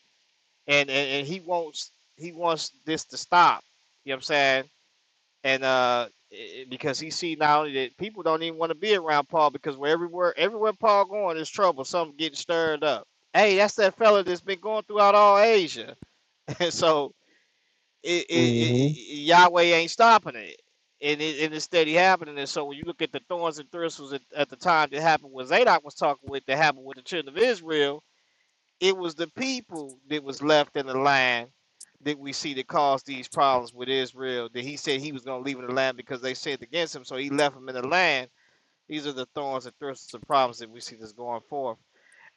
Speaker 11: and and, and he wants he wants this to stop you know what i'm saying and uh i- because he see now that people don't even want to be around Paul because where everywhere everywhere Paul going is trouble. Something getting stirred up. Hey, that's that fella that's been going throughout all Asia, *laughs* and so it, it, it,
Speaker 14: hmm
Speaker 11: it, Yahweh ain't stopping it, and it and it's steady happening. And so when you look at the thorns and thistles at, at the time that happened when Zadok was talking with that happened with the children of Israel, it was the people that was left in the land that we see that caused these problems with Israel. That he said he was going to leave in the land because they sinned against him, so he left them in the land. These are the thorns and thistles and problems that we see that's going forth.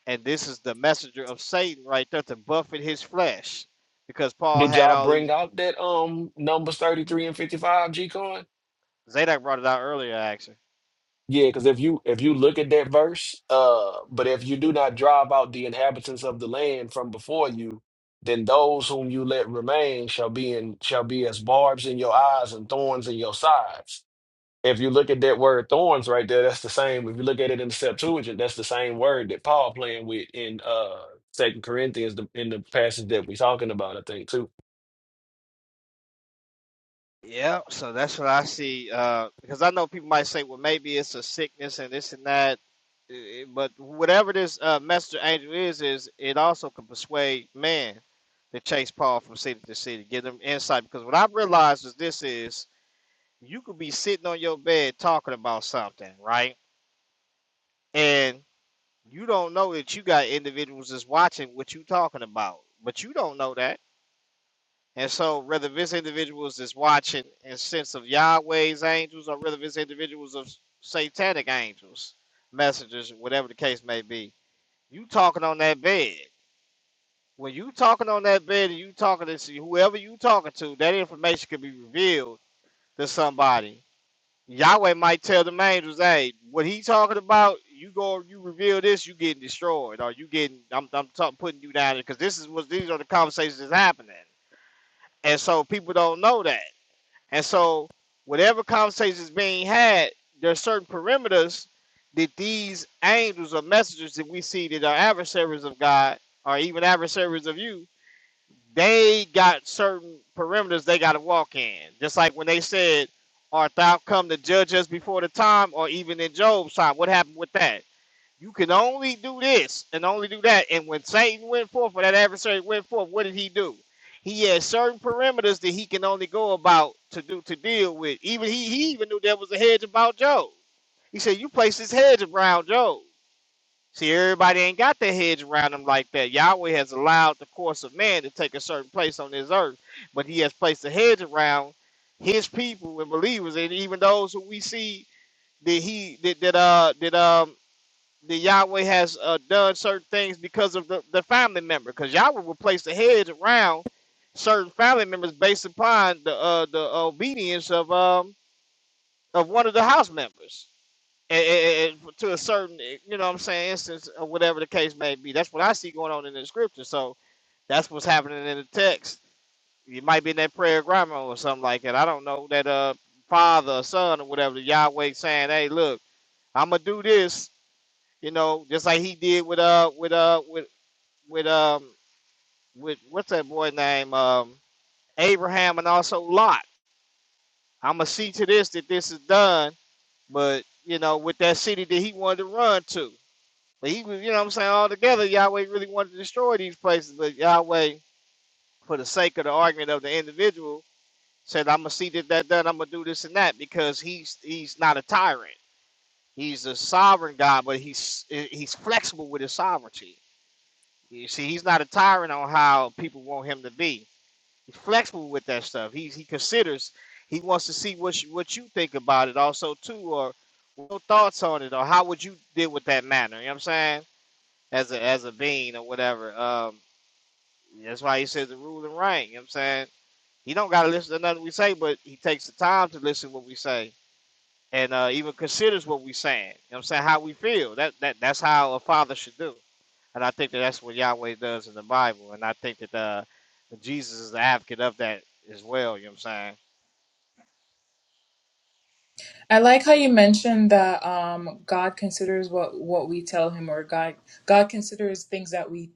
Speaker 11: And this is the messenger of Satan right there to buffet his flesh, because Paul
Speaker 14: Did
Speaker 11: had
Speaker 14: y'all
Speaker 11: all
Speaker 14: bring
Speaker 11: these.
Speaker 14: out that um numbers 33 and 55 G Con?
Speaker 11: Zadok brought it out earlier, actually
Speaker 14: Yeah, because if you if you look at that verse, uh, but if you do not drive out the inhabitants of the land from before you, then those whom you let remain shall be in shall be as barbs in your eyes and thorns in your sides. If you look at that word thorns right there, that's the same. If you look at it in the Septuagint, that's the same word that Paul playing with in uh Second Corinthians, the, in the passage that we're talking about, I think too.
Speaker 11: Yeah, so that's what I see. Uh, because I know people might say, well, maybe it's a sickness and this and that. eh, eh, But whatever this uh, messenger angel is, is it also can persuade man to chase Paul from city to city, give them insight. Because what I've realized is this is you could be sitting on your bed talking about something, right? And you don't know that you got individuals that's watching what you talking about, but you don't know that And so, whether this individuals is watching in sense of Yahweh's angels, or whether this individuals of satanic angels, messengers, whatever the case may be, you talking on that bed. When you talking on that bed and you talking to whoever you talking to, that information could be revealed to somebody. Yahweh might tell the angels, "Hey, what he talking about? You go, you reveal this, you getting destroyed, or you getting I'm I'm talk, putting you down because this is what these are the conversations that's happening." And so people don't know that. And so, whatever conversation is being had, there are certain perimeters that these angels or messengers that we see that are adversaries of God or even adversaries of you, they got certain perimeters they got to walk in. Just like when they said, Art thou come to judge us before the time, or even in Job's time? What happened with that? You can only do this and only do that. And when Satan went forth, or that adversary went forth, what did he do? He had certain parameters that he can only go about to do to deal with. Even he, he even knew there was a hedge about Job. He said, "You place this hedge around Job." See, everybody ain't got their hedge around them like that. Yahweh has allowed the course of man to take a certain place on this earth, but He has placed a hedge around His people and believers, and even those who we see that He that, that uh that um the Yahweh has uh, done certain things because of the, the family member. Because Yahweh will place a hedge around certain family members based upon the uh, the obedience of um of one of the house members. A- to a certain, eh, you know what I'm saying, instance, or whatever the case may be. That's what I see going on in the scripture. So that's what's happening in the text. It might be in that prayer of grammar or something like that. I don't know. That uh father or son or whatever, the Yahweh saying, Hey, look, I'ma do this you know, just like he did with uh with uh with with um with what's that boy name um Abraham and also Lot. I'ma see to this that this is done, but you know, with that city that he wanted to run to. But he was, you know what I'm saying, all together, Yahweh really wanted to destroy these places, but Yahweh, for the sake of the argument of the individual, said, I'ma see that that done, I'm gonna do this and that because he's he's not a tyrant. He's a sovereign God, but he's he's flexible with his sovereignty You see, he's not a tyrant on how people want him to be. He's flexible with that stuff. He's he considers. He wants to see what you, what you think about it, also too, or your thoughts on it, or how would you deal with that matter. You know what I'm saying? As a as a being or whatever. Um, that's why he says the rule and reign. You know what I'm saying? He don't gotta listen to nothing we say, but he takes the time to listen to what we say and uh, even considers what we saying. You know what I'm saying? How we feel. That that that's how a father should do. And I think that that's what Yahweh does in the Bible. And I think that uh, Jesus is the advocate of that as well. You know what I'm saying?
Speaker 3: I like how you mentioned that um, God considers what what we tell Him, or God God considers things that we.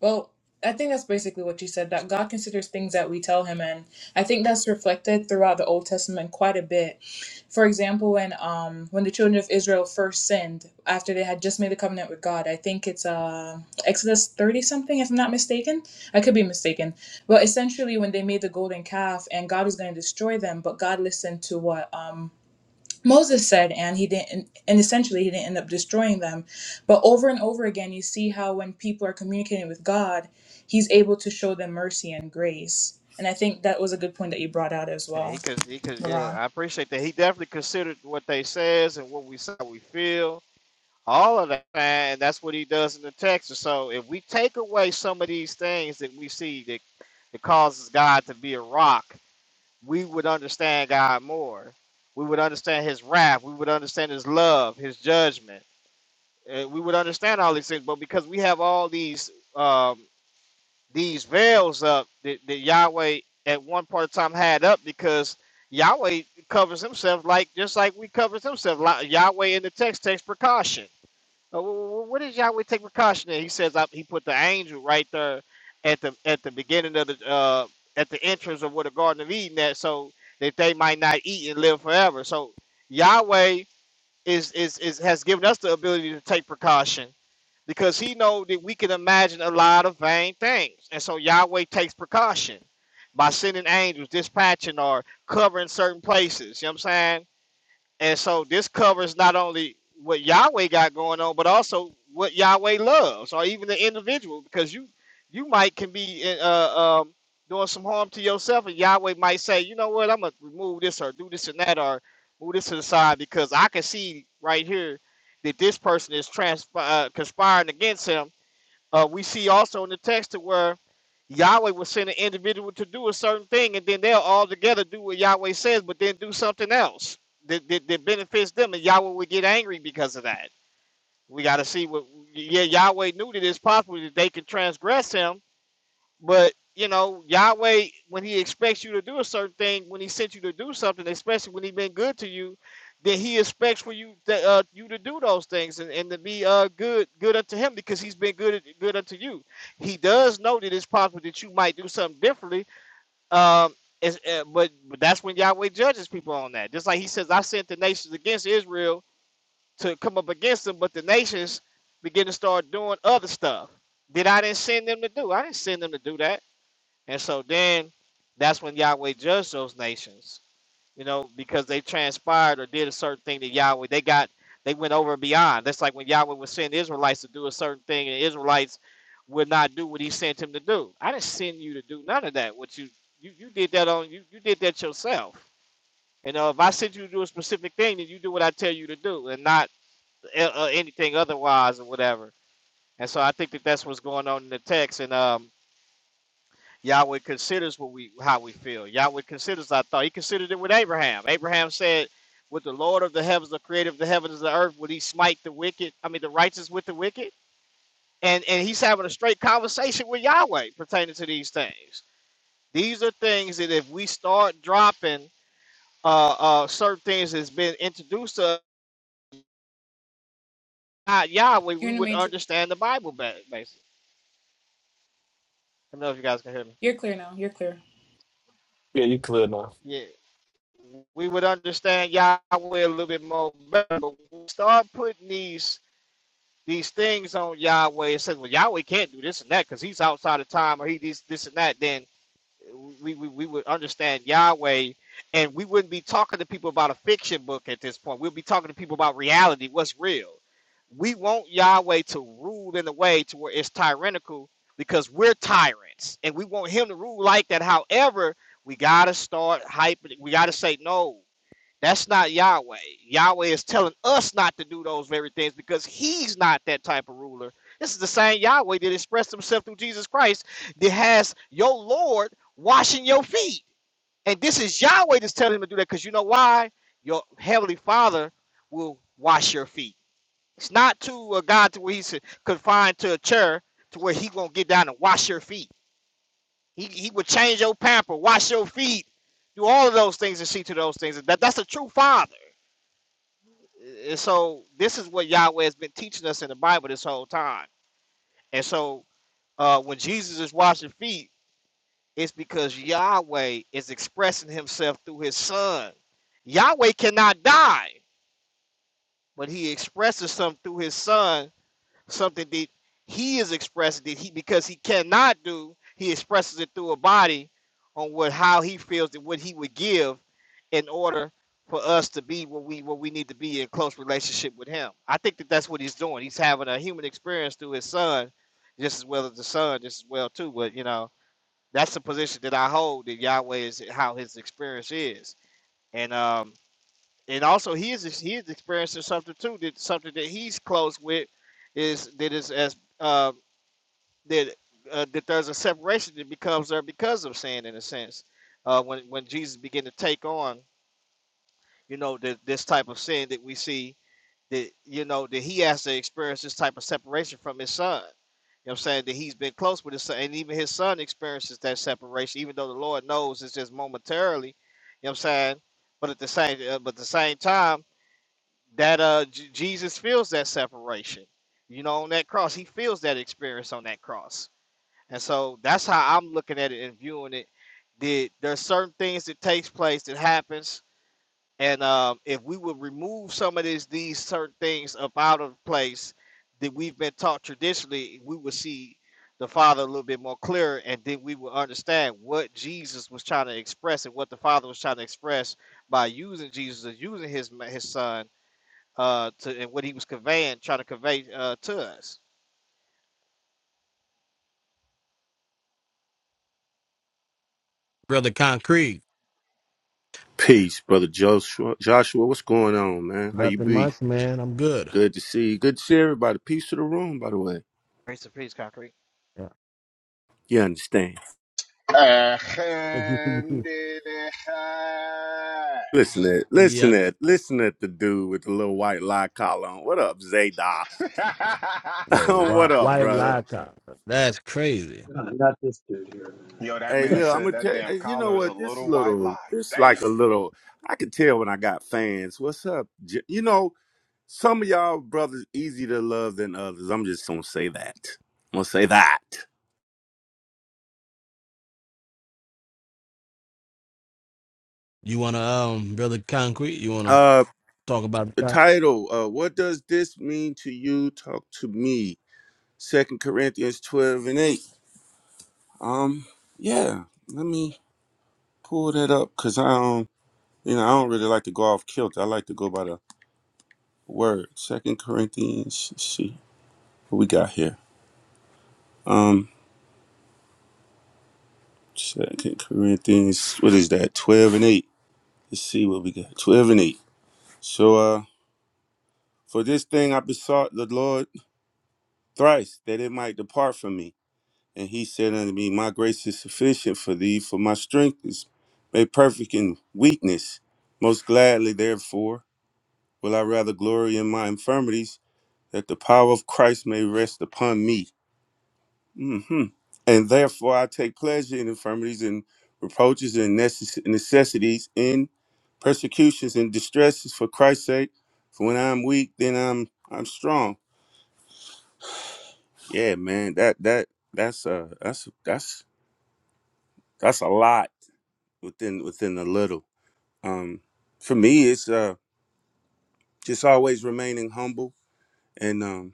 Speaker 3: Well, I think that's basically what you said. That God considers things that we tell Him, and I think that's reflected throughout the Old Testament quite a bit. For example, when um when the children of Israel first sinned after they had just made a covenant with God, I think it's uh, Exodus thirty something, if I'm not mistaken. I could be mistaken, but essentially when they made the golden calf and God was going to destroy them, but God listened to what um Moses said, and he didn't, and essentially he didn't end up destroying them. But over and over again, you see how when people are communicating with God, he's able to show them mercy and grace. And I think that was a good point that you brought out as
Speaker 11: And
Speaker 3: well,
Speaker 11: he could, he could, yeah,
Speaker 3: Laron.
Speaker 11: I appreciate that. He definitely considered what they says and what we say, we feel, all of that. man, And that's what he does in the text. So if we take away some of these things that we see that, that causes God to be a rock, we would understand God more. We would understand his wrath. We would understand his love, his judgment uh, we would understand all these things. But because we have all these um, these veils up that, that Yahweh at one part of time had up, because Yahweh covers himself like just like we covers himself. Like Yahweh in the text takes precaution. Uh, wh- wh- What does Yahweh take precaution in? He says uh, he put the angel right there at the at the beginning of the uh, at the entrance of where the Garden of Eden at, so that they might not eat and live forever. So Yahweh is is, is has given us the ability to take precaution because he know that we can imagine a lot of vain things. And so Yahweh takes precaution by sending angels, dispatching or covering certain places. You know what I'm saying? And so this covers not only what Yahweh got going on, but also what Yahweh loves, or even the individual, because you you might can be uh, um, doing some harm to yourself, and Yahweh might say, you know what, I'm gonna remove this or do this and that or move this to the side because I can see right here that this person is trans- uh, conspiring against him uh, we see also in the text to where Yahweh will send an individual to do a certain thing, and then they'll all together do what Yahweh says, but then do something else that, that, that benefits them, and Yahweh will get angry because of that. We got to see what, yeah, Yahweh knew that it's possible that they could transgress him, but you know, Yahweh, when He expects you to do a certain thing, when He sent you to do something, especially when He been good to you, then He expects for you that uh, you to do those things and, and to be uh good good unto Him because He's been good good unto you. He does know that it's possible that you might do something differently. Um, is- uh, but, but that's when Yahweh judges people on that. Just like He says, "I sent the nations against Israel to come up against them," but the nations begin to start doing other stuff that I didn't send them to do. I didn't send them to do that. And so then that's when Yahweh judged those nations, you know, because they transpired or did a certain thing to Yahweh. They got they went over and beyond. That's like when Yahweh was sending Israelites to do a certain thing and the Israelites would not do what he sent him to do. I didn't send you to do none of that. What you you, you did that on you you did that yourself. You know, if I sent you to do a specific thing, then you do what I tell you to do and not uh, uh, anything otherwise or whatever. And so I think that that's what's going on in the text. And um, Yahweh considers what we how we feel. Yahweh considers our thought. He considered it with Abraham. Abraham said, "With the Lord of the heavens, the Creator of the heavens and the earth, would He smite the wicked? I mean, the righteous with the wicked?" And and he's having a straight conversation with Yahweh pertaining to these things. These are things that if we start dropping uh, uh, certain things that's been introduced to us by Yahweh, we
Speaker 3: You're in the
Speaker 11: would
Speaker 3: matrix.
Speaker 11: understand the Bible better. Basically, I don't know if you guys can hear me.
Speaker 3: You're clear now. You're clear.
Speaker 14: Yeah, you clear now.
Speaker 11: Yeah. we would understand Yahweh a little bit more better. But we start putting these these things on Yahweh and says, "Well, Yahweh can't do this and that because he's outside of time, or he this this and that," then we, we we would understand Yahweh, and we wouldn't be talking to people about a fiction book at this point. We'll be talking to people about reality, what's real. We want Yahweh to rule in a way to where it's tyrannical because we're tyrants, and we want Him to rule like that. However, we gotta start hyping. We gotta say no. That's not Yahweh. Yahweh is telling us not to do those very things because he's not that type of ruler. This is the same Yahweh that expressed himself through Jesus Christ that has your Lord washing your feet. And this is Yahweh that's telling him to do that because you know why? Your heavenly father will wash your feet. It's not to a God to where he's confined to a chair to where he gonna get down and wash your feet. He he would change your pamper, wash your feet, do all of those things and see to those things. That that's a true father. And so this is what Yahweh has been teaching us in the Bible this whole time. And so uh, when Jesus is washing feet, it's because Yahweh is expressing himself through his son. Yahweh cannot die, but he expresses some through his son something that he is expressing that he because he cannot do he expresses it through a body on what how he feels and what he would give in order for us to be what we what we need to be in close relationship with him i think that that's what he's doing he's having a human experience through his son just as well as the son just as well too but you know that's the position that i hold that yahweh is how his experience is and um and also he is he is experiencing something too that something that he's close with is that is as uh, that uh, that there's a separation that becomes there because of sin in a sense uh, when when Jesus began to take on you know the, this type of sin that we see that you know that he has to experience this type of separation from his son. You know what I'm saying that he's been close with his son, and even his son experiences that separation, even though the Lord knows it's just momentarily. You know what I'm saying? But at the same, uh, but at the same time, that uh J- Jesus feels that separation. You know, on that cross, he feels that experience on that cross, and so that's how I'm looking at it and viewing it. That there's certain things that takes place that happens, and um, if we would remove some of these these certain things up out of place that we've been taught traditionally, we would see the Father a little bit more clearer, and then we would understand what Jesus was trying to express and what the Father was trying to express by using Jesus, or using his ma- his Son uh, to and what he was conveying, trying to convey uh, to us.
Speaker 2: brother, concrete.
Speaker 15: Peace, brother Joshua. Joshua, what's going on, man? How you
Speaker 2: Nothing
Speaker 15: be?
Speaker 2: much, man. I'm good.
Speaker 15: Good to see you. Good to see everybody. Peace to the room, by the way.
Speaker 11: Grace and peace, concrete.
Speaker 2: Yeah.
Speaker 15: You understand?
Speaker 2: *laughs*
Speaker 15: Listen at,
Speaker 2: you
Speaker 15: listen at,
Speaker 2: understand?
Speaker 15: listen at the dude with the little white lie collar on. What up, Zadok?
Speaker 2: No,
Speaker 15: *laughs*
Speaker 8: *laughs*
Speaker 15: what
Speaker 2: why?
Speaker 15: up,
Speaker 2: Why
Speaker 15: brother?
Speaker 2: lie, Kyle? That's crazy.
Speaker 9: not not this dude here.
Speaker 8: Yo, that
Speaker 15: Hey,
Speaker 8: man
Speaker 15: look, I'm
Speaker 8: said
Speaker 15: gonna
Speaker 8: that
Speaker 15: tell you.
Speaker 8: damn
Speaker 15: hey, You know
Speaker 8: collar is a
Speaker 15: what? This
Speaker 8: little white
Speaker 15: little,
Speaker 8: lie.
Speaker 15: this like
Speaker 8: Damn.
Speaker 15: a little. I can tell when I got fans. What's up? J- You know, some of y'all brothers easy to love than others. I'm just gonna say that. I'm gonna say that.
Speaker 2: You want to um build a concrete? You want to
Speaker 15: Uh,
Speaker 2: talk about
Speaker 15: the
Speaker 2: the
Speaker 15: title uh what does this mean to you talk to me second corinthians 12 and 8 um yeah let me pull that up because i don't you know i don't really like to go off kilter i like to go by the word second corinthians let's see what we got here um second corinthians what is that 12 and 8 let's see what we got 12 and 8 so uh for this thing i besought the lord thrice that it might depart from me And he said unto me, My grace is sufficient for thee, for my strength is made perfect in weakness. Most gladly, therefore, will I rather glory in my infirmities, that the power of Christ may rest upon me. hmm And therefore, I take pleasure in infirmities and reproaches and necess- necessities, in persecutions and distresses for Christ's sake. For when I'm weak, then I'm I'm strong. Yeah, man, that that that's uh that's that's that's a lot within within a little. Um, for me, it's uh, just always remaining humble and um,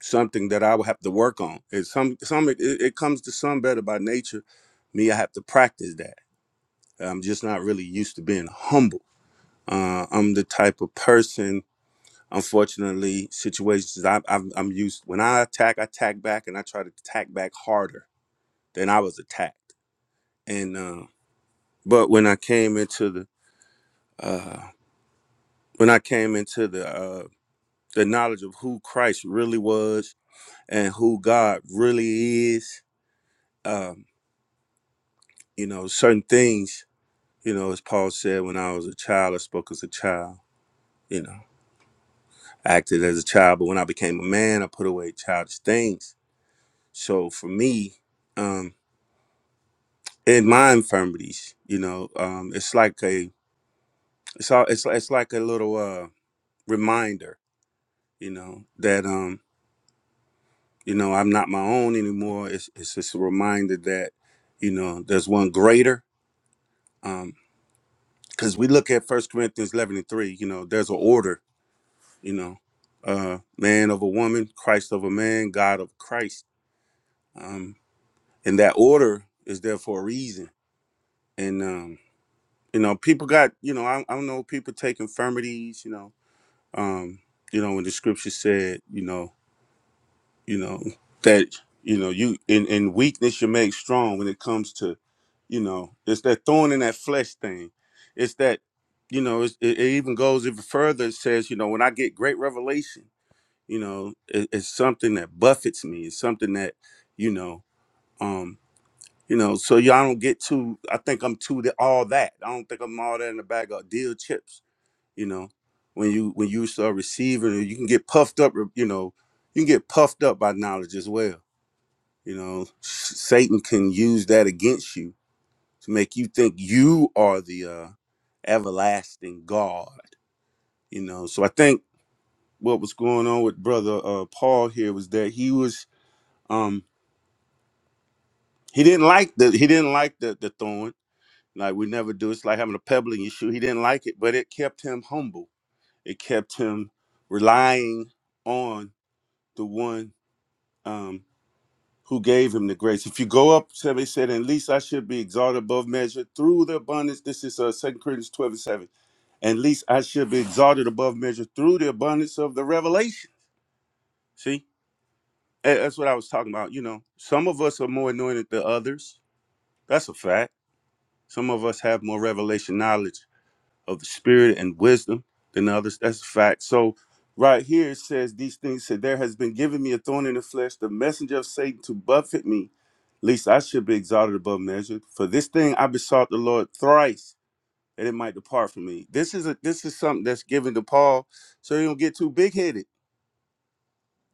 Speaker 15: something that I will have to work on. It's some some it, it comes to some better by nature. Me, I have to practice that. I'm just not really used to being humble. Uh, I'm the type of person. Unfortunately, situations I, I'm, I'm used. When I attack, I attack back, and I try to attack back harder than I was attacked. And uh, but when I came into the uh, when I came into the uh, the knowledge of who Christ really was and who God really is. Um, you know, certain things, you know, as Paul said, when I was a child, I spoke as a child, you know, acted as a child. But when I became a man, I put away childish things. So for me, um, in my infirmities, you know, um, it's like a, it's all, it's, it's like a little uh, reminder, you know, that, um, you know, I'm not my own anymore. It's, it's just a reminder that, you know, there's one greater Um, because we look at First Corinthians eleven and three, you know, there's an order, you know, uh, man of a woman, Christ of a man, God of Christ, um, and that order is there for a reason. And um, you know, people got, you know, I, I don't know, people take infirmities, you know, um, you know, when the scripture said, you know, you know that you know you in in weakness you're made strong when it comes to you know it's that thorn in that flesh thing it's that you know it's, it, it even goes even further it says you know when i get great revelation you know it, it's something that buffets me it's something that you know um you know so y'all don't get too i think i'm too the, all that i don't think i'm all that in a bag of deal chips you know when you when you start receiving you can get puffed up you know you can get puffed up by knowledge as well you know, Satan can use that against you to make you think you are the uh, everlasting God. You know, so I think what was going on with brother uh, Paul here was that he was um he didn't like the he didn't like the the thorn. Like we never do. It's like having a pebble in your shoe. He didn't like it, but it kept him humble. It kept him relying on the one. Um, who gave him the grace. If you go up, somebody said, At least I should be exalted above measure through the abundance. This is uh, 2 Corinthians 12 and 7. At least I should be exalted above measure through the abundance of the revelation. See, A- that's what I was talking about. You know, some of us are more anointed than others. That's a fact. Some of us have more revelation knowledge of the spirit and wisdom than others. That's a fact. So, right here it says these things said, There has been given me a thorn in the flesh, the messenger of Satan to buffet me least I should be exalted above measure. For this thing I besought the Lord thrice that it might depart from me. This is a this is something that's given to Paul so he don't get too big headed,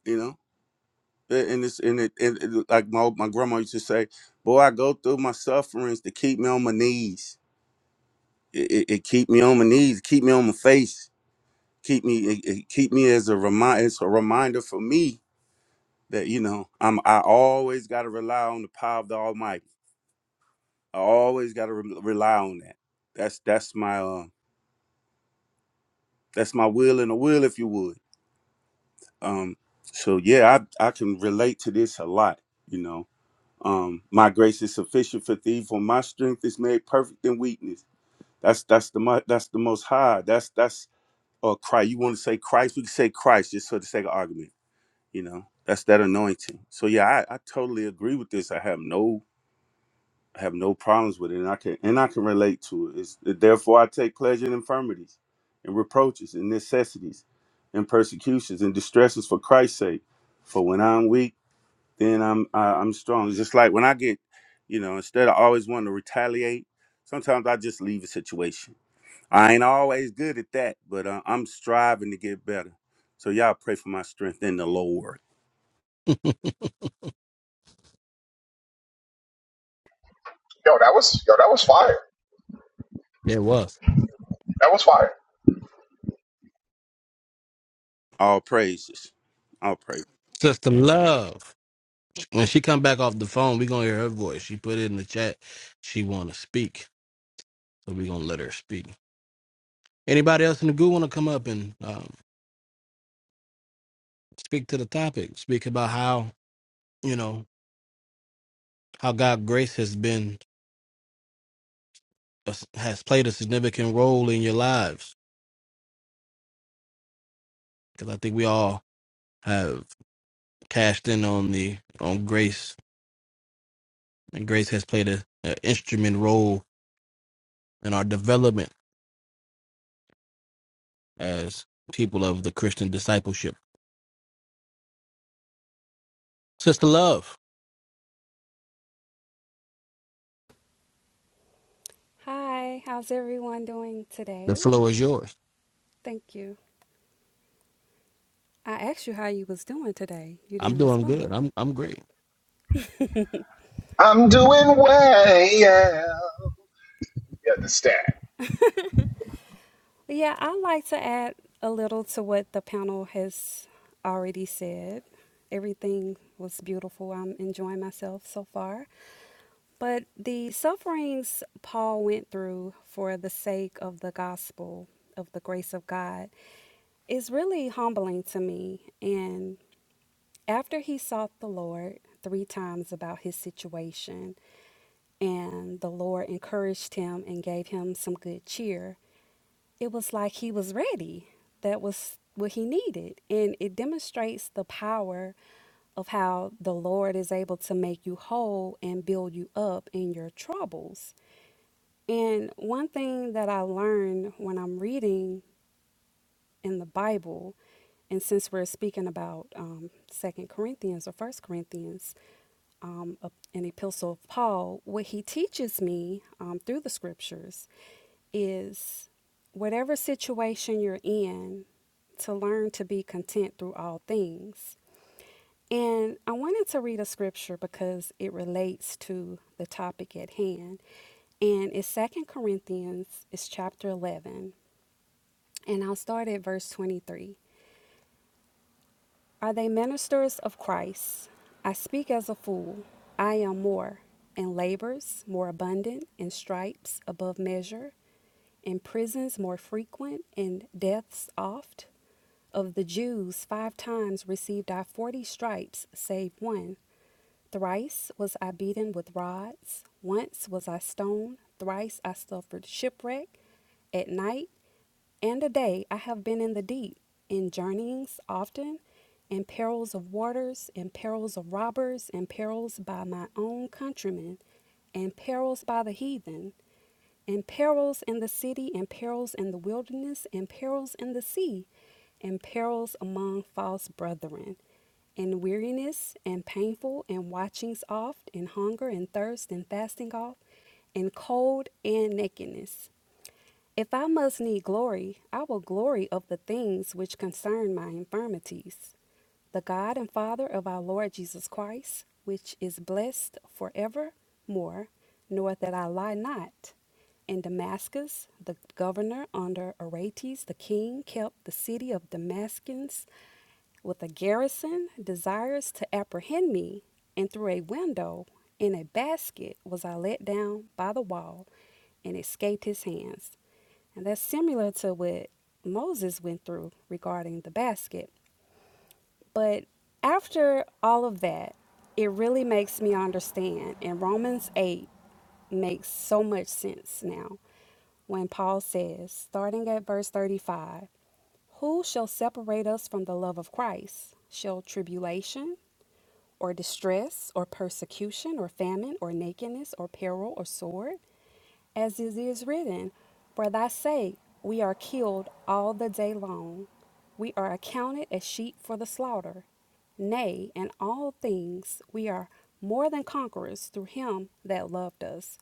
Speaker 15: you know. A- And it's and it, and it like my my grandma used to say, "Boy, I go through my sufferings to keep me on my knees. It, it, it keep me on my knees, keep me on my face, keep me it, it keep me as a remind. It's a reminder for me that you know I'm I always got to rely on the power of the Almighty." I always got to re- rely on that. That's that's my uh, that's my will and a will, if you would. Um, so yeah, I I can relate to this a lot. You know, um, my grace is sufficient for thee, for my strength is made perfect in weakness. That's that's the mo- that's the most high. That's that's uh, Christ. You want to say Christ? We can say Christ just for the sake of argument. You know, that's that anointing. So yeah, I, I totally agree with this. I have no I have no problems with it, and I can and I can relate to it. It's, therefore, I take pleasure in infirmities, and reproaches, and necessities, and persecutions, and distresses for Christ's sake. For when I'm weak, then I'm I, I'm strong. It's just like when I get, you know, instead of always wanting to retaliate, sometimes I just leave a situation. I ain't always good at that, but uh, I'm striving to get better. So y'all pray for my strength in the Lord.
Speaker 2: concrete?
Speaker 8: Yo, that was yo, that was fire.
Speaker 2: *laughs* it was
Speaker 8: That was fire.
Speaker 15: All praises, all praises.
Speaker 2: sister love. When she come back off the phone, we gonna hear her voice. She put it in the chat. She want to speak, so we gonna let her speak. Anybody else in the group want to come up and um, speak to the topic? Speak about how you know how God grace has been uh, has played a significant role in your lives. Because I think we all have cashed in on the on grace, and grace has played a, a instrument role and our development as people of the Christian discipleship. Sister Love,
Speaker 16: Hi, how's everyone doing
Speaker 2: the
Speaker 16: today?
Speaker 2: floor is yours.
Speaker 16: Thank you. I asked you how you was doing today. You
Speaker 2: I'm
Speaker 16: didn't
Speaker 2: doing good.
Speaker 16: respond.
Speaker 2: I'm I'm great.
Speaker 8: I'm doing well. Yeah, the stat.
Speaker 16: Yeah, I would like to add a little to what the panel has already said. Everything was beautiful. I'm enjoying myself so far. But the sufferings Paul went through for the sake of the gospel of the grace of God is really humbling to me. And After he sought the Lord three times about his situation, and the Lord encouraged him and gave him some good cheer, it was like he was ready. That was what he needed. And it demonstrates the power of how the Lord is able to make you whole and build you up in your troubles. And one thing that I learned when I'm reading in the Bible, and since we're speaking about um, Second Corinthians or First Corinthians, um, a- an epistle of Paul, what he teaches me um, through the scriptures is whatever situation you're in, to learn to be content through all things. And I wanted to read a scripture because it relates to the topic at hand. And it's Second Corinthians, it's chapter 11. And I'll start at verse 23. Are they ministers of Christ? I speak as a fool. I am more, in labors more abundant, in stripes above measure, in prisons more frequent, in deaths oft. Of the Jews, five times received I forty stripes, save one. Thrice was I beaten with rods, once was I stoned, thrice I suffered shipwreck. At night and a day I have been in the deep, in journeyings often, in perils of waters, in perils of robbers, in perils by my own countrymen, in perils by the heathen, in perils in the city, in perils in the wilderness, in perils in the sea, in perils among false brethren, in weariness, and painful, and watchings oft, in hunger, and thirst, and fasting oft, in cold and nakedness. If I must need glory, I will glory of the things which concern my infirmities. The God and Father of our Lord Jesus Christ, which is blessed for evermore, knoweth that I lie not. In Damascus, the governor under Aretas the king kept the city of Damascus with a garrison desires to apprehend me, and through a window in a basket was I let down by the wall and escaped his hands. And that's similar to what Moses went through regarding the basket. But after all of that, it really makes me understand, and Romans 8 makes so much sense now when Paul says, starting at verse 35. Who shall separate us from the love of Christ? Shall tribulation, or distress, or persecution, or famine, or nakedness, or peril, or sword? As it is written, For thy sake we are killed all the day long. We are accounted as sheep for the slaughter. Nay, in all things we are more than conquerors through him that loved us.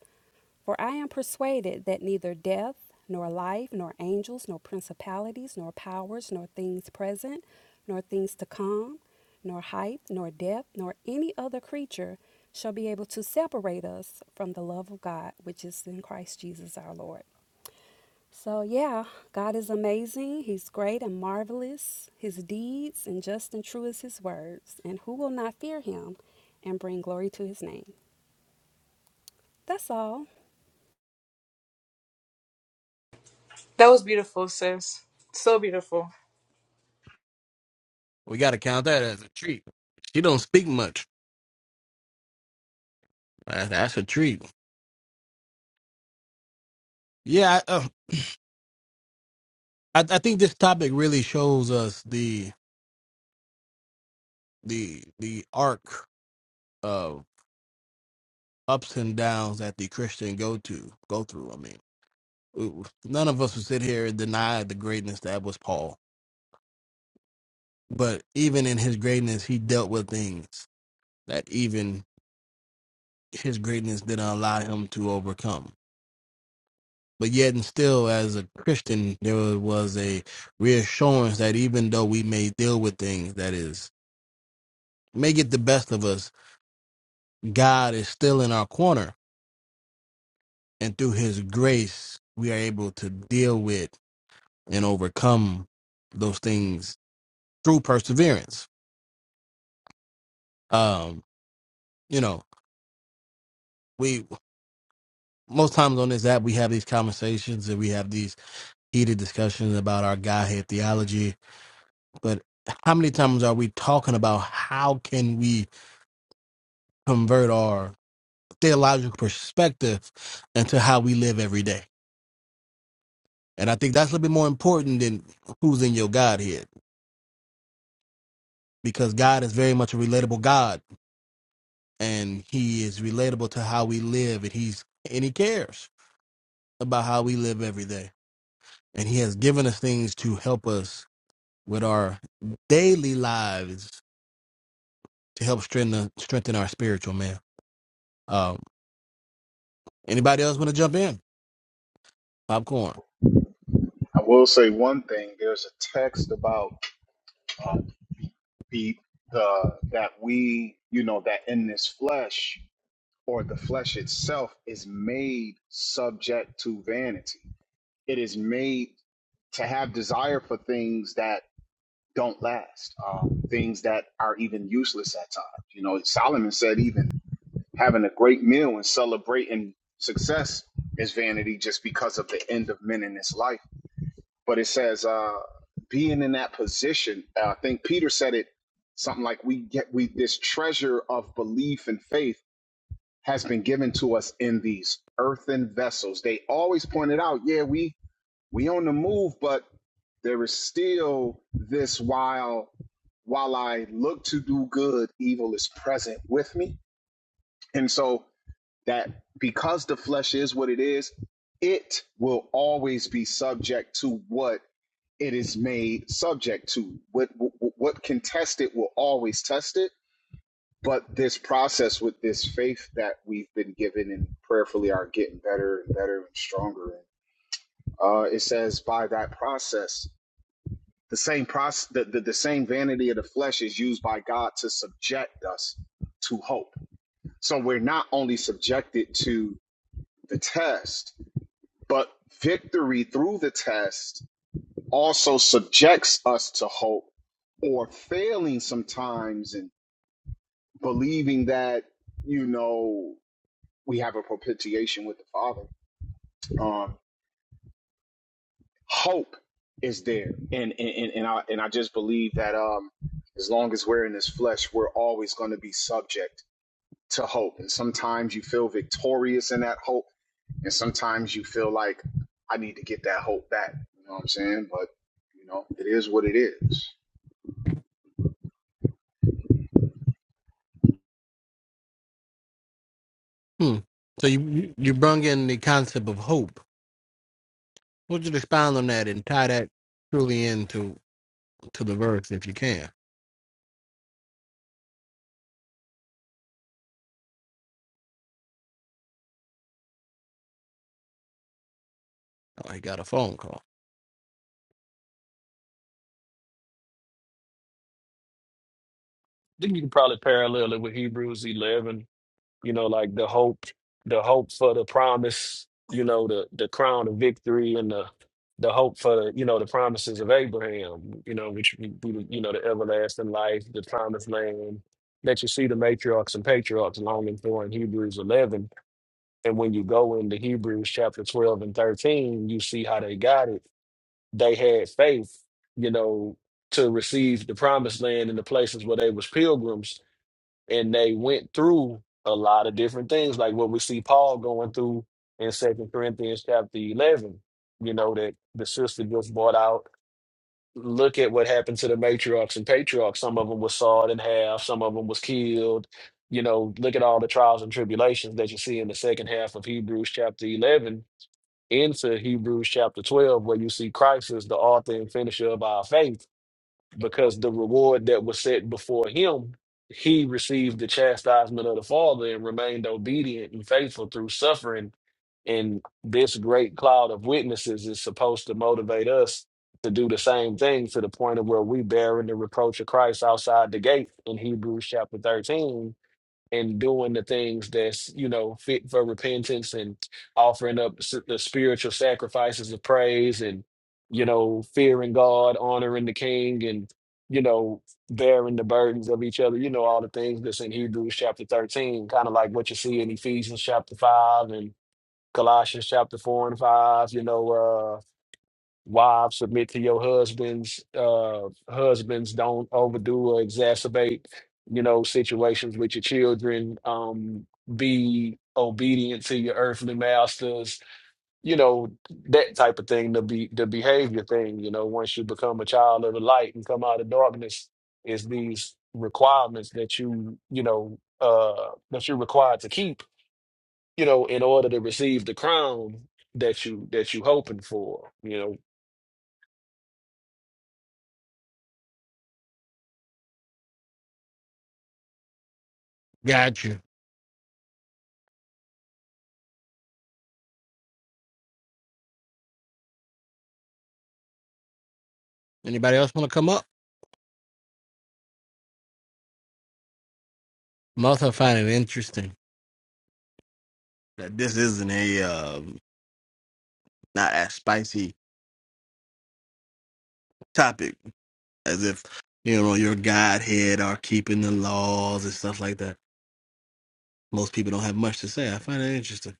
Speaker 16: For I am persuaded that neither death, nor life, nor angels, nor principalities, nor powers, nor things present, nor things to come, nor height, nor depth, nor any other creature shall be able to separate us from the love of God, which is in Christ Jesus our Lord. So, yeah, God is amazing. He's great and marvelous. His deeds and just and true is his words. And who will not fear him and bring glory to his name? That's all.
Speaker 3: That was beautiful, sis. So beautiful.
Speaker 2: We got to count that as a treat. She don't speak much. That- That's a treat. Yeah, I, uh, I I think this topic really shows us the the the arc of ups and downs that the Christian go to go through. I mean, we- none of us would sit here and deny the greatness that was Paul, but even in his greatness, he dealt with things that even his greatness didn't allow him to overcome. But yet and still, as a Christian, there was a reassurance that even though we may deal with things that is may get the best of us, God is still in our corner, and through His grace, we are able to deal with and overcome those things through perseverance. Um, you know, we most times on this app we have these conversations and we have these heated discussions about our Godhead theology But how many times are we talking about how can we convert our theological perspective into how we live every day? And I think that's a little bit more important than who's in your Godhead, because God is very much a relatable God, and He is relatable to how we live, and He's and He cares about how we live every day, and He has given us things to help us with our daily lives to help strengthen strengthen our spiritual man. Um, anybody else want to jump in? Popcorn.
Speaker 8: I will say one thing. There's a text about uh, the the that we you know that in this flesh or the flesh itself is made subject to vanity. It is made to have desire for things that don't last, um, things that are even useless at times. You know, Solomon said even having a great meal and celebrating success is vanity just because of the end of men in this life. But it says uh, being in that position. Uh, I think Peter said it something like we get we this treasure of belief and faith has been given to us in these earthen vessels. They always pointed out, yeah, we we on the move, but there is still this while while I look to do good, evil is present with me. And so that because the flesh is what it is, it will always be subject to what it is made subject to. What what, what can test it will always test it. But this process with this faith that we've been given and prayerfully are getting better and better and stronger. Uh, it says by that process The same process, the, the, the same vanity of the flesh is used by God to subject us to hope. So we're not only subjected to the test, but victory through the test also subjects us to hope or failing sometimes and believing that, you know, we have a propitiation with the Father. Um, hope is there and and, and, i and i just believe that um as long as we're in this flesh we're always going to be subject to hope and sometimes you feel victorious in that hope and sometimes you feel like i need to get that hope back you know what i'm saying but you know it is what it is
Speaker 2: Hmm. So you you you brung in the concept of hope. Would you expound on that and tie that truly into to the verse if you can? Oh, he got a phone call.
Speaker 14: I think you can probably parallel it with Hebrews 11, you know, like the hope, the hope for the promise, you know, the the crown of victory and the the hope for the, you know, the promises of Abraham, you know, which we, we- you know, the everlasting life, the promised land that you see the matriarchs and patriarchs longing for in Hebrews 11. And when you go into Hebrews chapter 12 and 13, you see how they got it they had faith, you know, to receive the promised land in the places where they was pilgrims, and they went through a lot of different things, like what we see Paul going through in Second Corinthians chapter eleven. You know that the sister just brought out. Look at what happened to the matriarchs and patriarchs. Some of them was sawed in half. Some of them was killed. You know, look at all the trials and tribulations that you see in the second half of Hebrews chapter eleven into Hebrews chapter 12, where you see Christ is the author and finisher of our faith, because the reward that was set before him, he received the chastisement of the Father and remained obedient and faithful through suffering. And this great cloud of witnesses is supposed to motivate us to do the same thing to the point of where we bearing the reproach of Christ outside the gate in Hebrews chapter 13 and doing the things that's you know fit for repentance and offering up s- the spiritual sacrifices of praise and you know fearing god honoring the king and you know bearing the burdens of each other you know all the things that's in hebrews chapter 13 kind of like what you see in ephesians chapter 5 and colossians chapter 4 and 5 you know uh, Wives, submit to your husbands. Uh, husbands, don't overdo or exacerbate, you know, situations with your children. Um, be obedient to your earthly masters. You know that type of thing. The be the behavior thing. You know, once you become a child of the light and come out of darkness, is these requirements that you you know uh that you're required to keep. You know, in order to receive the crown that you that you hoping for. You
Speaker 2: Got you. Anybody else want to come up? Must have find it interesting that this isn't a um, not as spicy topic as if you know your Godhead are keeping the laws and stuff like that. Most people don't have much to say. I find that interesting.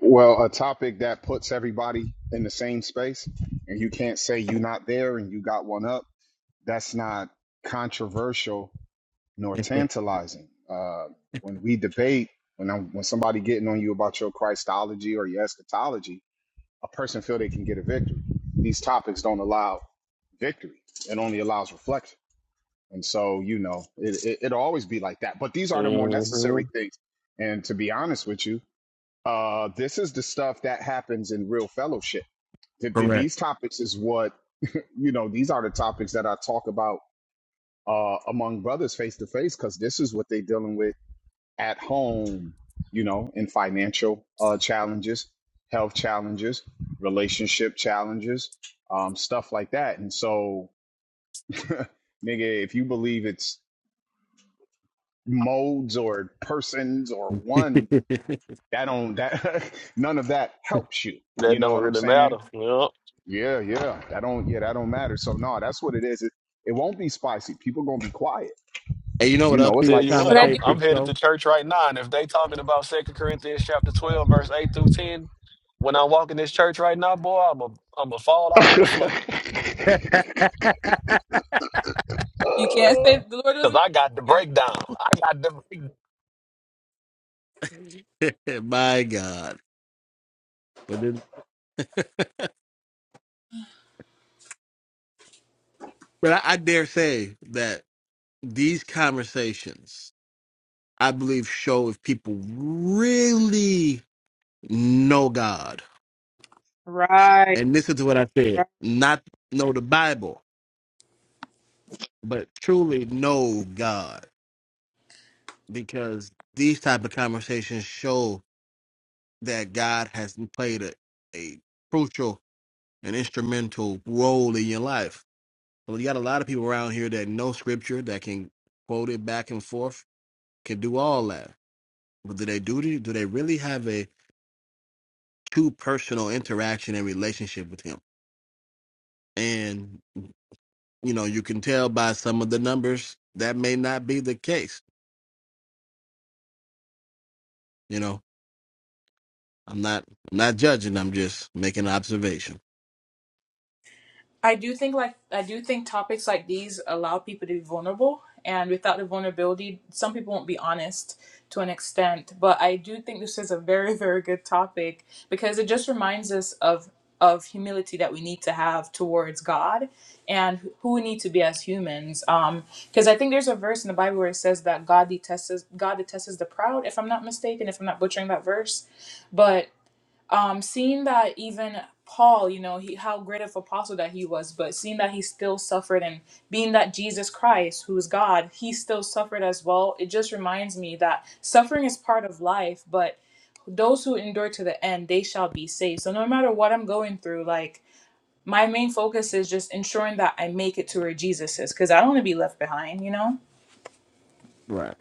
Speaker 8: well a topic that puts everybody in the same space and you can't say you're not there and you got one up that's not controversial nor
Speaker 2: *laughs*
Speaker 8: tantalizing. Uh, when we debate, when I'm, when somebody getting on you about your Christology or your eschatology, a person feel they can get a victory. These topics don't allow victory; it only allows reflection. And so, you know, it, it, it'll always be like that. But these
Speaker 14: know.
Speaker 8: are the more
Speaker 14: Mhm.
Speaker 8: necessary things. And to be honest with you, uh, this is the stuff that happens in real fellowship. Th- th-
Speaker 2: Correct.
Speaker 8: these topics is what you know. These are the topics that I talk about uh, among brothers face to face because this is what they're dealing with at home, you know, in financial uh, challenges, health challenges, relationship challenges, um, stuff like that. And so, *laughs* nigga, if you believe it's modes or persons or
Speaker 2: *laughs*
Speaker 8: one,
Speaker 2: and
Speaker 8: that don't that *laughs* none of that helps you.
Speaker 14: That
Speaker 8: You know
Speaker 14: don't
Speaker 8: what I'm
Speaker 14: really matter.
Speaker 8: saying?
Speaker 14: You know?
Speaker 8: Yeah, yeah. That don't yeah, that don't matter. So no, that's what it is. It, it won't be spicy. People gonna be quiet.
Speaker 2: you know
Speaker 8: You
Speaker 2: what else
Speaker 8: know,
Speaker 2: he
Speaker 8: it's
Speaker 2: was
Speaker 14: Tell
Speaker 8: like
Speaker 14: you
Speaker 2: trying to
Speaker 14: what,
Speaker 3: But I
Speaker 14: I'm
Speaker 2: say
Speaker 3: do.
Speaker 2: to
Speaker 14: I'm
Speaker 2: his
Speaker 14: headed
Speaker 2: show?
Speaker 14: to church right now, and if they talking about Second Corinthians chapter twelve, verse eight through ten, when I'm walking this church right now, boy, I'm a I'm a fall out on the floor
Speaker 3: You can't say the Lord
Speaker 14: because
Speaker 3: doesn't.
Speaker 14: I got the breakdown. I got the
Speaker 2: *laughs* My God. But then, *laughs* but I, I dare say that these conversations, I believe, show if people really know God.
Speaker 3: Right.
Speaker 2: and listen to what I said, not know the Bible, but truly know God, because these type of conversations show that God has played a, a crucial and instrumental role in your life. So you got a lot of people around here that know Scripture, that can quote it back and forth, can do all that, but do they do do they really have a true personal interaction and relationship with Him? And you know, you can tell by some of the numbers that may not be the case You know, I'm not I'm not judging. I'm just making an observation.
Speaker 3: I do think like I do think topics like these allow people to be vulnerable, and without the vulnerability, some people won't be honest to an extent. But I do think this is a very *laughs* very good topic because it just reminds us of of humility that we need to have towards God and who we need to be as humans. Um, because I think there's a verse in the Bible where it says that God detests God detests the proud, if I'm not mistaken, if I'm not butchering that verse, but um, seeing that even Paul, you know, he, how great of apostle that he was, but seeing that he still suffered and being that Jesus Christ, who is God, he still suffered as well, it just reminds me that suffering is part of life, but those who endure to the end, they shall be saved. So no matter what I'm going through, like my main focus is just ensuring that I make it to where Jesus is, because I don't want to be left behind, you know?
Speaker 2: Right.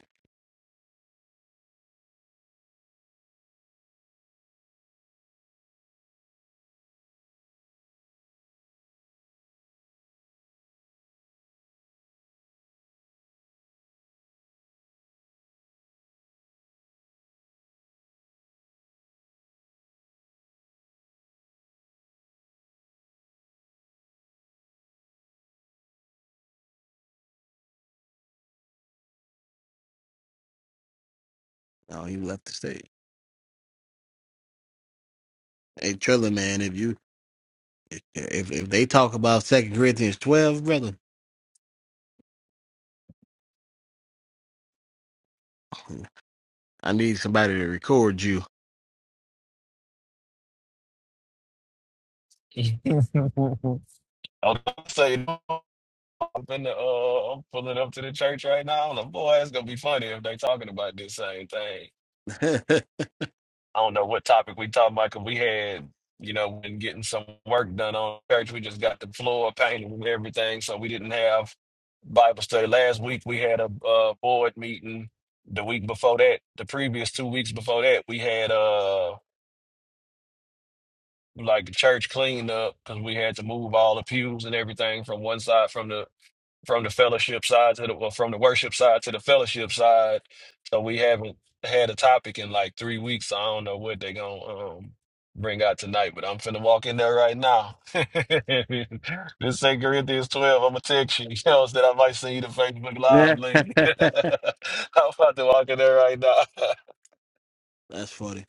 Speaker 2: Oh, he left the stage. Hey, Triller, man, if you if if they talk about Second Corinthians 12, brother, I need somebody to record you.
Speaker 14: breakdown. *laughs* I'm gonna say no, I'm finna, uh, I'm pulling up to the church right now. I'm like, boy, it's gonna be funny if they talking about this same thing.
Speaker 2: *laughs*
Speaker 14: I don't know what topic we talked about because we had, you know, been getting some work done on church. We just got the floor painted and everything, so we didn't have Bible study last week. We had a uh, board meeting. The week before that, the previous two weeks before that, we had uh like a church cleanup because we had to move all the pews and everything from one side from the from the fellowship side to the well, from the worship side to the fellowship side. So we haven't had a topic in like three weeks. So I don't know what they're gonna um bring out tonight, but I'm finna walk in there right now. *laughs* this Second Corinthians 12, I'm gonna text you. *laughs* You know, that I might send you the Facebook Live
Speaker 2: Yeah. *laughs*
Speaker 14: link. *laughs*
Speaker 2: That's
Speaker 14: I'm about to walk in there right now. *laughs*
Speaker 2: funny.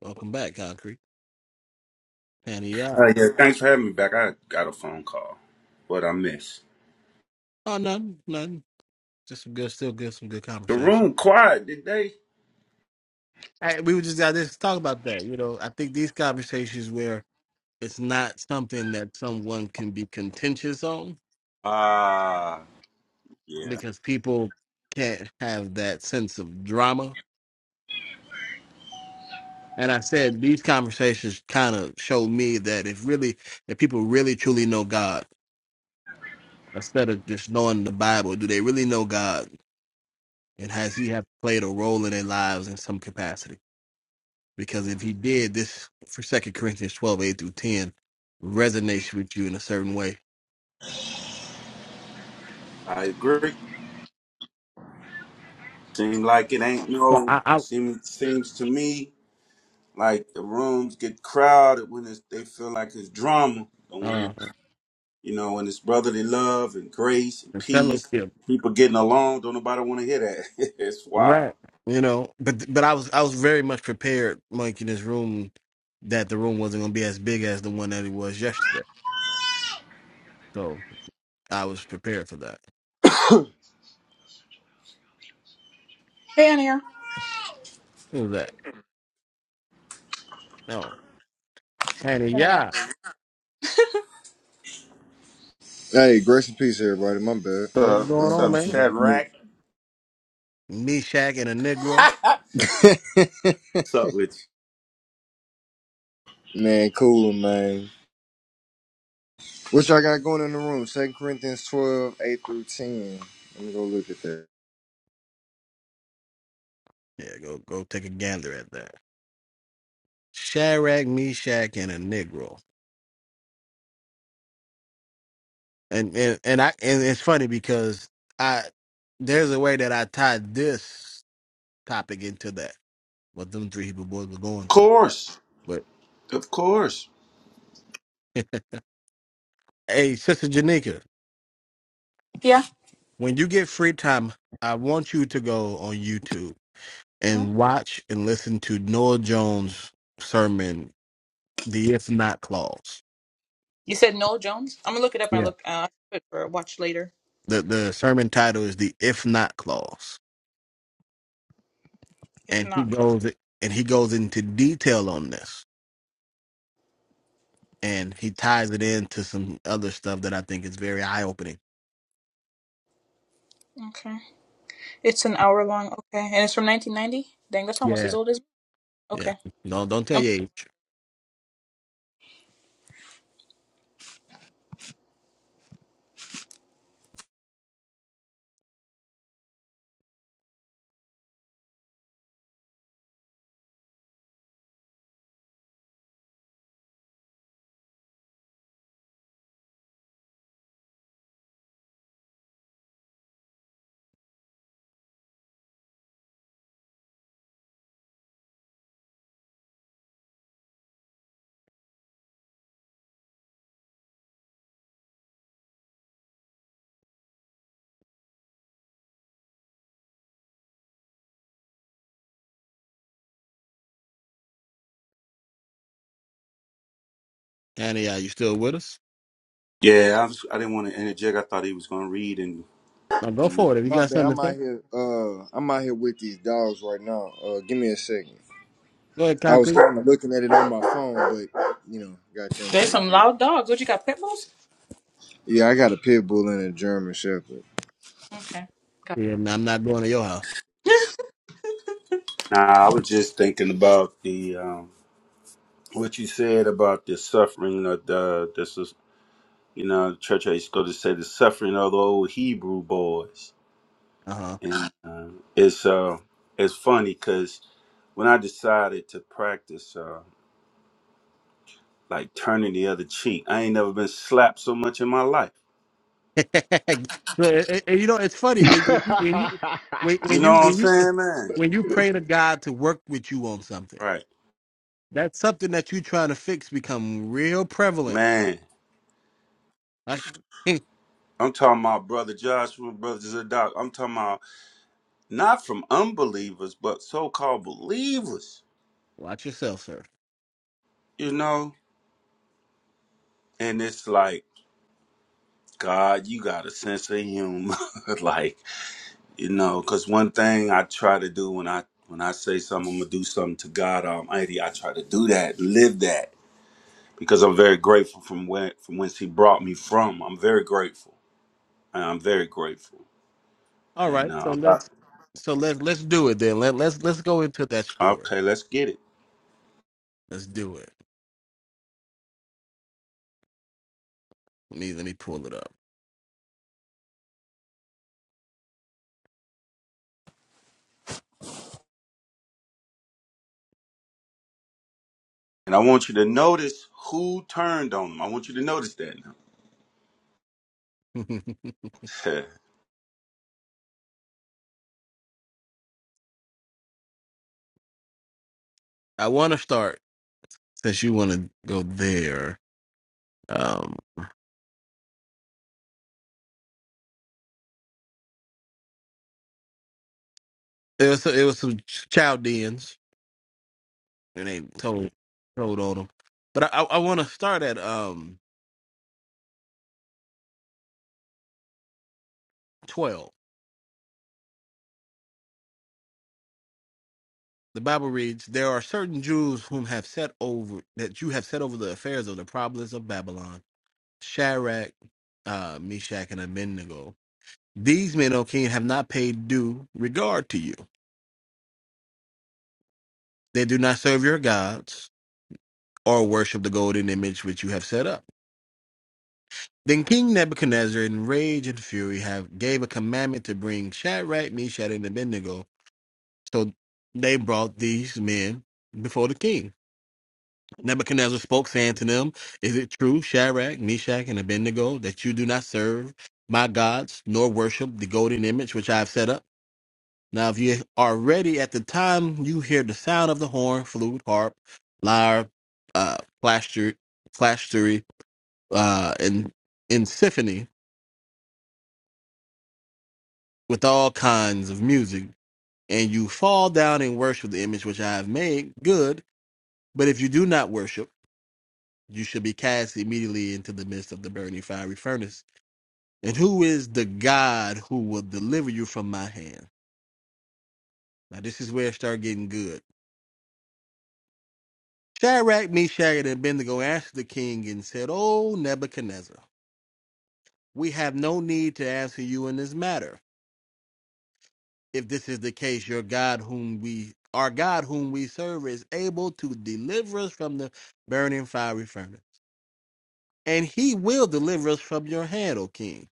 Speaker 2: Welcome back, Concrete. And yeah,
Speaker 15: Uh, yeah, thanks for having me back. I got a phone call, but I missed.
Speaker 2: oh nothing, nothing. Just some good, still good, some good
Speaker 15: The
Speaker 2: conversation.
Speaker 15: room quiet today.
Speaker 2: Hey, we were just got this talk about that. You know, I think these conversations where it's not something that someone can be contentious on.
Speaker 15: Ah, yeah,
Speaker 2: because people can't have that sense of drama. And I said these conversations kind of show me that if really, if people really truly know God, instead of just knowing the Bible, do they really know God? And has He have played a role in their lives in some capacity? Because if He did, this for Second Corinthians twelve eight through ten resonates with you in a certain way.
Speaker 15: I agree. Seem like it ain't
Speaker 2: So
Speaker 15: no.
Speaker 2: I, I
Speaker 15: Seem seems to me like the rooms get crowded when it's, they feel like it's drama, and when
Speaker 2: uh,
Speaker 15: you know when it's brotherly love and grace and
Speaker 2: the
Speaker 15: peace,
Speaker 2: fellowship.
Speaker 15: people getting along. Don't nobody want to hear that. *laughs* it's wild.
Speaker 2: Right. You know, but but I was I was very much prepared, Mike, in this room that the room wasn't gonna be as big as the one that it was yesterday. So I was prepared for that. Who's that? No. Hey
Speaker 3: And I- ask-
Speaker 2: yeah.
Speaker 17: Hey, grace and peace, everybody. My bad.
Speaker 2: What's
Speaker 15: Uh,
Speaker 17: I
Speaker 2: going
Speaker 15: what's
Speaker 17: ain't know
Speaker 2: on,
Speaker 17: I
Speaker 15: up,
Speaker 17: was
Speaker 2: man?
Speaker 17: off mute.
Speaker 15: Shadrack?
Speaker 2: Meshach and a Negro.
Speaker 15: *laughs* what's up with you?
Speaker 17: *laughs* Man, cool, man. What y'all got going in the room? Second Corinthians 12, 8 through 10. Let me go look at that.
Speaker 2: Yeah, go go take a gander at that. Shadrach, Meshach, and a Negro. And and, and I and it's funny because I there's a way that I tied this topic into that, what them three Hebrew boys were
Speaker 15: Of
Speaker 2: going through.
Speaker 15: course,
Speaker 2: But
Speaker 15: of course.
Speaker 2: *laughs* Hey, Sister Janika,
Speaker 3: Yeah.
Speaker 2: when you get free time, I want you to go on YouTube
Speaker 3: Mhm.
Speaker 2: and watch and listen to Noah Jones' sermon, The If Not Clause.
Speaker 3: You said Noel Jones? I'm gonna look it up and
Speaker 2: Yeah.
Speaker 3: look uh, for watch later.
Speaker 2: The the sermon title is The If Not Clause.
Speaker 3: If
Speaker 2: And he
Speaker 3: not, Clark.
Speaker 2: goes and he goes into detail on this. And he ties it into some other stuff that I think is very eye opening.
Speaker 3: Okay. It's an hour long. Okay, and it's from 1990. Dang, that's almost as
Speaker 2: Yeah.
Speaker 3: old as. me.
Speaker 2: Yeah.
Speaker 3: Okay,
Speaker 2: Don't don't tell
Speaker 3: Um,
Speaker 2: your age. Annie, are you still with us?
Speaker 15: Yeah, I, was, I didn't want to interject. I thought he was going to read, and
Speaker 2: Now go
Speaker 15: you know.
Speaker 2: for it. If you
Speaker 17: My
Speaker 2: got
Speaker 17: bad.
Speaker 2: something
Speaker 17: I'm
Speaker 2: to
Speaker 17: out
Speaker 2: say,
Speaker 17: here. Uh, I'm out here with these dogs right now. Uh, give me a second.
Speaker 2: go ahead,
Speaker 17: I was
Speaker 2: Concrete.
Speaker 17: kind of looking at it on my phone, but you know, got them
Speaker 3: there's
Speaker 17: back
Speaker 3: some
Speaker 17: here.
Speaker 3: loud dogs. What you got? Pit bulls?
Speaker 17: Yeah, I got a pit bull and a German Shepherd.
Speaker 3: Okay, got
Speaker 2: Yeah, I'm not going to your house.
Speaker 3: *laughs*
Speaker 15: nah, I was just thinking about the um, what you said about the suffering of the this is you know the church I used to go to say the suffering of the old Hebrew boys,
Speaker 2: Uh-huh.
Speaker 15: and uh, it's uh it's funny because when I decided to practice uh like turning the other cheek, I ain't never been slapped so much in my life.
Speaker 2: *laughs* and, and you know, it's funny when you when you when,
Speaker 8: *laughs*
Speaker 15: You
Speaker 2: when
Speaker 15: know
Speaker 2: you
Speaker 15: what I'm
Speaker 2: when you
Speaker 15: saying, man?
Speaker 2: when you pray to God to work with you on something.
Speaker 15: Right,
Speaker 2: That's something that you're trying to fix become real prevalent.
Speaker 15: man.
Speaker 2: Like, *laughs*
Speaker 15: I'm talking about brother Joshua, brother Zadok. I'm talking about. not from unbelievers, but so called believers,
Speaker 2: watch yourself, sir.
Speaker 15: you know? And it's like, God, you got a sense of humor. *laughs* like, you know, because one thing I try to do when I when I say something, I'm gonna do something to God Almighty. I try to do that, live that, because I'm very grateful from where from whence He brought me from. I'm very grateful. I'm very grateful.
Speaker 2: All
Speaker 15: And
Speaker 2: right, so
Speaker 15: uh,
Speaker 2: let's so let's let's do it then. Let let's let's go into that story.
Speaker 15: okay, let's get it.
Speaker 2: Let's do it. Let me let me pull it up.
Speaker 15: And I want you to notice who turned on him. I want you to notice that now.
Speaker 2: *laughs* I want to start since you want to go there. Um, it was it was some Chaldeans and they told told on them. But I, I want to start at um twelve. The Bible reads, "There are certain Jews whom have set over that you have set over the affairs of the province of Babylon, Shadrach, uh, Meshach, and Abednego. These men, O king, have not paid due regard to you. They do not serve your gods or worship the golden image which you have set up." Then King Nebuchadnezzar, in rage and fury, have gave a commandment to bring Shadrach, Meshach, and Abednego So they brought these men before the king. Nebuchadnezzar spoke, saying to them, Is it true, Shadrach, Meshach, and Abednego, that you do not serve my gods, nor worship the golden image which I have set up? Now, if you are ready at the time you hear the sound of the horn, flute, harp, lyre, uh, plaster, plastery, uh, and, and symphony with all kinds of music, and you fall down and worship the image which I have made, good. But if you do not worship, you should be cast immediately into the midst of the burning fiery furnace. And who is the God who will deliver you from my hand? Now this is where it start getting good. Shadrach, Meshach, and Abednego answered the king and said, O Nebuchadnezzar, we have no need to answer you in this matter. If this is the case, your God whom we our God whom we serve is able to deliver us from the burning fiery furnace. And he will deliver us from your hand, O king.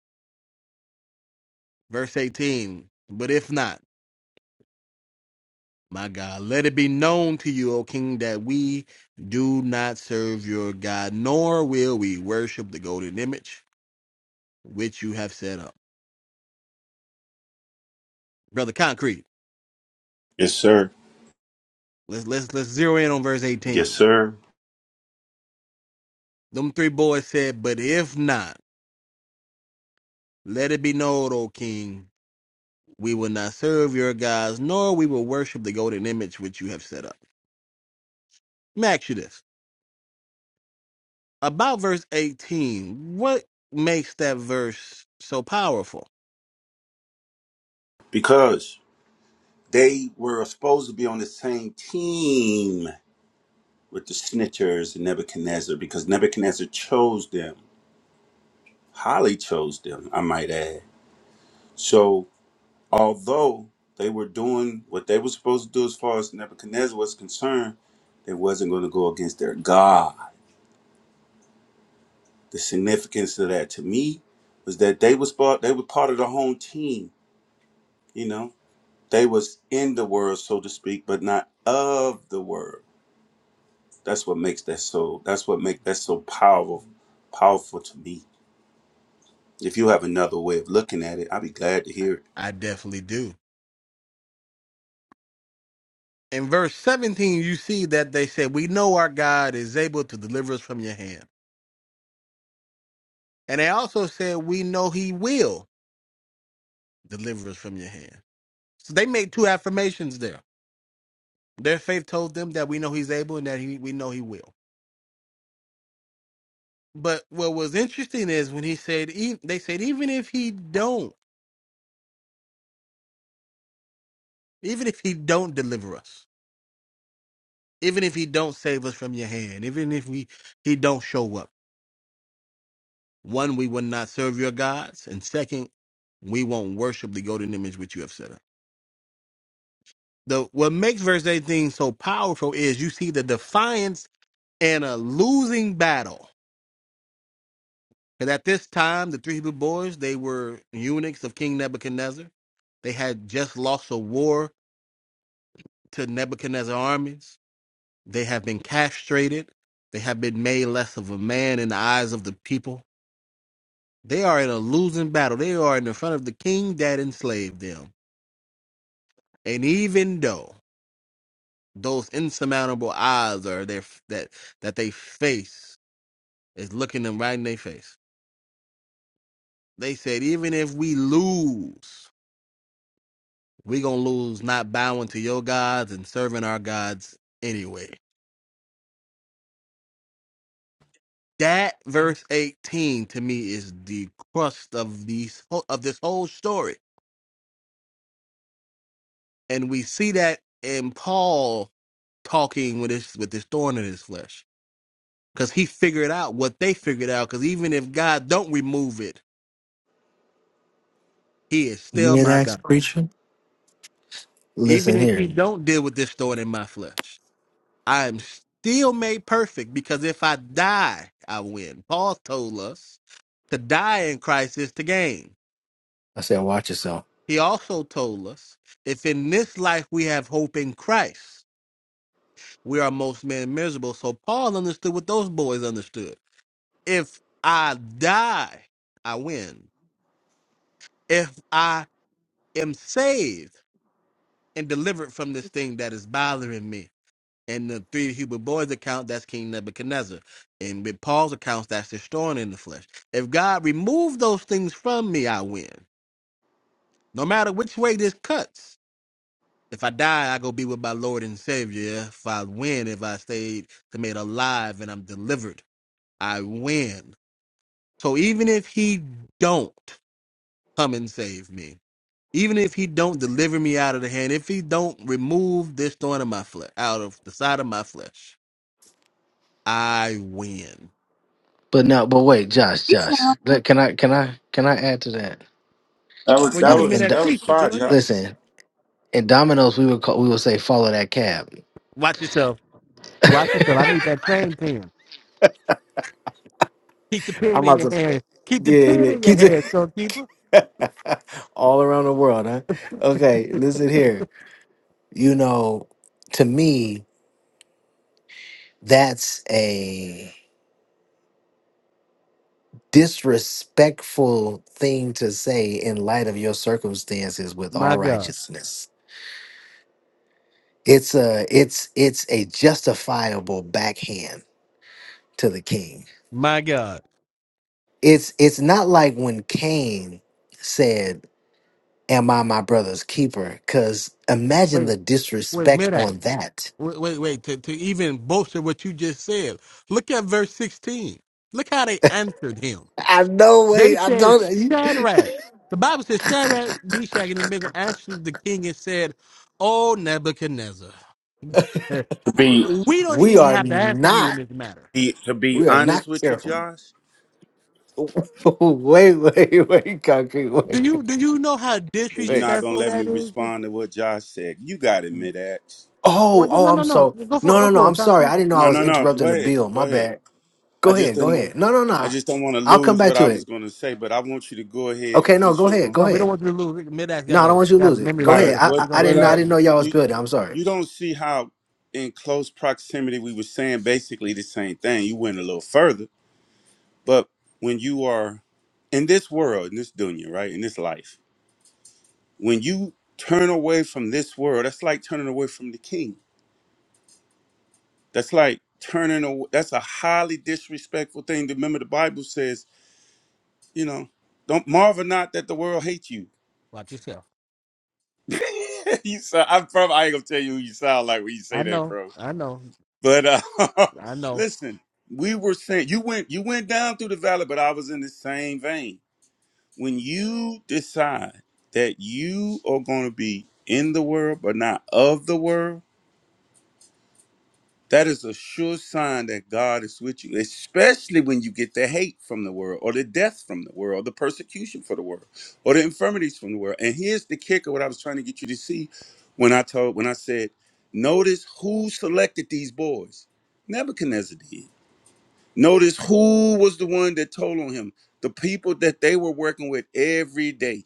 Speaker 2: Verse 18. But if not, My God, let it be known to you, O King, that we do not serve your God, nor will we worship the golden image which you have set up. Brother Concrete,
Speaker 15: *laughs* yes, sir.
Speaker 2: let's let's let's zero in on verse
Speaker 15: Yes,
Speaker 2: 18.
Speaker 15: sir.
Speaker 2: Them three boys said, But if not, let it be known, O King, we will not serve your gods, nor we will worship the golden image which you have set up. Let me ask you this. About verse 18, what makes that verse so powerful?
Speaker 15: Because they were supposed to be on the same team with the snitchers and Nebuchadnezzar because Nebuchadnezzar chose them, highly chose them, I might add. So, although they were doing what they were supposed to do as far as Nebuchadnezzar was concerned, they wasn't going to go against their God. The significance of that to me was that they was part, they were part of the home team, you know. They was in the world, so to speak, but not of the world That's what makes that so. That's what make that so powerful, powerful to me. If you have another way of looking at it, I'd be glad to hear it.
Speaker 2: I definitely do. in verse 17 you see that they said we know our god is able to deliver us from your hand and they also said we know he will deliver us from your hand so they made two affirmations there their faith told them that we know he's able and that he, we know he will but what was interesting is when he said e- they said even if he don't even if he don't deliver us even if he don't save us from your hand even if we he don't show up one we will not serve your gods and second we won't worship the golden image which you have set up the what makes verse 18 so powerful is you see the defiance and a losing battle. And at this time, the three Hebrew boys, they were eunuchs of King Nebuchadnezzar. They had just lost a war to Nebuchadnezzar's armies. They have been castrated. They have been made less of a man in the eyes of the people. They are in a losing battle. They are in the front of the king that enslaved them. And even though those insurmountable odds are there that that they face is looking them right in their face. They said, even if we lose, we gonna lose not bowing to your gods and serving our gods anyway. That verse 18 to me is the crust of these of this whole story, and we see that in Paul talking with his with his thorn in his flesh, because he figured out what they figured out. Because even if God don't remove it, He is still
Speaker 4: Mid
Speaker 2: my
Speaker 4: axe
Speaker 2: God.
Speaker 4: preacher.
Speaker 2: Even
Speaker 4: Listen
Speaker 2: if
Speaker 4: here.
Speaker 2: He don't deal with this thorn in my flesh, I'm still made perfect because if I die, I win. Paul told us to die in Christ is to gain.
Speaker 4: I said, watch yourself.
Speaker 2: He also told us if in this life we have hope in Christ, we are most men miserable. So Paul understood what those boys understood. If I die, I win. If I am saved and delivered from this thing that is bothering me, In the three Hebrew boys account, that's King Nebuchadnezzar. And with Paul's accounts, that's the thorn in the flesh. If God remove those things from me, I win. No matter which way this cuts. If I die, I go be with my Lord and Savior. If I win, if I stayed to made alive and I'm delivered, I win. So even if he don't come and save me, even if he don't deliver me out of the hand, if he don't remove this thorn of my flesh out of the side of my flesh, I win.
Speaker 4: But no, but wait, Josh,
Speaker 3: peace now.
Speaker 4: Josh. Let- Can I, can I, can I add to that?
Speaker 15: That was
Speaker 2: Well,
Speaker 4: I
Speaker 2: you
Speaker 15: that
Speaker 2: the
Speaker 4: w-
Speaker 2: men
Speaker 15: was
Speaker 4: and
Speaker 2: that
Speaker 15: that
Speaker 4: Di-
Speaker 15: was
Speaker 2: preacher.
Speaker 15: fire,
Speaker 2: Go ahead.
Speaker 15: Josh.
Speaker 4: listen. In Domino's, we would call, we would say, follow that cab.
Speaker 2: Watch yourself. Watch yourself. I need that same pen. Keep the pen
Speaker 4: I'm
Speaker 2: in
Speaker 4: about
Speaker 2: your
Speaker 4: to.
Speaker 2: hand. Keep the
Speaker 4: Yeah,
Speaker 2: pen
Speaker 4: yeah.
Speaker 2: in your
Speaker 4: Keep
Speaker 2: hand,
Speaker 4: it
Speaker 2: shopkeeper.
Speaker 4: *laughs* all around the world, huh? Okay, listen here. You know, to me, that's a disrespectful thing to say in light of your circumstances with all
Speaker 2: My God.
Speaker 4: righteousness. It's a it's it's a justifiable backhand to the king.
Speaker 2: My God.
Speaker 4: It's it's not like when Cain said, Am I my brother's keeper? Cause imagine the
Speaker 2: Wait, wait,
Speaker 4: disrespect
Speaker 2: midday.
Speaker 4: on that.
Speaker 2: Wait, wait, wait. To, to even bolster what you just said, look at verse 16. Look how they answered him.
Speaker 4: I know way
Speaker 2: They
Speaker 4: I
Speaker 2: said,
Speaker 4: don't
Speaker 2: Shadrach. The Bible says, Shadrach, Meshach, and Abednego answered the king and said, Oh, Nebuchadnezzar, *laughs*
Speaker 15: To be
Speaker 2: we
Speaker 4: *laughs*
Speaker 2: don't
Speaker 4: we
Speaker 2: even
Speaker 4: are
Speaker 2: have to answer you in
Speaker 4: not
Speaker 2: this matter.
Speaker 15: be- to be
Speaker 4: we are not
Speaker 15: honest with you,
Speaker 4: careful.
Speaker 15: Josh,
Speaker 4: *laughs* wait, wait, wait, concrete,
Speaker 2: Do
Speaker 4: wait,
Speaker 2: you do you know how
Speaker 15: so you're
Speaker 4: wait.
Speaker 15: not gonna
Speaker 2: disrespectful
Speaker 15: let me
Speaker 2: that is?
Speaker 15: respond to what Josh said. You got it, mid ax.
Speaker 4: Oh,
Speaker 2: Well, you,
Speaker 4: oh,
Speaker 2: no, no,
Speaker 4: I'm
Speaker 2: no.
Speaker 4: so
Speaker 2: Go for it.
Speaker 4: no,
Speaker 2: Go
Speaker 4: no, no.
Speaker 2: for
Speaker 4: I'm
Speaker 2: it,
Speaker 4: sorry.
Speaker 2: concrete.
Speaker 4: I didn't know I
Speaker 15: No,
Speaker 4: was
Speaker 15: no, no. Go
Speaker 4: interrupting the
Speaker 15: ahead,
Speaker 4: bill.
Speaker 15: go
Speaker 4: My
Speaker 15: ahead.
Speaker 4: bad.
Speaker 15: I
Speaker 4: Go
Speaker 15: just
Speaker 4: ahead. Go
Speaker 15: didn't want.
Speaker 4: ahead. No, no,
Speaker 15: I
Speaker 4: no.
Speaker 15: just don't want to
Speaker 4: I'll come
Speaker 15: lose
Speaker 4: back
Speaker 15: what
Speaker 4: to
Speaker 15: I was
Speaker 4: it.
Speaker 15: gonna say, but I want you to go ahead.
Speaker 4: Okay.
Speaker 15: 'cause
Speaker 4: No,
Speaker 15: This
Speaker 4: go
Speaker 15: your room.
Speaker 4: ahead. Go
Speaker 2: No, we don't
Speaker 4: ahead.
Speaker 2: want you to lose. Midax
Speaker 4: No,
Speaker 2: got
Speaker 4: I don't
Speaker 2: a
Speaker 4: want you to
Speaker 2: got a
Speaker 4: lose it.
Speaker 2: memory
Speaker 4: Go
Speaker 15: All
Speaker 2: like an
Speaker 4: ahead.
Speaker 15: right.
Speaker 4: I,
Speaker 2: elephant.
Speaker 4: I,
Speaker 15: What
Speaker 2: He
Speaker 4: I
Speaker 2: gonna
Speaker 15: what
Speaker 4: didn't know. I
Speaker 2: handle
Speaker 15: I
Speaker 4: didn't know
Speaker 2: it.
Speaker 4: y'all was
Speaker 15: you
Speaker 4: building. I'm sorry.
Speaker 15: you don't see how in close proximity we were saying basically the same thing. You went a little further, but when you are in this world, in this dunya, right, in this life, when you turn away from this world, that's like turning away from the king. That's like turning away. That's a highly disrespectful thing. Remember, the Bible says, you know, don't marvel not that the world hates you.
Speaker 2: Watch yourself.
Speaker 15: *laughs* you sound, I'm from. I ain't gonna tell you who you sound like when you say
Speaker 2: I
Speaker 15: that,
Speaker 2: know.
Speaker 15: bro.
Speaker 2: I know.
Speaker 15: But uh,
Speaker 2: I
Speaker 15: *laughs*
Speaker 2: know.
Speaker 15: listen, we were saying you went you went down through the valley, but I was in the same vein. When you decide that you are going to be in the world but not of the world, that is a sure sign that God is with you, especially when you get the hate from the world or the death from the world, the persecution for the world, or the infirmities from the world. And here's the kicker what I was trying to get you to see when I told when I said, notice who selected these boys. Nebuchadnezzar did. Notice who was the one that told on him. The people that they were working with every day.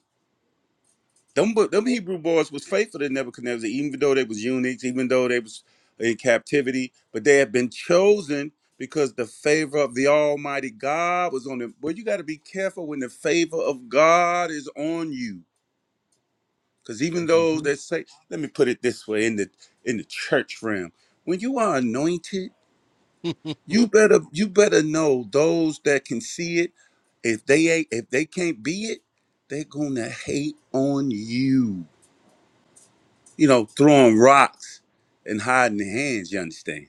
Speaker 15: Them, bu- them Hebrew boys was faithful to Nebuchadnezzar, even though they was eunuchs, even though they was in captivity. But they had been chosen because the favor of the Almighty God was on them. But you got to be careful when the favor of God is on you. Because even though
Speaker 2: hmm
Speaker 15: they say, let me put it this way in the in the church realm, when you are anointed
Speaker 2: *laughs*
Speaker 15: You better you better know those that can see it, if they ain't if they can't be it, they're gonna hate on you. You know, throwing rocks and hiding their hands, you understand?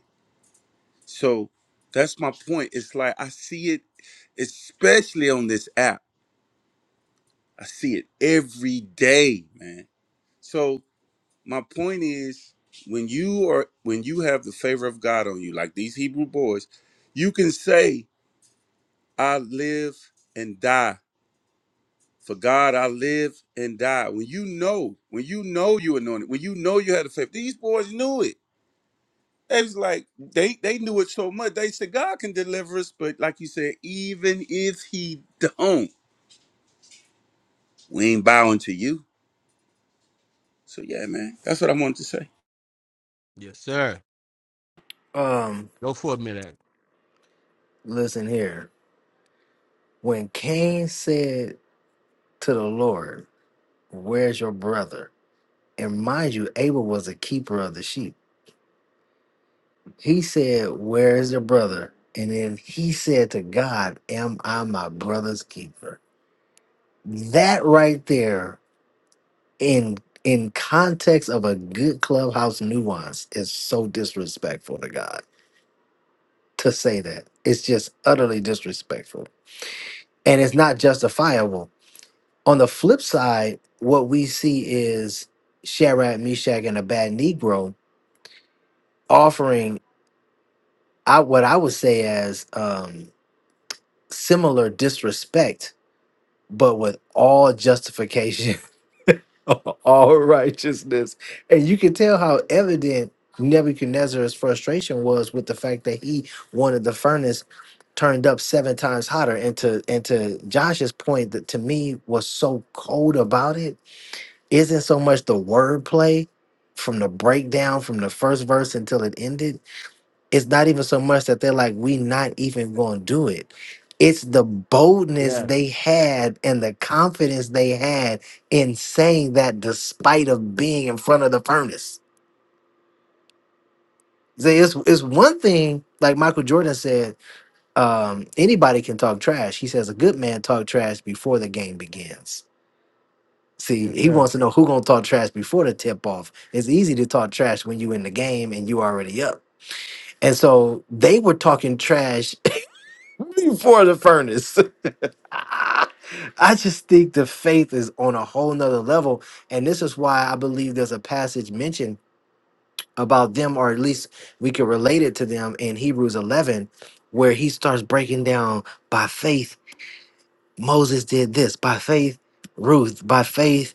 Speaker 15: So that's my point. It's like I see it, especially on this app. I see it every day, man. So my point is when you are when you have the favor of God on you, like these Hebrew boys, you can say, I live and die For God, I live and die. When you know, when you know you anointed, when you know you had a faith, these boys knew it. They was like, they they knew it so much. They said, God can deliver us, but like you said, even if he don't, we ain't bowing to you. So yeah, man, that's what I wanted to say.
Speaker 2: yes, sir.
Speaker 4: Um,
Speaker 2: Go for it, Midax.
Speaker 4: listen here. When Cain said to the Lord, "Where's your brother?" and mind you, Abel was a keeper of the sheep. He said, "Where is your brother?" And then he said to God, "Am I my brother's keeper?" That right there in in context of a good clubhouse nuance is so disrespectful to God to say that. It's just utterly disrespectful. And it's not justifiable. On the flip side, what we see is Shadrach, Meshach, and a bad Negro offering I, what I would say as um, similar disrespect, but with all justification *laughs* *laughs* all righteousness. And you can tell how evident Nebuchadnezzar's frustration was with the fact that he wanted the furnace turned up seven times hotter. And to and to Josh's point that to me was so cold about it isn't so much the wordplay from the breakdown from the first verse until it ended it's not even so much that they're like, we not even going to do it. It's the boldness
Speaker 2: Yes.
Speaker 4: they had and the confidence they had in saying that despite of being in front of the furnace. See, It's, it's one thing, like Michael Jordan said, um, anybody can talk trash. He says a good man talk trash before the game begins. See,
Speaker 2: Yes,
Speaker 4: he
Speaker 2: sir.
Speaker 4: wants to know who gonna talk trash before the tip off. It's easy to talk trash when you in the game and you already up. And so they were talking trash *laughs* before the furnace. *laughs* I just think the faith is on a whole nother level. And this is why I believe there's a passage mentioned about them, or at least we can relate it to them in Hebrews 11, where he starts breaking down by faith, Moses did this, by faith, Ruth, by faith,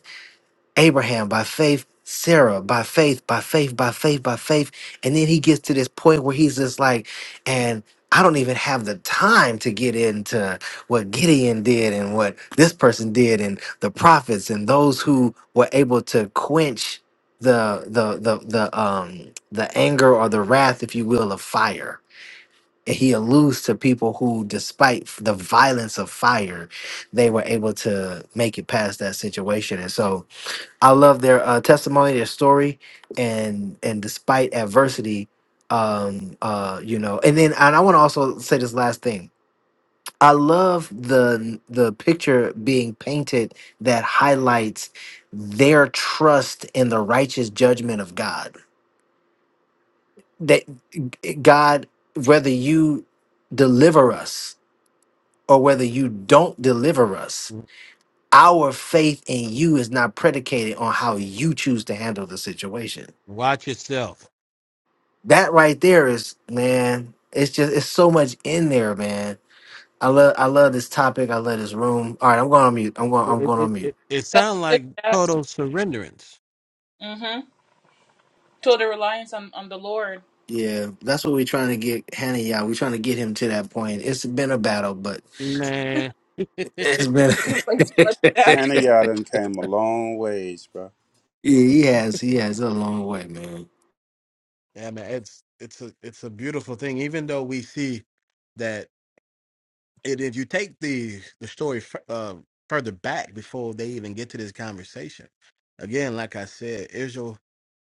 Speaker 4: Abraham by faith, Sarah by faith, by faith, by faith, by faith. And then he gets to this point where he's just like, and I don't even have the time to get into what Gideon did and what this person did and the prophets and those who were able to quench the the the the um the anger or the wrath, if you will, of fire. And he alludes to people who, despite the violence of fire, they were able to make it past that situation. And so I love their uh, testimony, their story, and and despite adversity, um, uh, you know. And then, and I want to also say this last thing. I love the the picture being painted that highlights their trust in the righteous judgment of God. That God, whether you deliver us or whether you don't deliver us,
Speaker 2: Mhm.
Speaker 4: our faith in you is not predicated on how you choose to handle the situation
Speaker 2: Watch yourself.
Speaker 4: that right there is man it's just it's so much in there man i love i love this topic i love this room all right i'm going on mute i'm going
Speaker 2: It
Speaker 4: i'm
Speaker 2: it
Speaker 4: going
Speaker 2: it,
Speaker 4: on mute
Speaker 2: it. it
Speaker 3: That was
Speaker 2: sounds
Speaker 3: good,
Speaker 2: like
Speaker 3: Dax.
Speaker 2: total surrenderance.
Speaker 3: Mm-hmm. Total reliance on on the Lord.
Speaker 4: yeah that's what we're trying to get hannah yeah we're trying to get him to that point it's been a battle but
Speaker 2: Man. *laughs* yeah,
Speaker 4: it's been
Speaker 3: You don't play too
Speaker 4: *laughs*
Speaker 3: much, Dax.
Speaker 15: Hannah, y'all done came a long ways, bro.
Speaker 4: yeah, he has he has a long way man
Speaker 2: man. It's it's a it's a beautiful thing. Even though we see that. And if you take the the story fu- uh, further back before they even get to this conversation, again, like I said, Israel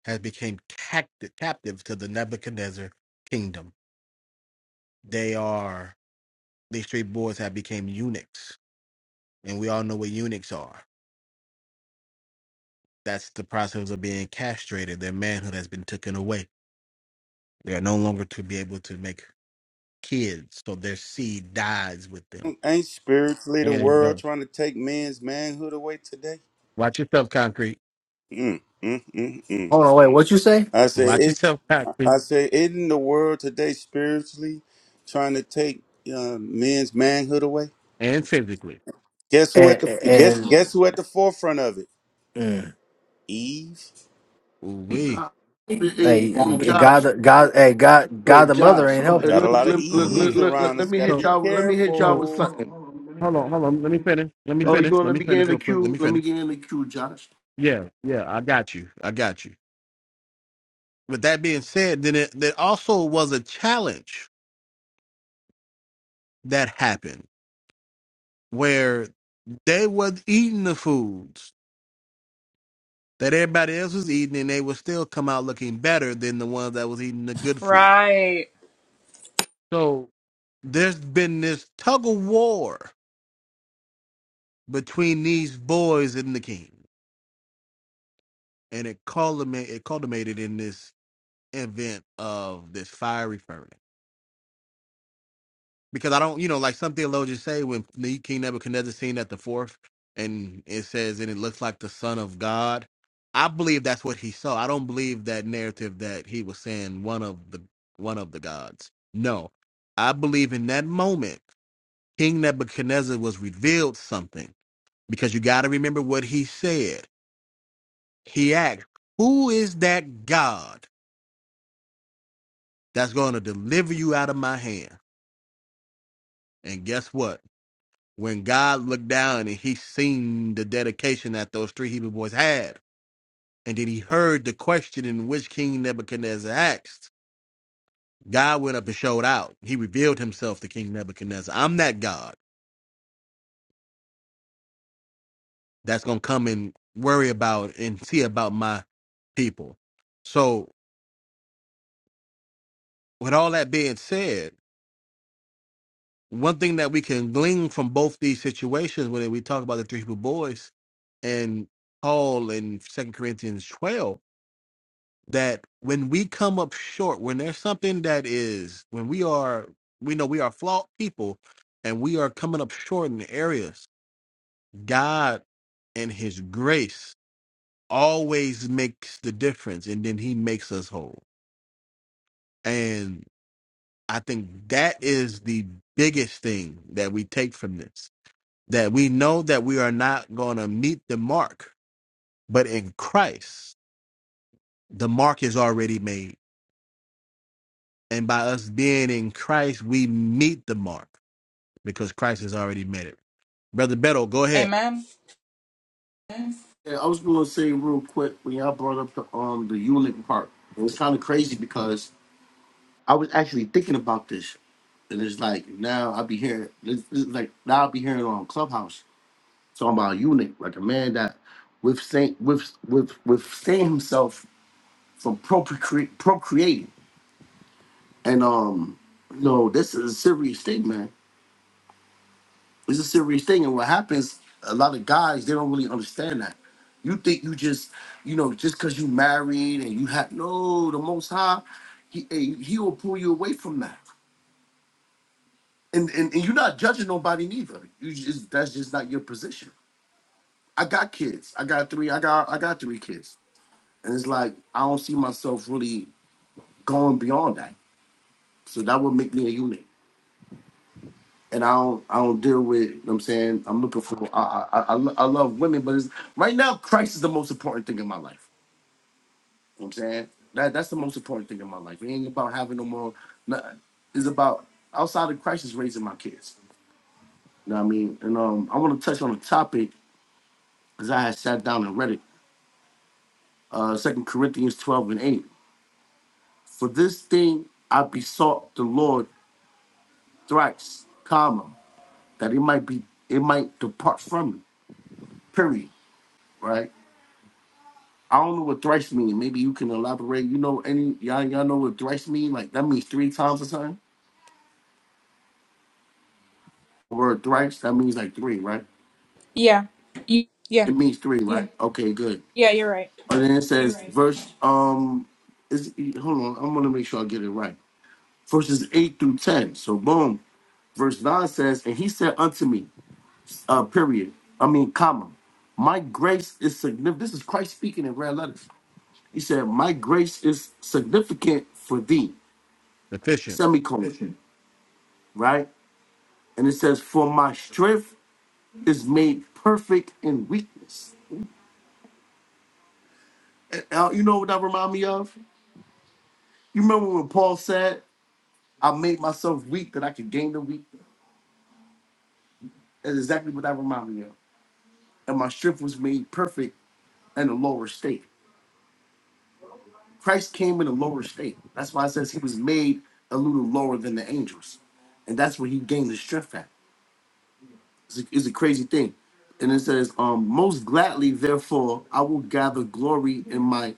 Speaker 2: has become captive captive to the Nebuchadnezzar kingdom. They are these three boys have become eunuchs, and we all know what eunuchs are. That's the process of being castrated. Their manhood has been taken away. They are no longer to be able to make kids, so their seed dies with them.
Speaker 15: Ain't spiritually the
Speaker 2: And it
Speaker 15: world
Speaker 2: goes.
Speaker 15: trying to take men's manhood away today?
Speaker 2: Watch yourself, concrete.
Speaker 15: Mm, mm, mm, mm.
Speaker 4: hold on wait what you say
Speaker 15: I said,
Speaker 2: Watch yourself,
Speaker 15: I
Speaker 2: concrete,
Speaker 15: say, isn't the world today spiritually trying to take uh, men's manhood away?
Speaker 2: and physically.
Speaker 15: Guess who at
Speaker 4: and
Speaker 15: the guess
Speaker 4: and
Speaker 15: guess who at the forefront of it?
Speaker 4: mm,
Speaker 15: Eve.
Speaker 2: Ooh-wee.
Speaker 18: Hey,
Speaker 4: hey god
Speaker 18: Josh,
Speaker 4: the- god hey god god
Speaker 18: but
Speaker 4: the mother
Speaker 18: Josh,
Speaker 4: ain't
Speaker 18: let
Speaker 4: helping
Speaker 15: Got a
Speaker 18: me
Speaker 15: lot of
Speaker 18: let, let, let,
Speaker 15: Eves
Speaker 2: Ooh-wee.
Speaker 18: let, let-
Speaker 15: around
Speaker 18: let
Speaker 15: us.
Speaker 18: me
Speaker 15: Got to
Speaker 18: hit
Speaker 2: So,
Speaker 15: be
Speaker 18: y'all. Let me hit y'all
Speaker 2: so
Speaker 18: with
Speaker 15: careful.
Speaker 18: something.
Speaker 2: hold on, hold on. Let me finish. Let me
Speaker 18: Oh, you
Speaker 2: finish.
Speaker 18: gonna
Speaker 2: Let
Speaker 18: let
Speaker 2: me
Speaker 18: me get
Speaker 2: finish
Speaker 18: in the
Speaker 2: real quick. Let
Speaker 18: queue?
Speaker 2: me
Speaker 18: Let me
Speaker 2: finish.
Speaker 18: get in the queue, Josh.
Speaker 2: Yeah, yeah, I got you. I got you. With that being said, then it there also was a challenge that happened where they was eating the foods that everybody else was eating and they would still come out looking better than the ones that was eating the good food.
Speaker 3: Right.
Speaker 2: So there's been this tug of war between these boys and the king. And it culminated, it culminated in this event of this fiery furnace. Because I don't, you know, like some theologians say, when Ne- King Nebuchadnezzar seen at the fourth, and it says, and it looks like the Son of God. I believe that's what he saw. I don't believe that narrative that he was saying one of the one of the gods. No, I believe in that moment, King Nebuchadnezzar was revealed something because you got to remember what he said. He asked, "Who is that God that's going to deliver you out of my hand?" And guess what? when God looked down and he seen the dedication that those three Hebrew boys had, and then he heard the question in which King Nebuchadnezzar asked, God went up and showed out. He revealed himself to King Nebuchadnezzar. I'm that God that's going to come and worry about and see about my people. So, with all that being said, one thing that we can glean from both these situations, when we talk about the three Hebrew boys and Paul in Second Corinthians 12, that when we come up short, when there's something that is, when we are, we know we are flawed people and we are coming up short in areas, God and His grace always makes the difference and then He makes us whole. And I think that is the biggest thing that we take from this that we know that we are not going to meet the mark, but in Christ, the mark is already made And by us being in Christ, we meet the mark because Christ has already met it. Brother Beto, go ahead.
Speaker 3: Amen.
Speaker 18: Yeah, I was gonna say real quick when y'all brought up the um the Ulick part. It was kind of crazy because I was actually thinking about this, and it's like now I be hearing this, this is like now I be hearing on Clubhouse talking about Ulick, like a man that with with with with withstand himself from procre- procreating. And um, you know, this is a serious thing, man. It's a serious thing. And what happens, a lot of guys they don't really understand that. You think you just, you know, just because you married and you have no, the Most High, he eh, he will pull you away from that. And and, and you're not judging nobody neither. You just that's just not your position. I got kids. I got three. I got I got three kids. And it's like I don't see myself really going beyond that. So that would make me a eunuch. and I don't I don't deal with. You know what I'm saying I'm looking for. I I, I, I lo- I love women, but it's, right now Christ is the most important thing in my life. You know what I'm saying that that's the most important thing in my life. It ain't about having no more. Nothing. It's about outside of Christ is raising my kids. You know what I mean? And um, I want to touch on a topic because I had sat down and read it. Uh, Second Corinthians 12 and 8. For this thing I besought the Lord thrice, comma, that it might be it might depart from me. Period. Right? I don't know what thrice mean. Maybe you can elaborate. You know any y'all y'all know what thrice mean? Like that means three times or something. The word thrice that means like three, right?
Speaker 3: Yeah.
Speaker 18: Yeah,
Speaker 3: Yeah.
Speaker 18: It means three, Yeah. right? Yeah. Okay, good.
Speaker 3: Yeah. You're right.
Speaker 18: And then it says Right. verse um is hold on, I'm gonna make sure I get it right. Verses eight through ten. So boom. Verse nine says, and he said unto me, uh period. I mean comma. My grace is significant. This is Christ speaking in red letters. He said, My grace is significant for thee.
Speaker 2: Efficient.
Speaker 18: Semicolon. Right? And it says, For my strength is made perfect in weakness. Now, you know what that remind me of? You remember when Paul said, I made myself weak that I could gain the weak? That's exactly what that remind me of. And my strength was made perfect in a lower state. Christ came in a lower state. That's why it says he was made a little lower than the angels. And that's where he gained his strength at. It's a, it's a crazy thing. And it says, um, most gladly, therefore, I will gather glory in my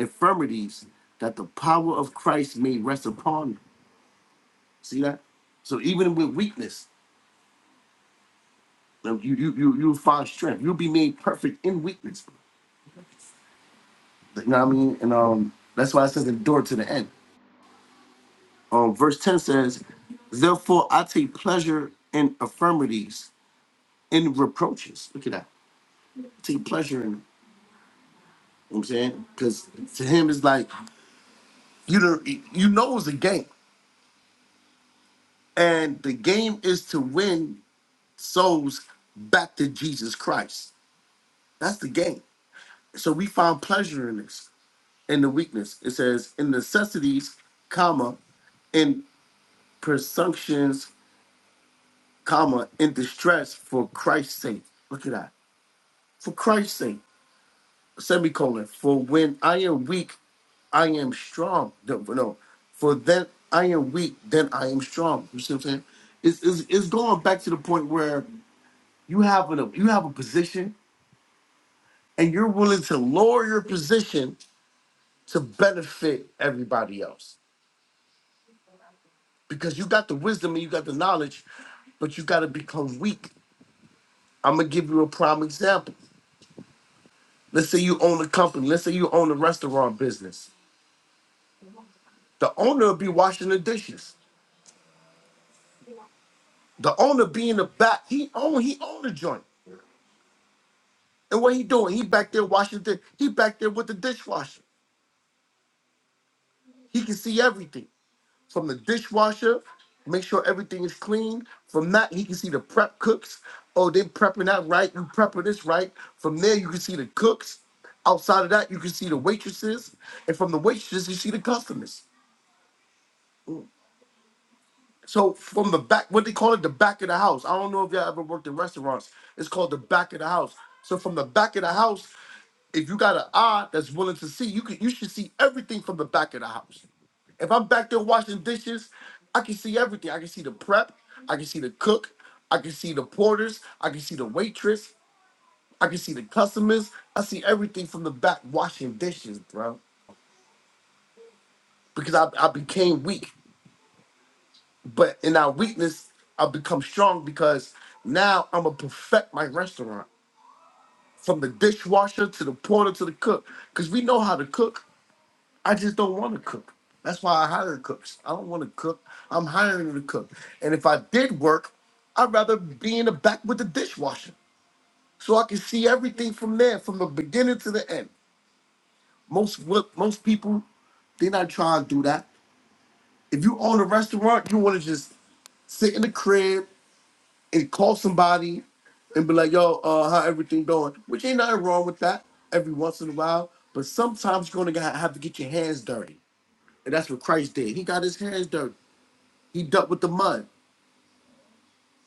Speaker 18: infirmities that the power of Christ may rest upon me. See that? So even with weakness, like, you you you you'll find strength. You'll be made perfect in weakness. You know what I mean? And um that's why it says endure to the end. Um verse 10 says, Therefore I take pleasure in infirmities, in reproaches. Look at that. take pleasure in it. You know what I'm saying? Because to him it's like You the, you know it's a game, and the game is to win souls back to Jesus Christ. That's the game. So we find pleasure in this, in the weakness. It says in necessities, comma, in presumptions, comma, in distress for Christ's sake. Look at that. For Christ's sake. semicolon, for when I am weak, I am strong. No, no, for then I am weak, then I am strong. You see what I'm saying? It's, it's, it's going back to the point where you have a you have a position and you're willing to lower your position to benefit everybody else because you got the wisdom and you got the knowledge, but you got to become weak. I'm gonna give you a prime example. Let's say you own a company. Let's say you own a restaurant business. The owner will be washing the dishes The owner being the back, he own he own the joint. And what he doing? He back there washing the he back there with the dishwasher. He can see everything from the dishwasher, make sure everything is clean. From that, he can see the prep cooks. Oh, they prepping that right. You prepping this right. From there, you can see the cooks. Outside of that, you can see the waitresses, and from the waitresses, you see the customers. So from the back, what they call it, the back of the house. I don't know if y'all ever worked in restaurants. It's called the back of the house. So from the back of the house, if you got an eye that's willing to see, you could you should see everything from the back of the house. If I'm back there washing dishes, I can see everything. I can see the prep, I can see the cook, I can see the porters, I can see the waitress, I can see the customers. I see everything from the back washing dishes, bro. Because I, I became weak. But in our weakness, I've become strong because now I'm gonna perfect my restaurant from the dishwasher to the porter to the cook. Cause we know how to cook. I just don't want to cook. That's why I hire cooks. I don't want to cook. I'm hiring to cook. And if I did work, I'd rather be in the back with the dishwasher, so I can see everything from there, from the beginning to the end. Most what most people, they're not trying to do that. If you own a restaurant, you want to just sit in the crib. and call somebody and be like, yo, uh, how everything going? Which ain't nothing wrong with that every once in a while. But sometimes you're gonna gotta have to get your hands dirty. And that's what Christ did. He got his hands dirty. He dealt with the mud.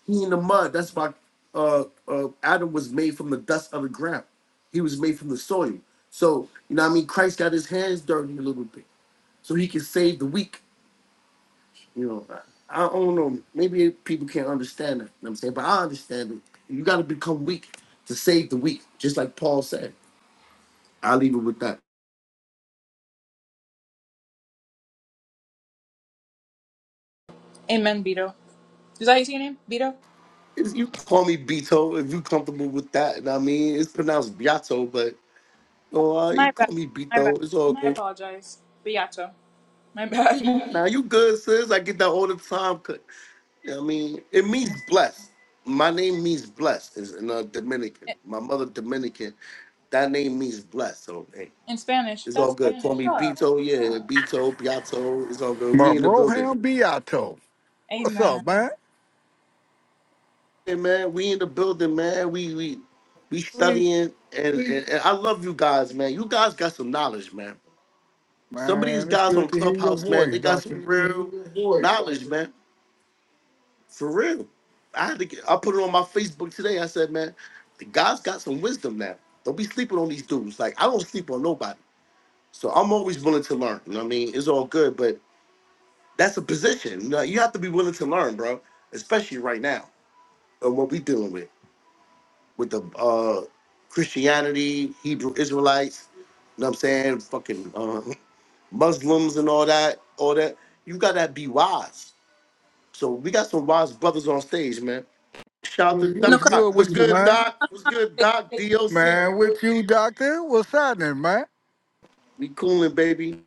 Speaker 18: He in the mud. That's why uh, uh, Adam was made from the dust of the ground. He was made from the soil. So, you know what I mean? Christ got his hands dirty a little bit so he can save the weak. You know, I, I don't know. Maybe people can't understand it. You know what I'm saying, but I understand it. You got to become weak to save the weak, just like Paul said. I leave it with that.
Speaker 3: Amen, Beto. Is that how you say your name, Beto?
Speaker 18: If you call me Beto, if you comfortable with that, and I mean it's pronounced Beato, but oh, uh, you
Speaker 3: My bad.
Speaker 18: call me
Speaker 3: My bad.
Speaker 18: Beto. It's all
Speaker 3: I
Speaker 18: good.
Speaker 3: apologize, Beato. My *laughs* bad.
Speaker 18: Now you good, sis. I get that all the time. 'cause, you know what I mean, it means blessed. My name means blessed. Is in uh, Dominican.
Speaker 3: In
Speaker 18: My mother Dominican. That name means blessed. So
Speaker 3: in Spanish,
Speaker 18: It's all
Speaker 3: that's that's
Speaker 18: good. Call me
Speaker 3: what's up.
Speaker 18: Beto. Yeah, Beto, Beato. It's all good.
Speaker 7: My
Speaker 18: We in the
Speaker 7: bro
Speaker 18: building.
Speaker 7: Ham Beato. What's
Speaker 3: Amen.
Speaker 7: up, man?
Speaker 18: Hey man, we in the building, man. We we we
Speaker 7: Lee,
Speaker 18: studying and, and, and I love you guys, man. You guys got some knowledge, man. Some of these
Speaker 7: Man, it's
Speaker 18: guys
Speaker 7: good
Speaker 18: on
Speaker 7: to hear your
Speaker 18: Clubhouse, man,
Speaker 7: voice,
Speaker 18: they got
Speaker 7: Doctor.
Speaker 18: some real knowledge, man. For real. I had to get I put it on my Facebook today. I said, man, the guys got some wisdom now. Don't be sleeping on these dudes. Like I don't sleep on nobody. So I'm always willing to learn. You know what I mean? It's all good. But That's a position. You know, you have to be willing to learn, bro. Especially right now, of what we dealing with with the uh Christianity, Hebrew Israelites. You know what I'm saying? Fucking uh, Muslims and all that, all that. You gotta be wise. So we got some wise brothers on stage, man. Shout out to Doc.
Speaker 3: No,
Speaker 7: What's
Speaker 3: 'cause-
Speaker 7: good
Speaker 18: What's
Speaker 7: with you,
Speaker 18: good,
Speaker 7: man?
Speaker 18: Doc? What's good, Doc?
Speaker 7: Man,
Speaker 18: DOC.
Speaker 7: with you, Doctor? What's happening,
Speaker 18: We cooling, baby.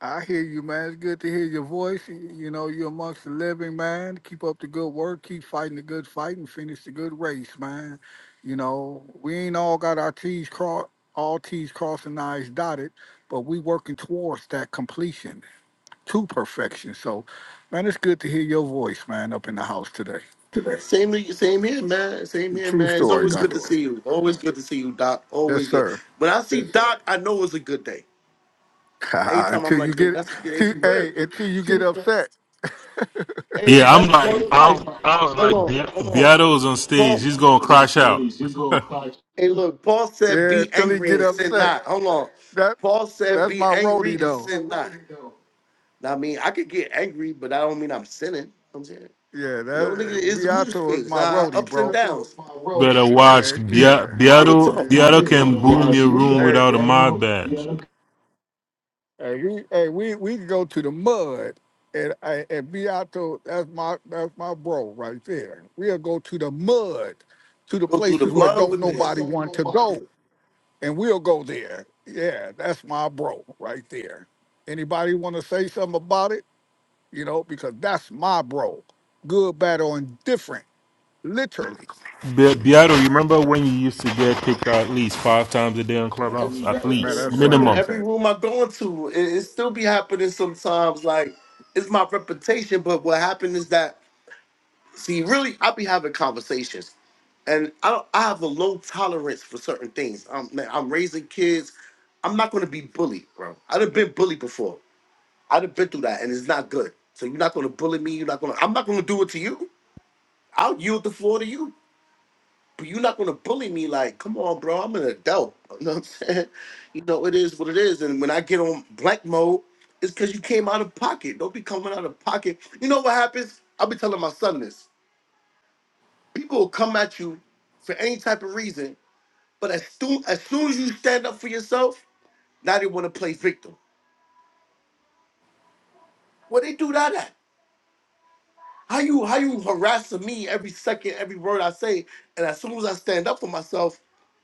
Speaker 7: I hear you, man. It's good to hear your voice. You know, you're amongst the living, man. Keep up the good work. Keep fighting the good fight and finish the good race, man. You know, we ain't all got our T's crossed, all T's crossed and I's dotted, but we working towards that completion to perfection. So, man, it's good to hear your voice, man, up in the house today.
Speaker 18: Same, to you- same here, man. Same here,
Speaker 7: True
Speaker 18: man. It's
Speaker 7: story,
Speaker 18: always good to
Speaker 7: doctor.
Speaker 18: see you. Always good to see you, Doc.
Speaker 7: Yes,
Speaker 18: Always good.
Speaker 7: sir.
Speaker 18: When I see Doc, I know it's a good day.
Speaker 7: *laughs*
Speaker 18: Every time I'm
Speaker 7: until you
Speaker 18: like, dude,
Speaker 7: get,
Speaker 18: that's a kid, they
Speaker 7: till,
Speaker 18: for real.
Speaker 7: hey, until you get upset.
Speaker 18: Hey,
Speaker 5: yeah I'm
Speaker 18: that's
Speaker 5: like,
Speaker 18: part of
Speaker 5: I
Speaker 18: life.
Speaker 5: was, I was
Speaker 18: Hold
Speaker 5: like,
Speaker 18: on,
Speaker 5: Be-
Speaker 18: hold on.
Speaker 5: Beato was on
Speaker 18: Paul.
Speaker 5: stage. He's gonna crash out.
Speaker 18: Hey, look, Paul said,
Speaker 7: Yeah,
Speaker 18: "Be
Speaker 7: until he
Speaker 18: angry
Speaker 7: get
Speaker 18: and sin
Speaker 7: upset.
Speaker 18: not." Hold on.
Speaker 7: That
Speaker 18: Paul said,
Speaker 7: that's
Speaker 18: "Be
Speaker 7: my
Speaker 18: angry
Speaker 7: roadie
Speaker 18: and
Speaker 7: though.
Speaker 18: sin not." Now, I mean, I could get angry, but I don't mean I'm sinning. I'm saying,
Speaker 7: Yeah,
Speaker 18: you know, nigga,
Speaker 7: that
Speaker 18: it's mood
Speaker 7: Beato is
Speaker 18: swings,
Speaker 7: my
Speaker 18: uh,
Speaker 7: roadie,
Speaker 18: ups and
Speaker 7: bro.
Speaker 18: downs. Real
Speaker 5: Better watch.
Speaker 7: Heck
Speaker 5: Bia-
Speaker 7: yeah.
Speaker 5: Beato,
Speaker 18: talk.
Speaker 5: Beato can boom your
Speaker 7: We-
Speaker 5: room
Speaker 7: Hey,
Speaker 5: without a mod badge.
Speaker 7: hey, we, hey, we, we can go to the mud, and and and Beato, that's my that's my bro right there. We'll go to the mud, to the
Speaker 18: Go through the
Speaker 7: places where
Speaker 18: mud
Speaker 7: don't
Speaker 18: with this.
Speaker 7: nobody want to go, and we'll go there. Yeah, that's my bro right there. Anybody want to say something about it? You know, because that's my bro. Good, bad, or indifferent, literally.
Speaker 5: Be- Beato, you remember when you used to get kicked out at least five times a day on Clubhouse?
Speaker 18: every
Speaker 5: At
Speaker 18: day,
Speaker 7: Man,
Speaker 18: every
Speaker 5: least.
Speaker 7: that's funny
Speaker 18: room,
Speaker 7: as
Speaker 5: Minimum.
Speaker 18: every
Speaker 7: heck.
Speaker 18: room I go into, it, it still be happening sometimes. Like it's my reputation, but what happened is that see, really, I be having conversations, and I don't, I have a low tolerance for certain things. I'm man, I'm raising kids. I'm not gonna be bullied, bro. I'd have been bullied before. I'd have been through that, and it's not good. So you're not gonna bully me. You're not gonna. I'm not gonna do it to you. I'll yield the floor to you but you're not gonna bully me like, come on, bro, I'm an adult. *laughs* You know what I'm saying? *laughs* You know, it is what it is. And when I get on blank mode, it's because you came out of pocket. Don't be coming out of pocket. You know what happens? I'll be telling my son this. People will come at you for any type of reason, but as soon as soon as you stand up for yourself, now they wanna play victim. Well, they do that at? How you how you harassing me every second, every word I say, and as soon as I stand up for myself,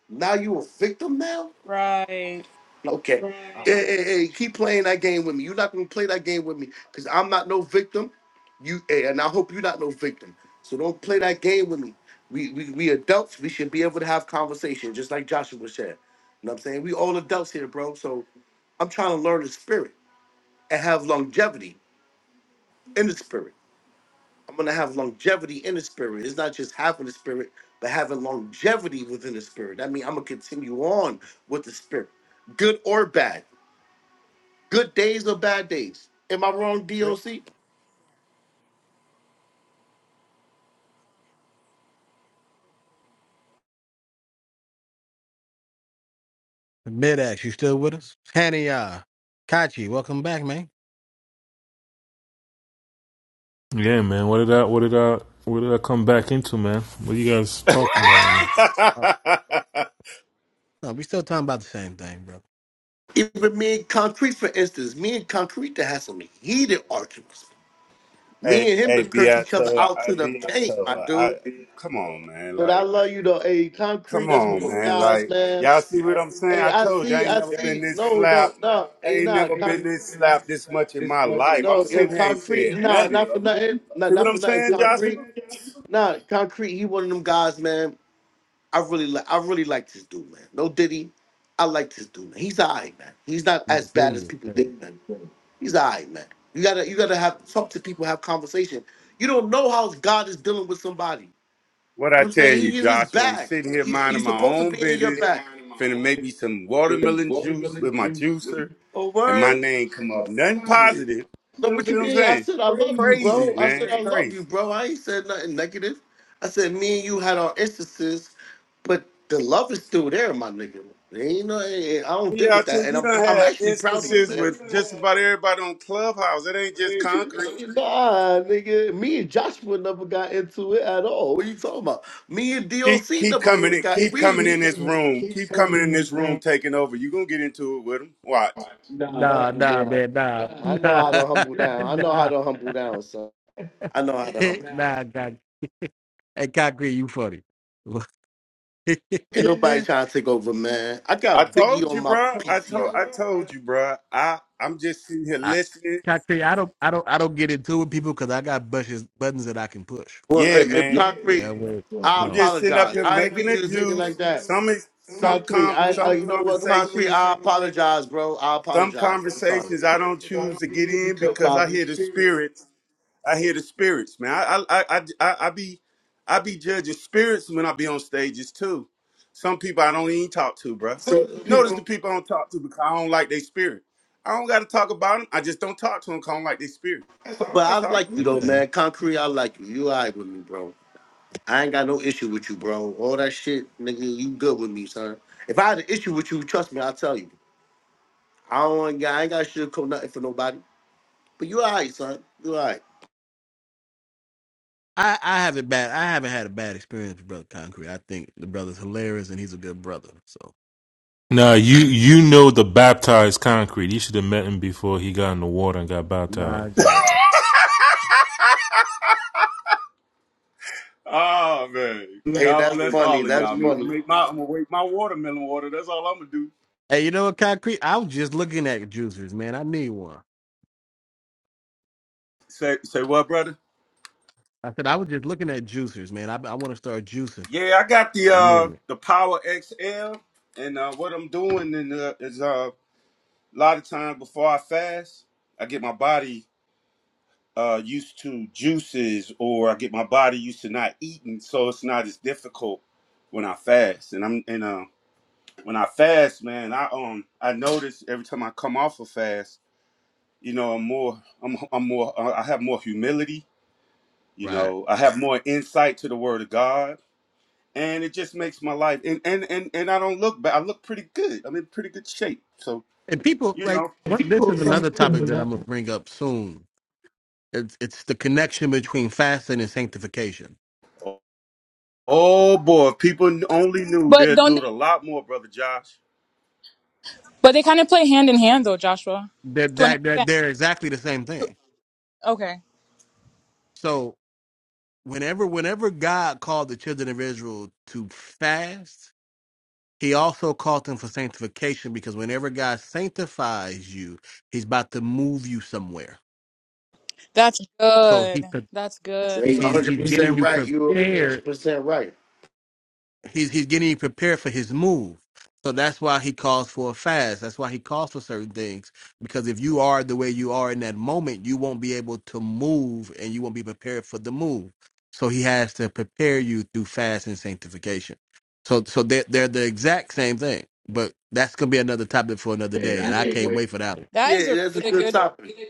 Speaker 18: now you a victim now?
Speaker 3: right.
Speaker 18: Okay. Hey,
Speaker 7: Ah,
Speaker 18: hey, hey, keep playing that game with me. You're not gonna play that game with me because I'm not no victim. You hey, and I hope you're not no victim. So don't play that game with me. We, we we adults, we should be able to have conversation, just like Joshua said. You know what I'm saying? We all adults here, bro. So I'm trying to learn the spirit and have longevity in the spirit. I'm gonna have longevity in the spirit. It's not just having the spirit, but having longevity within the spirit. That means I'm gonna continue on with the spirit, good or bad. good days or bad days. Am I wrong,
Speaker 7: yeah.
Speaker 18: DOC?
Speaker 2: Midax, you still with us? Hania. Kachi, welcome back, man.
Speaker 5: Yeah, man. What did I, what did I, what did I come back into, man? What you guys talking about, man?
Speaker 15: *laughs*
Speaker 2: Oh. No, we still talking about the same thing, bro.
Speaker 18: Even me and Concrete, for instance, me and Concrete that had some heated arguments. Me
Speaker 15: hey,
Speaker 18: and him
Speaker 15: hey,
Speaker 18: to curse each other
Speaker 15: Beato,
Speaker 18: out
Speaker 15: I
Speaker 18: to the paint,
Speaker 15: Beato,
Speaker 18: my
Speaker 15: I
Speaker 18: dude.
Speaker 15: come on, man.
Speaker 18: But I
Speaker 15: Like,
Speaker 18: love you though. Hey, Concrete,
Speaker 15: come
Speaker 18: that's one
Speaker 15: on,
Speaker 18: of those
Speaker 15: man.
Speaker 18: guys,
Speaker 15: Like,
Speaker 18: man.
Speaker 15: y'all see what I'm saying?
Speaker 18: Hey,
Speaker 15: I
Speaker 18: I
Speaker 15: told you I
Speaker 18: see,
Speaker 15: ain't
Speaker 18: I
Speaker 15: never been
Speaker 18: see.
Speaker 15: this
Speaker 18: No, no,
Speaker 15: slapped.
Speaker 18: no.
Speaker 15: I
Speaker 18: Hey,
Speaker 15: ain't
Speaker 18: nah,
Speaker 15: never been
Speaker 18: Concrete.
Speaker 15: this slapped this much in my life. I'm
Speaker 18: No, yeah,
Speaker 15: sitting here ain't
Speaker 18: Concrete,
Speaker 15: said
Speaker 18: nah,
Speaker 15: nothing,
Speaker 18: not for
Speaker 15: bro.
Speaker 18: nothing. Nah,
Speaker 15: See what
Speaker 18: not
Speaker 15: I'm
Speaker 18: for nothing,
Speaker 15: saying,
Speaker 18: Concrete.
Speaker 15: Joshua?
Speaker 18: Nah, Concrete, he one of them guys, man. I really like I really like this dude, man. No Diddy. I like this dude, man. He's alright, man. He's not
Speaker 2: No,
Speaker 18: as bad as
Speaker 2: idiot.
Speaker 18: people think, man. He's alright, man. You gotta you gotta have talk to people, have conversation. You don't know how God is dealing with somebody. You
Speaker 15: What I
Speaker 18: know what I'm
Speaker 15: tell
Speaker 18: saying?
Speaker 15: you,
Speaker 18: He in his
Speaker 15: Joshua, I'm
Speaker 18: bag.
Speaker 15: sitting here
Speaker 18: He's,
Speaker 15: minding
Speaker 18: he's
Speaker 15: my
Speaker 18: supposed to
Speaker 15: own
Speaker 18: be in your
Speaker 15: business,
Speaker 18: back.
Speaker 15: finna make me some
Speaker 18: Then
Speaker 15: watermelon juice
Speaker 18: watermelon
Speaker 15: with my
Speaker 18: juice with
Speaker 15: juicer,
Speaker 18: Oh, your
Speaker 15: and
Speaker 18: word.
Speaker 15: my
Speaker 18: Your
Speaker 15: name
Speaker 18: name
Speaker 15: come
Speaker 18: come
Speaker 15: up.
Speaker 18: up
Speaker 15: Nothing
Speaker 18: positive.
Speaker 15: positive.
Speaker 18: No, what
Speaker 15: See what
Speaker 18: you
Speaker 15: I'm
Speaker 18: mean? I
Speaker 15: saying?
Speaker 18: said I
Speaker 15: It's
Speaker 18: love you,
Speaker 15: crazy,
Speaker 18: bro. I
Speaker 15: man.
Speaker 18: said I
Speaker 15: It's
Speaker 18: love
Speaker 15: crazy.
Speaker 18: you, bro. I ain't said nothing negative. I said me and you had our instances, but the love is still there, my nigga. You know, I don't deal
Speaker 15: Yeah, I
Speaker 18: with
Speaker 15: tell
Speaker 18: that,
Speaker 15: you,
Speaker 18: and
Speaker 15: you
Speaker 18: I'm pr-
Speaker 15: done
Speaker 18: I'm
Speaker 15: had
Speaker 18: actually proud of
Speaker 15: instances
Speaker 18: you, man.
Speaker 15: with just about everybody on Clubhouse. It ain't just concrete.
Speaker 18: Nah, nigga. Me and Joshua never got into it at all. What are you talking about? Me and
Speaker 15: Keep
Speaker 18: DOC
Speaker 15: keep
Speaker 18: never
Speaker 15: coming
Speaker 18: really
Speaker 15: in,
Speaker 18: got Keep,
Speaker 15: keep
Speaker 18: we keep
Speaker 15: coming
Speaker 18: we
Speaker 15: in this
Speaker 18: coming,
Speaker 15: room.
Speaker 18: keep
Speaker 15: Keep coming
Speaker 18: coming
Speaker 15: in
Speaker 18: in this
Speaker 15: this
Speaker 18: room.
Speaker 15: room, taking over. You gonna get into it with them? Watch.
Speaker 18: No, But
Speaker 2: Nah,
Speaker 18: no,
Speaker 2: nah,
Speaker 18: babe.
Speaker 2: man, nah.
Speaker 18: nah, I
Speaker 2: *laughs*
Speaker 18: know
Speaker 2: Nah,
Speaker 18: how to humble down. I know how
Speaker 2: nah.
Speaker 18: to humble down, son. I know how to humble.
Speaker 2: Nah,
Speaker 18: Ain't
Speaker 2: God. Hey, Concrete, you funny.
Speaker 18: nobody
Speaker 2: *laughs*
Speaker 18: trying to take over, man. I
Speaker 15: I
Speaker 18: got Biggie
Speaker 15: told you,
Speaker 18: on my
Speaker 15: bro. I told
Speaker 18: PTR.
Speaker 15: I told you, bro. I I'm just sitting here
Speaker 2: I,
Speaker 15: listening.
Speaker 2: Concrete, I don't, I don't, I don't get into it with people because I got buttons, buttons that I can push.
Speaker 18: Well, uh,
Speaker 15: Yeah,
Speaker 18: uh,
Speaker 15: man.
Speaker 2: That
Speaker 18: concrete.
Speaker 2: way,
Speaker 18: I
Speaker 2: you
Speaker 15: I'm
Speaker 2: know,
Speaker 15: just sitting up
Speaker 18: apologize.
Speaker 15: here
Speaker 18: I ain't mean
Speaker 15: making a
Speaker 18: you to take it like
Speaker 15: juice.
Speaker 18: that.
Speaker 15: Some is some
Speaker 18: Concrete.
Speaker 15: com
Speaker 18: I, I
Speaker 15: some
Speaker 18: you know what, concrete.
Speaker 15: conversations,
Speaker 18: I apologize, bro. I
Speaker 15: some
Speaker 18: apologize. I'm sorry.
Speaker 15: conversations I don't choose to get in
Speaker 18: No
Speaker 15: because I
Speaker 18: problem.
Speaker 15: hear the spirits. I hear the spirits, man. I I I I, I I be I be judging spirits when I be on stages too. Some people I don't even talk to, bro.
Speaker 18: So,
Speaker 15: Notice the people I don't talk to because I don't like their spirit. I don't got to talk about them. I just don't talk to them because I don't like their spirit.
Speaker 18: but I
Speaker 15: That's all.
Speaker 18: like
Speaker 2: I
Speaker 18: you though,
Speaker 2: understand.
Speaker 18: man. Concrete, I like you. You all right with me, bro. I ain't got no issue with you, bro. All that shit, nigga, you good with me, son. If I had an issue with you, trust me, I'll tell you. I don't got, I ain't got shit coat nothing for nobody. But you alright, son. You alright.
Speaker 2: I, I haven't bad I haven't had a bad experience with Brother Concrete. I think the brother's hilarious and he's a good brother. So
Speaker 5: Nah,
Speaker 2: that,
Speaker 5: you, you know the baptized concrete. You should have met him before he got in the water and got baptized.
Speaker 2: my
Speaker 15: *laughs*
Speaker 2: God.
Speaker 15: oh man.
Speaker 18: Hey,
Speaker 15: God
Speaker 18: that's
Speaker 15: bless
Speaker 18: funny.
Speaker 15: all of
Speaker 18: That's
Speaker 15: y'all, man. I'm gonna
Speaker 18: funny.
Speaker 15: make my I'm gonna wake my watermelon water. That's all I'm gonna do.
Speaker 2: Hey, you know what, Concrete? I was just looking at juicers, man. I need one.
Speaker 15: Say say what, brother?
Speaker 2: I said I was just looking at juicers, man. I I want to start juicing.
Speaker 15: Yeah, I got the
Speaker 2: I need
Speaker 15: uh
Speaker 2: it.
Speaker 15: the Power XL and uh what I'm doing in the, is uh a lot of times before I fast, I get my body uh used to juices or I get my body used to not eating so it's not as difficult when I fast. And I'm and uh. when I fast, man, I um I notice every time I come off a fast, you know, I'm more I'm I'm more uh, I have more humility, you
Speaker 2: Right.
Speaker 15: know, I have more insight to the word of God, and it just makes my life and and and, and I don't look bad. I look pretty good. I'm in pretty good shape. So,
Speaker 2: And people
Speaker 15: you
Speaker 2: like
Speaker 15: know,
Speaker 2: what- this
Speaker 18: People
Speaker 2: is
Speaker 18: come
Speaker 2: another
Speaker 18: to
Speaker 2: topic that
Speaker 18: me,
Speaker 2: I'm gonna bring up soon. It's it's the connection between fasting and sanctification.
Speaker 15: oh boy, if people only knew
Speaker 3: But
Speaker 15: they'd
Speaker 3: donde
Speaker 15: do it a lot more, brother Josh.
Speaker 3: But they kind of play hand in hand, though, Joshua,
Speaker 2: That
Speaker 3: to an
Speaker 2: that that
Speaker 3: extent.
Speaker 2: they're exactly the same thing.
Speaker 3: Okay,
Speaker 2: So whenever whenever God called the children of Israel to fast, he also called them for sanctification because whenever God sanctifies you, he's about to move you somewhere.
Speaker 3: that's
Speaker 2: So
Speaker 3: good.
Speaker 2: he's pre-
Speaker 3: That's
Speaker 18: That's
Speaker 3: good.
Speaker 18: one
Speaker 2: he's
Speaker 18: hundred
Speaker 2: he's getting
Speaker 18: percent
Speaker 2: you
Speaker 18: right. You one
Speaker 2: prepared
Speaker 18: hundred percent right.
Speaker 2: he's he's getting prepared for his move. So that's why he calls for a fast. That's why he calls for certain things. Because if you are the way you are in that moment, you won't be able to move and you won't be prepared for the move. So he has to prepare you through fast and sanctification. So so they're they're the exact same thing. But that's gonna be another topic for another
Speaker 18: Hey,
Speaker 2: day.
Speaker 18: I
Speaker 2: And I
Speaker 18: can't
Speaker 2: can't
Speaker 18: wait.
Speaker 2: wait for that one.
Speaker 3: That is
Speaker 18: Yeah,
Speaker 3: a
Speaker 18: that's a
Speaker 3: really
Speaker 18: good
Speaker 3: good.
Speaker 18: topic.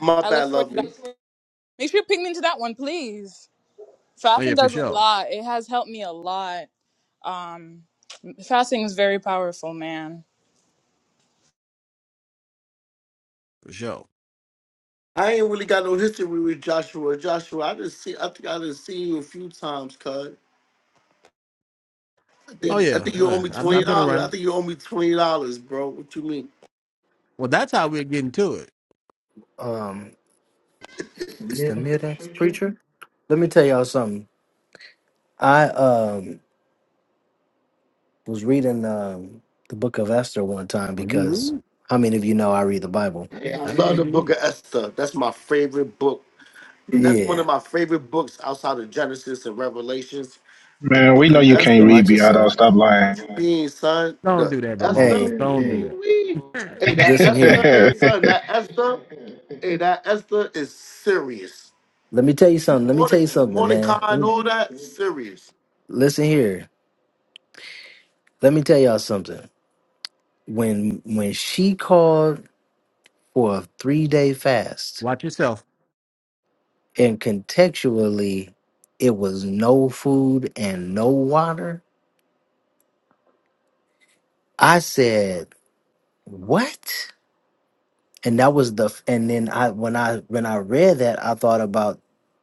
Speaker 18: My
Speaker 3: I look
Speaker 18: bad,
Speaker 3: forward to that.
Speaker 18: lovely.
Speaker 3: Make sure you ping me into that one, please.
Speaker 2: Oh yeah,
Speaker 3: Fasting
Speaker 2: for
Speaker 3: does a
Speaker 2: sure.
Speaker 3: lot. It has helped me a lot. Um, fasting is very powerful, man.
Speaker 2: For sure.
Speaker 18: I ain't really got no history with Joshua. Joshua, I just see. I think I just seen you a few times, cuz.
Speaker 2: Oh
Speaker 18: think I
Speaker 2: yeah.
Speaker 18: think you
Speaker 2: Uh,
Speaker 18: owe me
Speaker 2: I've, I've
Speaker 18: twenty
Speaker 2: been
Speaker 18: dollars. I
Speaker 2: around.
Speaker 18: think you owe me twenty dollars, bro. What you mean?
Speaker 2: Well that's how we're getting to it.
Speaker 4: um it's the mid-ex preacher let me tell y'all something I um was reading um the book of Esther one time
Speaker 2: Are you
Speaker 4: because
Speaker 2: read?
Speaker 4: how many of you know I read the Bible?
Speaker 18: Hey, I
Speaker 2: I didn't know
Speaker 18: love the
Speaker 2: you read.
Speaker 18: Book of Esther. That's my favorite book. That's one
Speaker 4: Yeah.
Speaker 18: of my favorite books outside of Genesis and Revelations. The
Speaker 12: Man, we
Speaker 18: Book
Speaker 12: know
Speaker 18: of
Speaker 12: you
Speaker 18: Esther.
Speaker 12: can't read,
Speaker 4: Watch
Speaker 18: You
Speaker 12: Beato.
Speaker 4: yourself.
Speaker 12: Stop lying.
Speaker 18: Being son,
Speaker 2: Don't
Speaker 18: the
Speaker 2: do that,
Speaker 18: Esther.
Speaker 2: Ramon.
Speaker 4: Hey,
Speaker 2: Don't do
Speaker 18: Ooh-wee. Hey,
Speaker 2: that.
Speaker 18: that
Speaker 4: listen
Speaker 18: Esther.
Speaker 4: here.
Speaker 12: *laughs*
Speaker 18: Hey, son, that Esther. Hey, that Esther is serious.
Speaker 4: Let me tell you something. Let me tell
Speaker 18: Morde-
Speaker 4: you something,
Speaker 18: Mordecai
Speaker 4: man. Let
Speaker 18: and
Speaker 4: me-
Speaker 18: all that serious.
Speaker 4: Listen here. Let me tell y'all something. When when she called for a three day
Speaker 2: *laughs*
Speaker 4: fast,
Speaker 2: Watch yourself.
Speaker 4: and contextually it was no food and no water, I said, What? and that was the f- and then i when i when i read that i thought about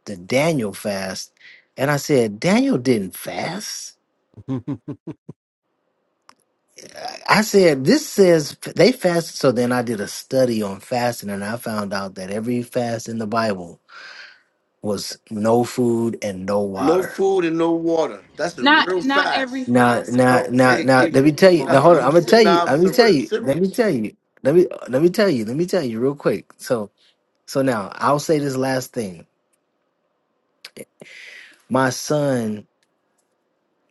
Speaker 4: the daniel fast and i said daniel didn't fast
Speaker 2: *laughs*
Speaker 4: i said this says f- they fasted so then i did a study on fasting and i found out that every fast in the bible was no food and no
Speaker 18: No
Speaker 4: water
Speaker 18: food and no water. That's a
Speaker 3: Not
Speaker 18: real
Speaker 3: not every
Speaker 18: fast.
Speaker 4: now
Speaker 3: fast.
Speaker 4: now
Speaker 18: No,
Speaker 4: now
Speaker 18: hey,
Speaker 4: now let me
Speaker 18: hey,
Speaker 4: tell you
Speaker 18: nah,
Speaker 4: now hold on
Speaker 18: I'm
Speaker 4: i'm gonna
Speaker 18: si-
Speaker 4: tell you
Speaker 18: nah, I'm
Speaker 4: i'm gonna tell
Speaker 18: ser-
Speaker 4: you let me
Speaker 18: serious.
Speaker 4: tell you let me let me tell you let me tell you real quick so so now i'll say this last thing my son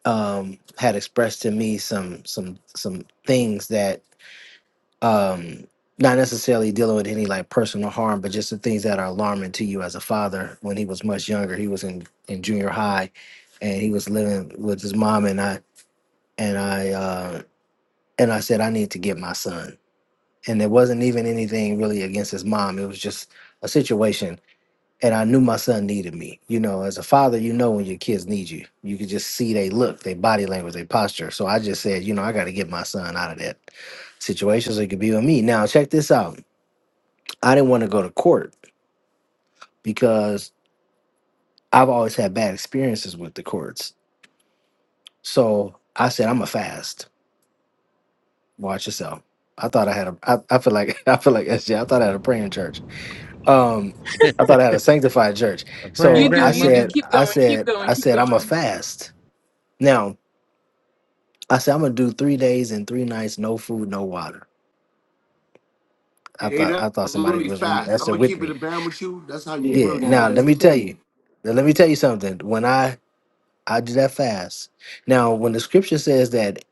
Speaker 4: um, had expressed to me some some some things that um, not necessarily dealing with any like personal harm, but just the things that are alarming to you as a father. When he was much younger, he was in in junior high, and he was living with his mom, and I and I uh, and I said I need to get my son, and it wasn't even anything really against his mom. It was just a situation and I knew my son needed me. You know, as a father, you know when your kids need you. You could just see they look, they body language, they posture. So I just said, you know, I got to get my son out of that situation so he could be with me. Now, check this out. I didn't want to go to court because I've always had bad experiences with the courts. So I said, I'm a fast. Watch yourself. I thought I had a. I, I feel like *laughs* I feel like SJ. I thought I had a praying church. Um, I
Speaker 2: A
Speaker 4: thought I had a sanctified church.
Speaker 2: praying
Speaker 3: You
Speaker 4: So
Speaker 3: do,
Speaker 4: I
Speaker 3: you do.
Speaker 4: said,
Speaker 2: grandmother.
Speaker 3: Keep
Speaker 4: I
Speaker 3: going, keep
Speaker 4: said,
Speaker 3: going,
Speaker 4: I
Speaker 3: keep
Speaker 4: said, I'm a
Speaker 3: going.
Speaker 4: fast. Now I said I'm gonna do three days and three nights, no food, no water. I
Speaker 18: Hey,
Speaker 4: thought I
Speaker 18: that's
Speaker 4: thought somebody
Speaker 18: really
Speaker 4: was reading
Speaker 18: fast.
Speaker 4: that
Speaker 18: I'm
Speaker 4: said
Speaker 18: gonna
Speaker 4: with
Speaker 18: keep it a
Speaker 4: me.
Speaker 18: band with you. That's how you
Speaker 4: Yeah.
Speaker 18: really
Speaker 4: Now let
Speaker 18: fast.
Speaker 4: me tell you. now, let me tell you something. When I I do that fast. Now when the scripture says that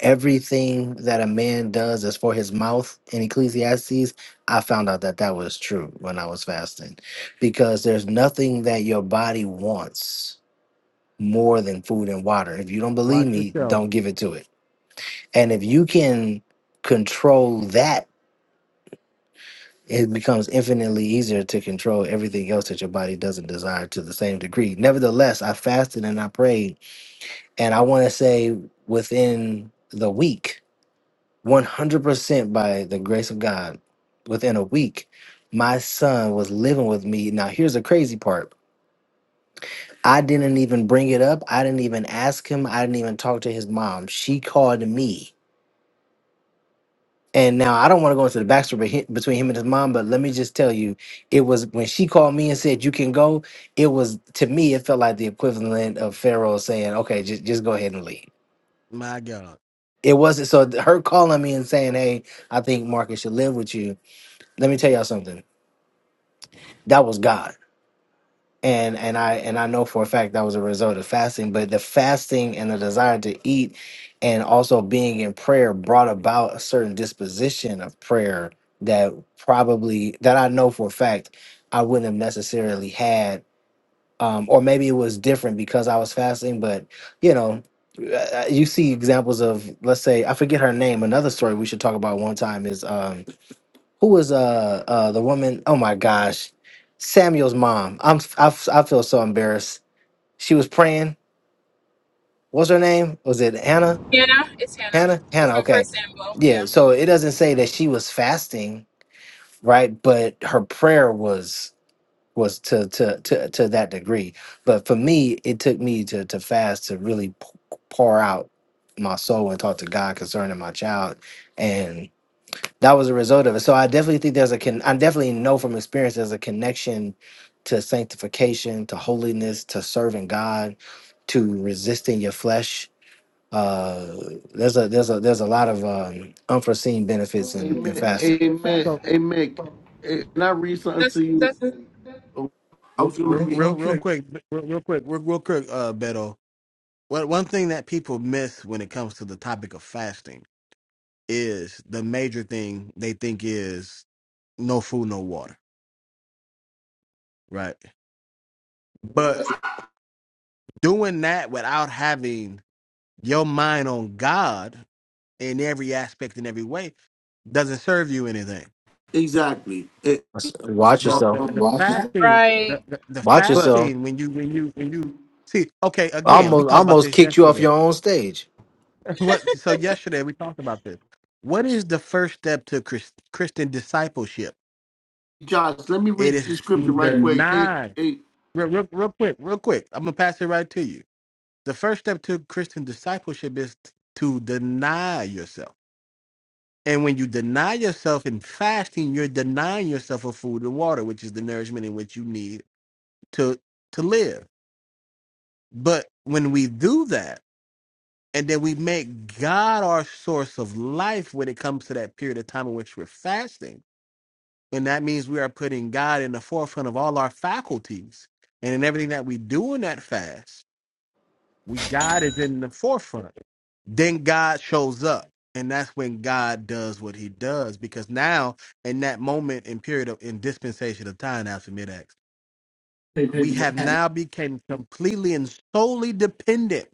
Speaker 4: everything that a man does is for his mouth in Ecclesiastes, I found out that that was true when I was fasting, because there's nothing that your body wants more than food and water. If you don't believe
Speaker 2: Watch
Speaker 4: me,
Speaker 2: yourself.
Speaker 4: don't give it to it. And if you can control that it becomes infinitely easier to control everything else that your body doesn't desire to the same degree. Nevertheless, I fasted and I prayed, and I want to say within the week, 100% by the grace of God, within a week, my son was living with me. Now, here's the crazy part I didn't even bring it up, I didn't even ask him, I didn't even talk to his mom. She called me And now I don't want to go into the backstory behi- between him and his mom, but let me just tell you, it was when she called me and said you can go. It was to me, it felt like the equivalent of Pharaoh saying, "Okay, just just go ahead and leave."
Speaker 2: My God.
Speaker 4: It wasn't so th- her calling me and saying, "Hey, I think Marcus should live with you." Let me tell y'all something. That was God. and and I and I know for a fact that was a result of fasting, but the fasting and the desire to eat and also being in prayer brought about a certain disposition of prayer that probably that I know for a fact I wouldn't have necessarily had um or maybe it was different because I was fasting, but you know uh, uh, you see examples of let's say I forget her name another story we should talk about one time is um who was uh uh the woman? Oh my gosh, Samuel's mom. I'm I, f- I feel so embarrassed. She was praying. What's her name? Was it Hannah?
Speaker 3: Hannah, it's Hannah.
Speaker 4: Hannah?
Speaker 3: It's
Speaker 4: Hannah.
Speaker 3: from
Speaker 4: Okay,
Speaker 3: First Samuel.
Speaker 4: yeah.
Speaker 3: Yeah,
Speaker 4: So it doesn't say that she was fasting, right? But her prayer was was to to to to that degree. But for me, it took me to to fast to really p- pour out my soul and talk to God concerning my child, that was a result of it. So I definitely think there's a con- I definitely know from experience there's a connection to sanctification, to holiness, to serving God, to resisting your flesh. Uh, there's a there's a there's a lot of um, unforeseen benefits in, in
Speaker 18: Amen.
Speaker 4: fasting.
Speaker 18: Amen.
Speaker 2: So
Speaker 18: Amen. Hey, Can I read something
Speaker 3: that's
Speaker 18: to you?
Speaker 3: that's
Speaker 18: I was gonna
Speaker 2: Real, real,
Speaker 18: read
Speaker 2: real quick, real, real quick, real, real quick, uh, Beto. One, one thing that people miss when it comes to the topic of fasting is the major thing they think is no food, no water, right? But doing that without having your mind on God in every aspect in every way doesn't serve you anything.
Speaker 18: exactly. It- it's,
Speaker 4: Watch
Speaker 2: the the
Speaker 4: yourself.
Speaker 2: the
Speaker 18: um,
Speaker 2: fasting the,
Speaker 3: right.
Speaker 2: the, the
Speaker 4: Watch
Speaker 18: but
Speaker 4: yourself.
Speaker 2: fasting when you when you when you see okay again we
Speaker 4: Almost
Speaker 2: talked about
Speaker 4: almost
Speaker 2: this
Speaker 4: kicked you off
Speaker 2: yesterday
Speaker 4: your own stage.
Speaker 2: *laughs* what so yesterday we talked about this what is the first step to Chris, christian discipleship
Speaker 18: Josh, let me
Speaker 2: it
Speaker 18: read the
Speaker 2: is to
Speaker 18: scripture right quick.
Speaker 2: deny
Speaker 18: Hey,
Speaker 2: real, real, real quick real quick i'm gonna pass it right to you the first step to christian discipleship is t- to deny yourself and when you deny yourself in fasting you're denying yourself of food and water which is the nourishment in which you need to to live But when we do that, and then we make God our source of life when it comes to that period of time in which we're fasting, and that means we are putting God in the forefront of all our faculties. And in everything that we do in that fast, we God is in the forefront. Then God shows up. And that's when God does what he does. Because now, in that moment and period of in dispensation of time after mid acts, we have
Speaker 18: hey,
Speaker 2: now become completely and solely dependent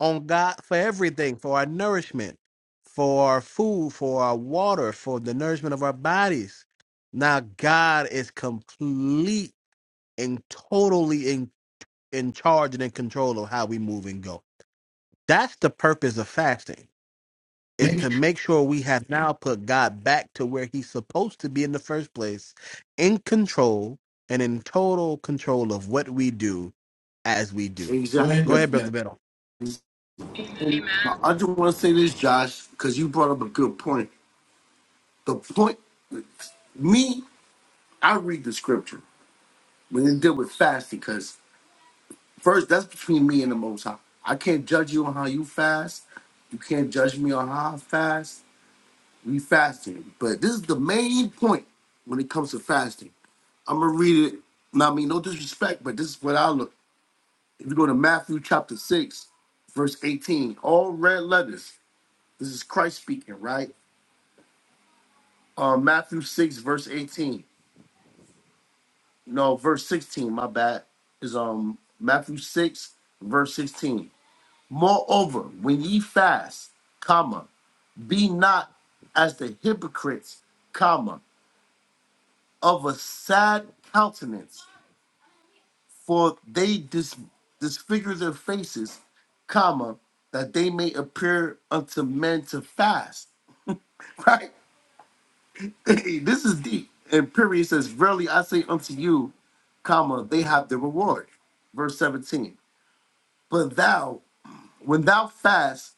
Speaker 2: on God for everything, for our nourishment, for our food, for our water, for the nourishment of our bodies. Now God is complete and totally in, in charge and in control of how we move and go. That's the purpose of fasting, is to make sure we have now put God back to where he's supposed to be in the first place, in control and in total control of what we do as we do. Go
Speaker 18: Exactly.
Speaker 2: ahead, Brother Beto.
Speaker 18: And
Speaker 3: Amen.
Speaker 18: I just want to say this, Josh, because you brought up a good point. The point, me, I read the scripture. we didn't deal with fasting because first that's between me and the Most High. I can't judge you on how you fast. You can't judge me on how I fast. We fasting, but this is the main point when it comes to fasting. I'm gonna read it. Now, I mean, no disrespect, but this is what I look. If you go to Matthew chapter six, verse eighteen, all red letters. This is Christ speaking, right? Um, Matthew six, verse eighteen. No, verse sixteen. My bad. Is um Matthew six, verse sixteen. Moreover, when ye fast, comma, be not as the hypocrites, comma, of a sad countenance, for they dis- disfigure their faces, comma, that they may appear unto men to fast. *laughs* Right? *laughs* this is deep. And period says, Verily I say unto you, comma, they have the reward. Verse 17. But thou, when thou fast,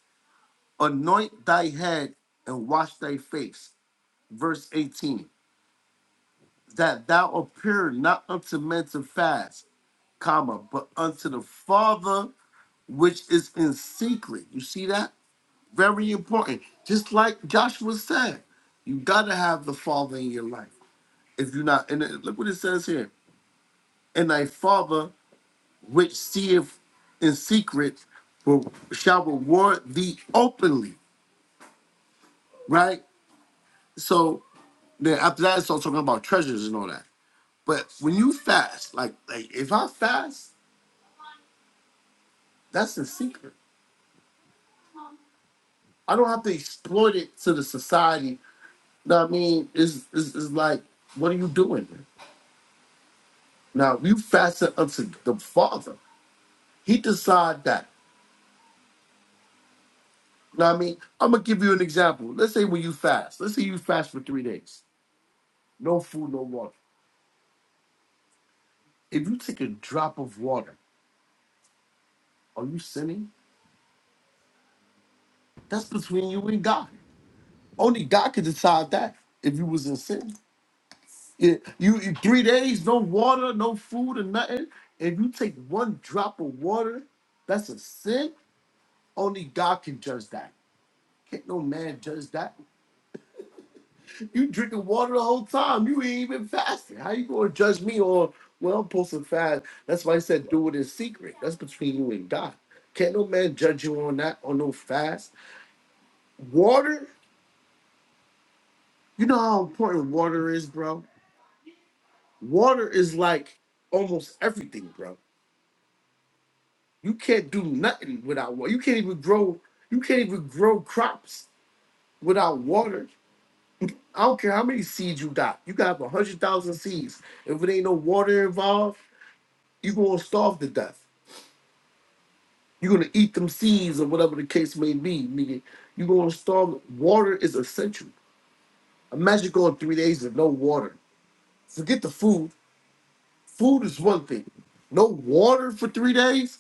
Speaker 18: anoint thy head and wash thy face verse 18 that thou appear not unto men to fast comma but unto the father which is in secret you see that very important just like joshua said you gotta have the father in your life if you're not and it- look what it says here and thy father which seeth in secret will, shall reward thee openly right so then after that it's all talking about treasures and all that But when you fast, like like if I fast, that's the secret. I don't have to exploit it to the society. No, I mean, it's, it's, it's like, what are you doing? Here? Now, if you fast it unto the Father, He decide that. Now, I mean, I'm gonna give you an example. Let's say when you fast, let's say you fast for three days, no food, no water. If you take a drop of water, are you sinning? That's between you and God. Only God could decide that if you was in sin. Yeah, you, you three days, no water, no food, or nothing. If you take one drop of water, that's a sin. Only God can judge that. Can't no man judge that. You drinking water the whole time. You ain't even fasting. How you gonna judge me on well I'm supposed to fast? That's why I said do it in secret. That's between you and God. Can't no man judge you on that on no fast. Water, you know how important water is, bro. Water is like almost everything, bro You can't do nothing without water. You can't even grow. You can't even grow crops without water. I don't care how many seeds you got. You got a hundred thousand seeds. If it ain't no water involved, you gonna starve to death. You're gonna eat them seeds or whatever the case may be, nigga. You gonna starve. Water is essential. Imagine going three days with no water. Forget the food. Food is one thing. No water for three days.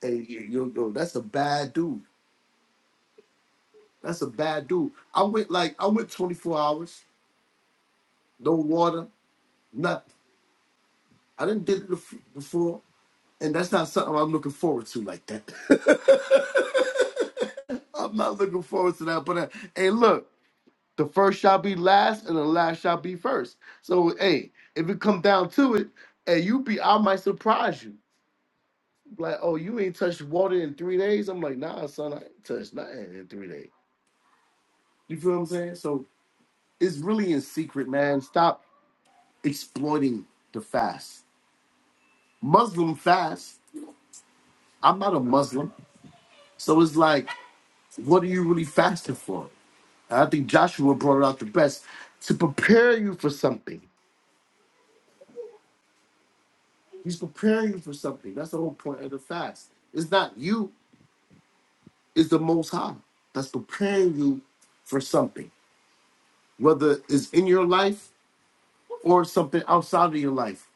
Speaker 18: Hey, yo, yo, that's a bad dude. That's a bad dude. I went like I went 24 hours, no water, nothing. I didn't did it bef- before, and that's not something I'm looking forward to like that. *laughs* I'm not looking forward to that. But uh, hey, look, the first shall be last, and the last shall be first. So hey, if it come down to it, hey, you be I might surprise you. Like, oh, you ain't touched water in three days. I'm like, nah, son, I ain't touched nothing in three days. You feel what I'm saying? So it's really in secret, man. Stop. exploiting the fast. Muslim fast. I'm not a Muslim. So it's like, what are you really fasting for? And I think Joshua brought it out the best to prepare you for something. He's preparing you for something. That's the whole point of the fast. It's not you, it's the Most High that's preparing you for something, whether it's in your life or something outside of your life.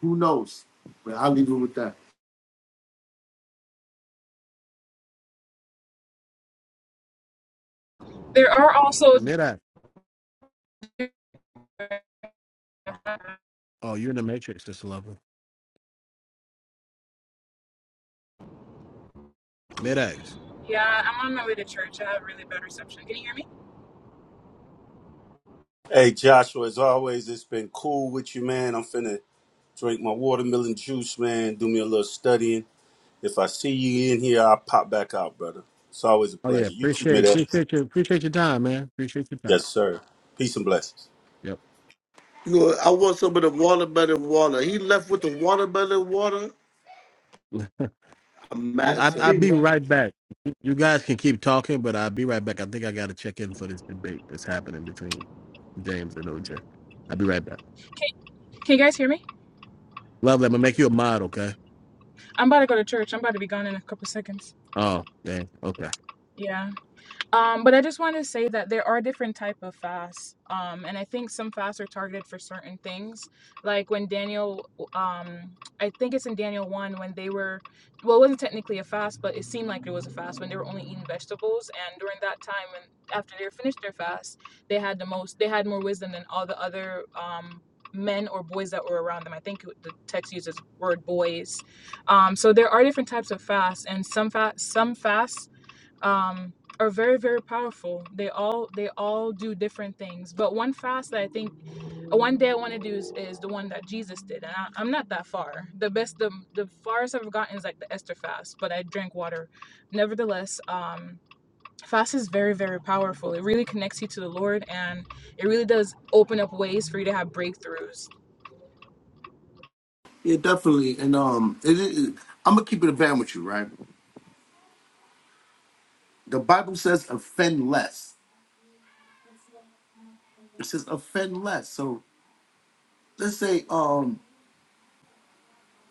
Speaker 18: Who knows? But I'll leave it with that.
Speaker 3: There are also.
Speaker 2: Mid-act. Oh, you're in the matrix, Sister Love. Mid X.
Speaker 3: Yeah, I'm on my way to church. I have really bad reception. Can you hear me?
Speaker 15: Hey Joshua, as always, it's been cool with you, man. I'm finna drink my watermelon juice, man. Do me a little studying. If I see you in here, I'll pop back out, brother. It's always a
Speaker 2: Oh yeah,
Speaker 15: pleasure. You keep me
Speaker 2: appreciate
Speaker 15: that.
Speaker 2: appreciate your appreciate your time, man. Appreciate your
Speaker 15: Yes,
Speaker 2: time.
Speaker 15: sir. Peace and blessings.
Speaker 2: Yep.
Speaker 18: You know, I want some of the watermelon water. He left with the watermelon water.
Speaker 2: *laughs*
Speaker 18: a
Speaker 2: I
Speaker 18: I
Speaker 2: I'll
Speaker 18: think
Speaker 2: be
Speaker 18: right.
Speaker 2: right back. You guys can keep talking, but I'll be right back. I think I gotta check in for this debate that's happening between James and OJ. I'll be right back.
Speaker 3: Can, can you guys hear me?
Speaker 2: Lovely, I'm gonna make you a mod, okay?
Speaker 3: I'm about to go to church. I'm about to be gone in a couple seconds.
Speaker 2: Oh, dang, okay.
Speaker 3: Yeah. Um, but I just want to say that there are different type of fasts, um, and I think some fasts are targeted for certain things. Like when Daniel, um, I think it's in Daniel one when they were, well, it wasn't technically a fast, but it seemed like it was a fast when they were only eating vegetables. And during that time, and after they finished their fast, they had the most, they had more wisdom than all the other um, men or boys that were around them. I think the text uses word boys. Um, so there are different types of fasts, and some fast, some fasts um, are very very powerful. They all they all do different things. But one fast that I think one day I want to do is, is the one that Jesus did, and I, I'm not that far. The best the the farthest I've gotten is like the Esther fast, but I drank water. Nevertheless, um, fast is very very powerful it really connects you to the lord and it really does open up ways for you to have breakthroughs
Speaker 18: Yeah, definitely. And um, it, it, I'm gonna keep it a band with you, right? The Bible says offend less. It says offend less. So let's say um,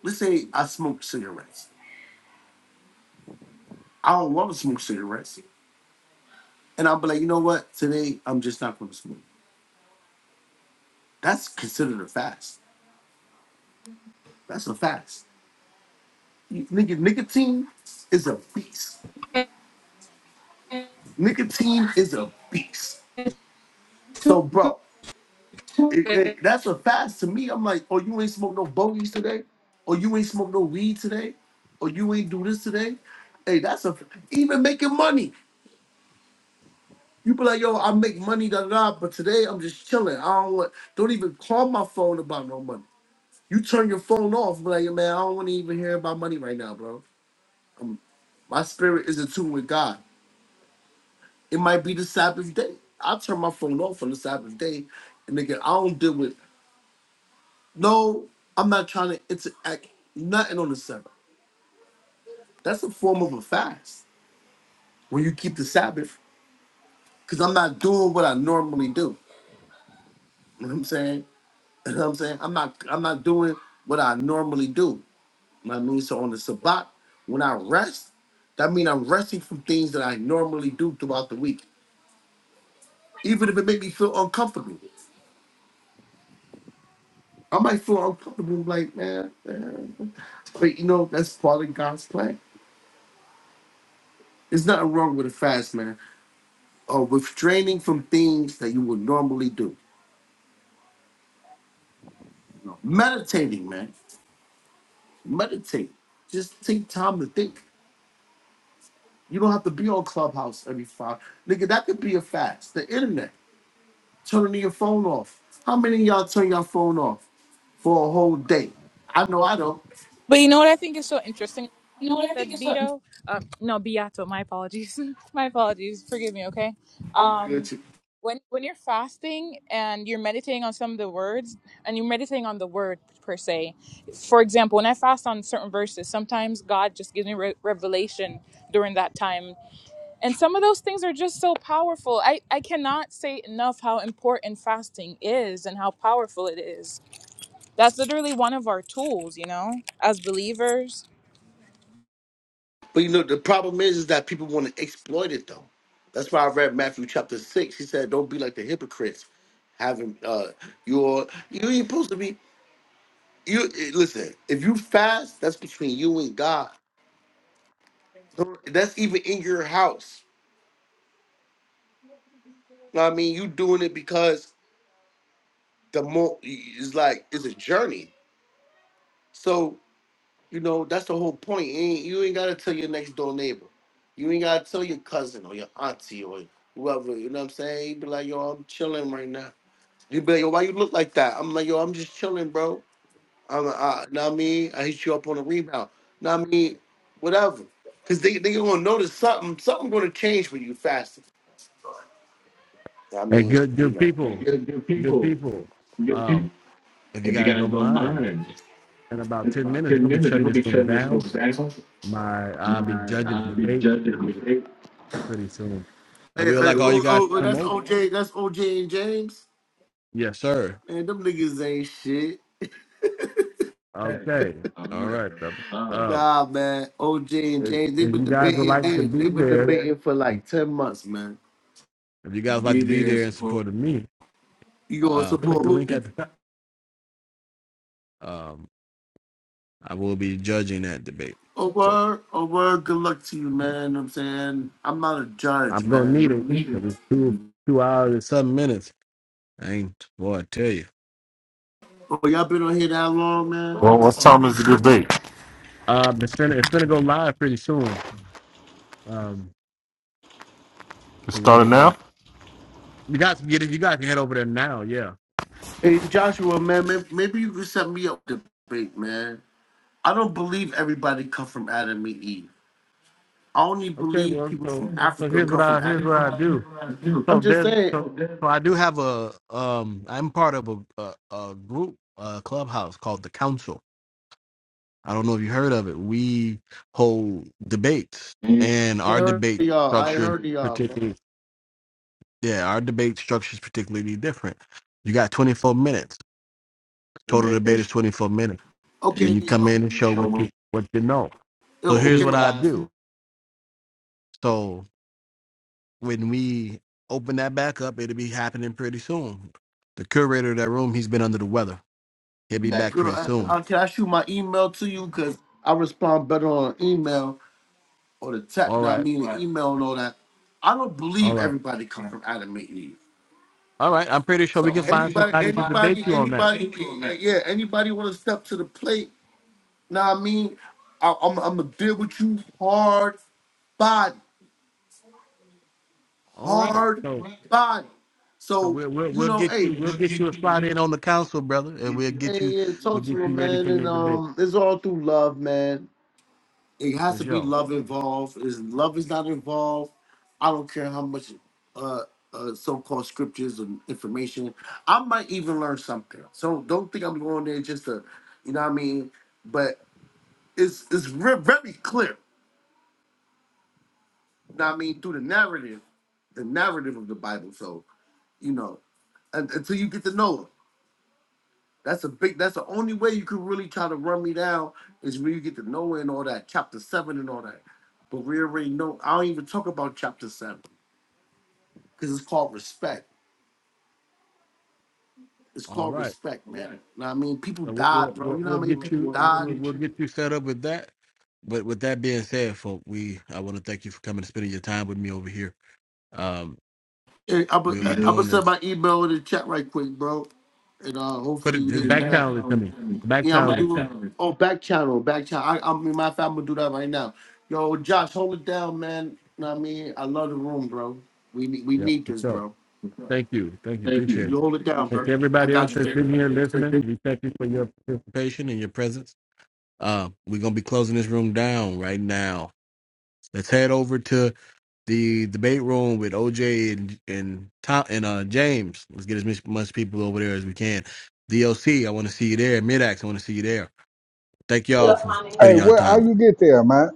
Speaker 18: let's say I smoke cigarettes. I don't want to smoke cigarettes, and I'll be like, you know what? Today I'm just not gonna smoke. That's considered a fast. That's a fast. You- Nigga, nicotine is a beast. Nicotine is a beast. So, bro. It- it- that's a fast to me. I'm like, oh, you ain't smoke no bogeys today, or you ain't smoke no weed today, or you ain't do this today. Hey, that's a even making money. You be like, yo, I make money, da da, da, but today I'm just chilling. I don't want, don't even call my phone about no money. You turn your phone off, be like, yo, man, I don't want to even hear about money right now, bro. Um, my spirit is in tune with God. It might be the Sabbath day. I turn my phone off on the Sabbath day, and nigga, I don't deal with. No, I'm not trying to interact nothing on the Sabbath. That's a form of a fast when you keep the Sabbath, because I'm not doing what I normally do. You know what I'm saying? *laughs* You know what I'm saying? I'm not I'm not doing what I normally do. You know what I mean? So on the Sabbath, when I rest, that means I'm resting from things that I normally do throughout the week. Even if it make me feel uncomfortable. I might feel uncomfortable like, man, man. But you know, that's part of God's plan. There's nothing wrong with a fast, man. or restraining from things that you would normally do. Meditating, man. Meditate. Just take time to think. You don't have to be on Clubhouse every five. Nigga, that could be a fast. The internet. Turning your phone off. How many of y'all turn your phone off for a whole day? I know I don't.
Speaker 3: but you know what i think is so interesting
Speaker 18: You know what I
Speaker 3: said
Speaker 18: think it's something.
Speaker 3: beto um, no beato my apologies *laughs* my apologies forgive me okay
Speaker 18: Um, Good
Speaker 3: um
Speaker 18: too.
Speaker 3: when when you're fasting and you're meditating on some of the words and you're meditating on the word per se for example when i fast on certain verses sometimes god just gives me re- revelation during that time and some of those things are just so powerful i i cannot say enough how important fasting is and how powerful it is that's literally one of our tools you know as believers
Speaker 18: but you know the problem is, is that people want to exploit it though. That's why I read Matthew chapter six. He said, "Don't be like the hypocrites, having uh, your you ain't supposed to be." You eh, listen. If you fast, that's between you and God. That's even in your house. You know what I mean, you doing it because the more it's like it's a journey. So you know that's the whole point. You ain't, you ain't gotta tell your next door neighbor. You ain't gotta tell your cousin or your auntie or whoever. You know what I'm saying? You be like, yo, I'm chilling right now. You be like, yo, why you look like that? I'm like, yo, I'm just chilling, bro. I'm, uh, not me. I hit you up on a rebound. Not me. Whatever. Because they they gonna notice something. Something gonna change for you faster. I
Speaker 2: Hey,
Speaker 18: mean,
Speaker 2: good
Speaker 18: you
Speaker 2: good
Speaker 18: know. And
Speaker 2: people.
Speaker 18: Good, good
Speaker 2: Good
Speaker 18: people.
Speaker 2: people.
Speaker 18: Good
Speaker 2: Um,
Speaker 18: people.
Speaker 2: if you
Speaker 18: If you
Speaker 2: guys
Speaker 18: got
Speaker 2: don't
Speaker 18: don't
Speaker 2: mind,
Speaker 18: mind,
Speaker 2: in
Speaker 18: in
Speaker 2: about ten
Speaker 18: about
Speaker 2: minutes, we're
Speaker 18: 10
Speaker 2: gonna be
Speaker 18: minutes,
Speaker 2: shutting
Speaker 18: it'll be
Speaker 2: this room
Speaker 18: shutting this
Speaker 2: down.
Speaker 18: folks down.
Speaker 2: My I'll be
Speaker 18: and
Speaker 2: judging
Speaker 18: I'll
Speaker 2: the
Speaker 18: be
Speaker 2: debate
Speaker 18: judging them. They-
Speaker 2: pretty soon.
Speaker 18: Hey,
Speaker 2: And we would
Speaker 18: hey,
Speaker 2: like all you
Speaker 18: oh,
Speaker 2: guys
Speaker 18: oh,
Speaker 2: to
Speaker 18: oh,
Speaker 2: come
Speaker 18: that's
Speaker 2: over.
Speaker 18: OJ. That's OJ and James.
Speaker 2: Yes, sir.
Speaker 18: Man, them niggas ain't shit. Hey,
Speaker 2: Okay.
Speaker 18: all
Speaker 2: All
Speaker 18: right,
Speaker 2: right, brother.
Speaker 18: bro. Um, *laughs*
Speaker 2: Um,
Speaker 18: Nah, man. OJ and
Speaker 2: if,
Speaker 18: James, they
Speaker 2: if
Speaker 18: been
Speaker 2: you guys would
Speaker 18: debating.
Speaker 2: like
Speaker 18: like
Speaker 2: to
Speaker 18: They, they
Speaker 2: be
Speaker 18: been
Speaker 2: there,
Speaker 18: debating for like ten months, man.
Speaker 2: if you guys like
Speaker 18: Be
Speaker 2: to be
Speaker 18: there
Speaker 2: there in
Speaker 18: for
Speaker 2: support of me,
Speaker 18: you gonna
Speaker 2: uh, click
Speaker 18: support
Speaker 2: the link
Speaker 18: me.
Speaker 2: at the top. Um, I will be judging that debate,
Speaker 18: Oh
Speaker 2: so
Speaker 18: word, oh word, good luck to you, man. Know what I'm saying I'm not a judge,
Speaker 2: I'm gonna need it
Speaker 18: man.
Speaker 2: because it's two two hours and seven minutes. I ain't boy, I tell you.
Speaker 18: Oh, y'all been on here that long, man.
Speaker 5: Well, what time is the debate?
Speaker 2: Um, it's gonna it's gonna go live pretty soon. Um, we want to. Uh, you guys can get it. You guys can head over there now. Yeah.
Speaker 18: Hey Joshua, man, may- maybe you could set me up to debate, man. I don't believe everybody come from Adam and Eve. I only
Speaker 2: Okay.
Speaker 18: believe
Speaker 2: Well,
Speaker 18: people
Speaker 2: so
Speaker 18: from
Speaker 2: so
Speaker 18: Africa
Speaker 2: here's what
Speaker 18: come from
Speaker 2: I here's
Speaker 18: Adam.
Speaker 2: what I do. So
Speaker 18: I'm just
Speaker 2: there's
Speaker 18: saying.
Speaker 2: so, so I do have a um I'm part of a a, a group a clubhouse called the Council. I don't know if you heard of it. We hold debates and
Speaker 18: I
Speaker 2: our
Speaker 18: heard
Speaker 2: debate
Speaker 18: y'all. I
Speaker 2: structure
Speaker 18: heard y'all, bro.
Speaker 2: particularly yeah, our debate structure is particularly different. You got 24 minutes. Total debate is 24 minutes and
Speaker 18: Okay.
Speaker 2: you come in and show what you what you know. So here's what I
Speaker 18: Okay.
Speaker 2: do. So when we open that back up, it'll be happening pretty soon. The curator of that room, he's been under the weather He'll be
Speaker 18: back
Speaker 2: back
Speaker 18: Good.
Speaker 2: pretty
Speaker 18: I,
Speaker 2: soon.
Speaker 18: I, can I shoot my email to you? Because I respond better on email or the text.
Speaker 2: All
Speaker 18: Now, I
Speaker 2: right.
Speaker 18: mean, the Right. email and all that. I don't
Speaker 2: All
Speaker 18: believe
Speaker 2: right.
Speaker 18: everybody come from Adam and Eve.
Speaker 2: All right. I'm pretty sure we
Speaker 18: So
Speaker 2: can find somebody
Speaker 18: anybody,
Speaker 2: to debate
Speaker 18: anybody,
Speaker 2: you on that.
Speaker 18: anybody, yeah, anybody want to step to the plate? Now, I mean, I, I'm, I'm gonna deal with you hard body,
Speaker 2: All right.
Speaker 18: hard
Speaker 2: So
Speaker 18: Right. body.
Speaker 2: so
Speaker 18: So
Speaker 2: we'll we'll,
Speaker 18: you
Speaker 2: we'll
Speaker 18: know,
Speaker 2: get
Speaker 18: hey,
Speaker 2: you we'll get you a slot in on the council, brother, and we'll get
Speaker 18: hey,
Speaker 2: you
Speaker 18: yeah,
Speaker 2: we'll
Speaker 18: talk
Speaker 2: get
Speaker 18: to him,
Speaker 2: you ready
Speaker 18: man,
Speaker 2: for your
Speaker 18: and
Speaker 2: debate
Speaker 18: um, it's all through love, man. it has
Speaker 2: for
Speaker 18: to be
Speaker 2: sure.
Speaker 18: love involved. Is love is not involved? I don't care how much uh, uh so-called scriptures and information. I might even learn something. So don't think I'm going there just to, you know what I mean. But it's it's re- very clear. You know what I mean through the narrative, the narrative of the Bible. So you know, un- until you get to know it. That's a big. That's the only way you could really try to run me down is when you get to Noah and all that, chapter seven and all that. But we already know. I don't even talk about chapter seven because it's called respect. It's
Speaker 2: All
Speaker 18: called
Speaker 2: right.
Speaker 18: respect, man. You know what I mean? People
Speaker 2: So we'll we'll,
Speaker 18: died, bro.
Speaker 2: we'll
Speaker 18: You know
Speaker 2: we'll
Speaker 18: how many
Speaker 2: get
Speaker 18: people
Speaker 2: you
Speaker 18: died?
Speaker 2: we'll, we'll get you set up with that. But with that being said, folk, we I want to thank you for coming and spending your time with me over here. Um,
Speaker 18: Hey, I
Speaker 2: we'll
Speaker 18: put I
Speaker 2: be
Speaker 18: put
Speaker 2: doing
Speaker 18: send
Speaker 2: this.
Speaker 18: my email in the chat right quick, bro, and uh,
Speaker 2: Put
Speaker 18: hopefully you hit
Speaker 2: it
Speaker 18: me
Speaker 2: back
Speaker 18: back.
Speaker 2: channel it to me. Back
Speaker 18: Yeah, I'm gonna
Speaker 2: channel it to me.
Speaker 18: do. Oh, back channel, back channel. I, I mean, my family do that right now. Yo, Josh, hold it down, man. know what I mean, I love the room, bro. We need we
Speaker 2: Yep,
Speaker 18: need
Speaker 2: for
Speaker 18: this,
Speaker 2: sure.
Speaker 18: bro.
Speaker 2: Thank you. Thank you. Appreciate
Speaker 18: You
Speaker 2: it.
Speaker 18: hold it down,
Speaker 2: And
Speaker 18: bro.
Speaker 2: to
Speaker 18: I
Speaker 2: everybody else
Speaker 18: got you.
Speaker 2: that's been here
Speaker 18: baby.
Speaker 2: listening, we thank you for your participation and your presence. Uh, we're gonna be closing this room down right now. Let's head over to the debate room with OJ and and Tom and uh James. Let's get as much, much people over there as we can. DOC, I want to see you there. Midax, I want to see you there. Thank y'all for
Speaker 7: Hey,
Speaker 2: spending y'all
Speaker 7: where how
Speaker 2: time.
Speaker 7: you get there, man?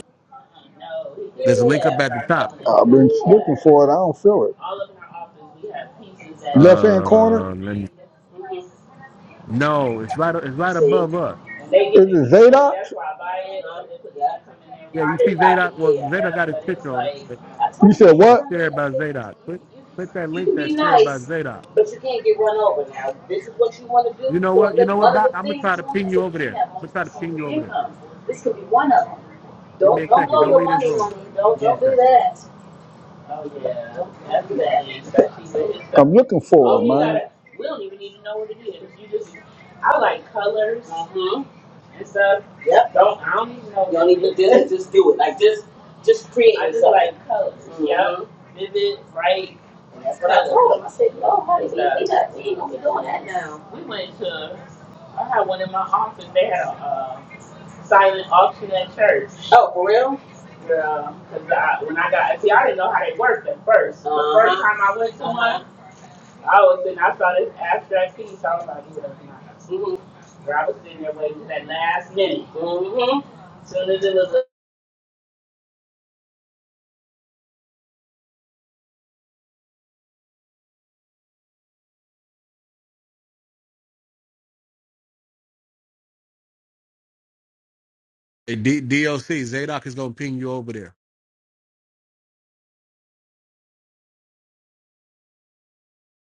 Speaker 2: There's a link up at the top.
Speaker 7: I've been looking for it. I don't feel it. Left hand corner.
Speaker 2: Uh, let me, no, it's right. It's right
Speaker 7: Is
Speaker 2: above us.
Speaker 7: it Zadok?
Speaker 2: Yeah, you see Zadok. Well, Zadok got his picture on it.
Speaker 7: You said
Speaker 2: It's
Speaker 7: what?
Speaker 2: shared by Zadok. Click, click that link that's shared by Zadok. You know what? You know what, Doc? I'm gonna try to ping you over there. I'm gonna try to ping you over there. Give me a second. Don't leave this room. Give me a second.
Speaker 7: Oh yeah, that's bad. I'm looking for Oh, it, you man. gotta. We don't even need to know what it is. You just. I like colors hmm and stuff. Yep. Don't. I don't even know. You don't even do it. Just create. I just yourself. like colors. Mm-hmm. Yep. Vivid, bright. That's what I told him. I said, "Honey, we, we got gonna be doing that now. We went to. I had one in my office. They had a uh, silent auction at church. Oh, for real? Yeah. Cause I, when I got see, I didn't know how they worked at first. Uh-huh. The 1st time I went to one. I was sitting, I saw this abstract piece. I was like, yeah, nah. I was sitting there waiting for that last minute. Mm-hmm. As Soon as it was
Speaker 2: Hey, D- DOC Zadok is gonna ping you over there.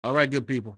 Speaker 2: All right, good people.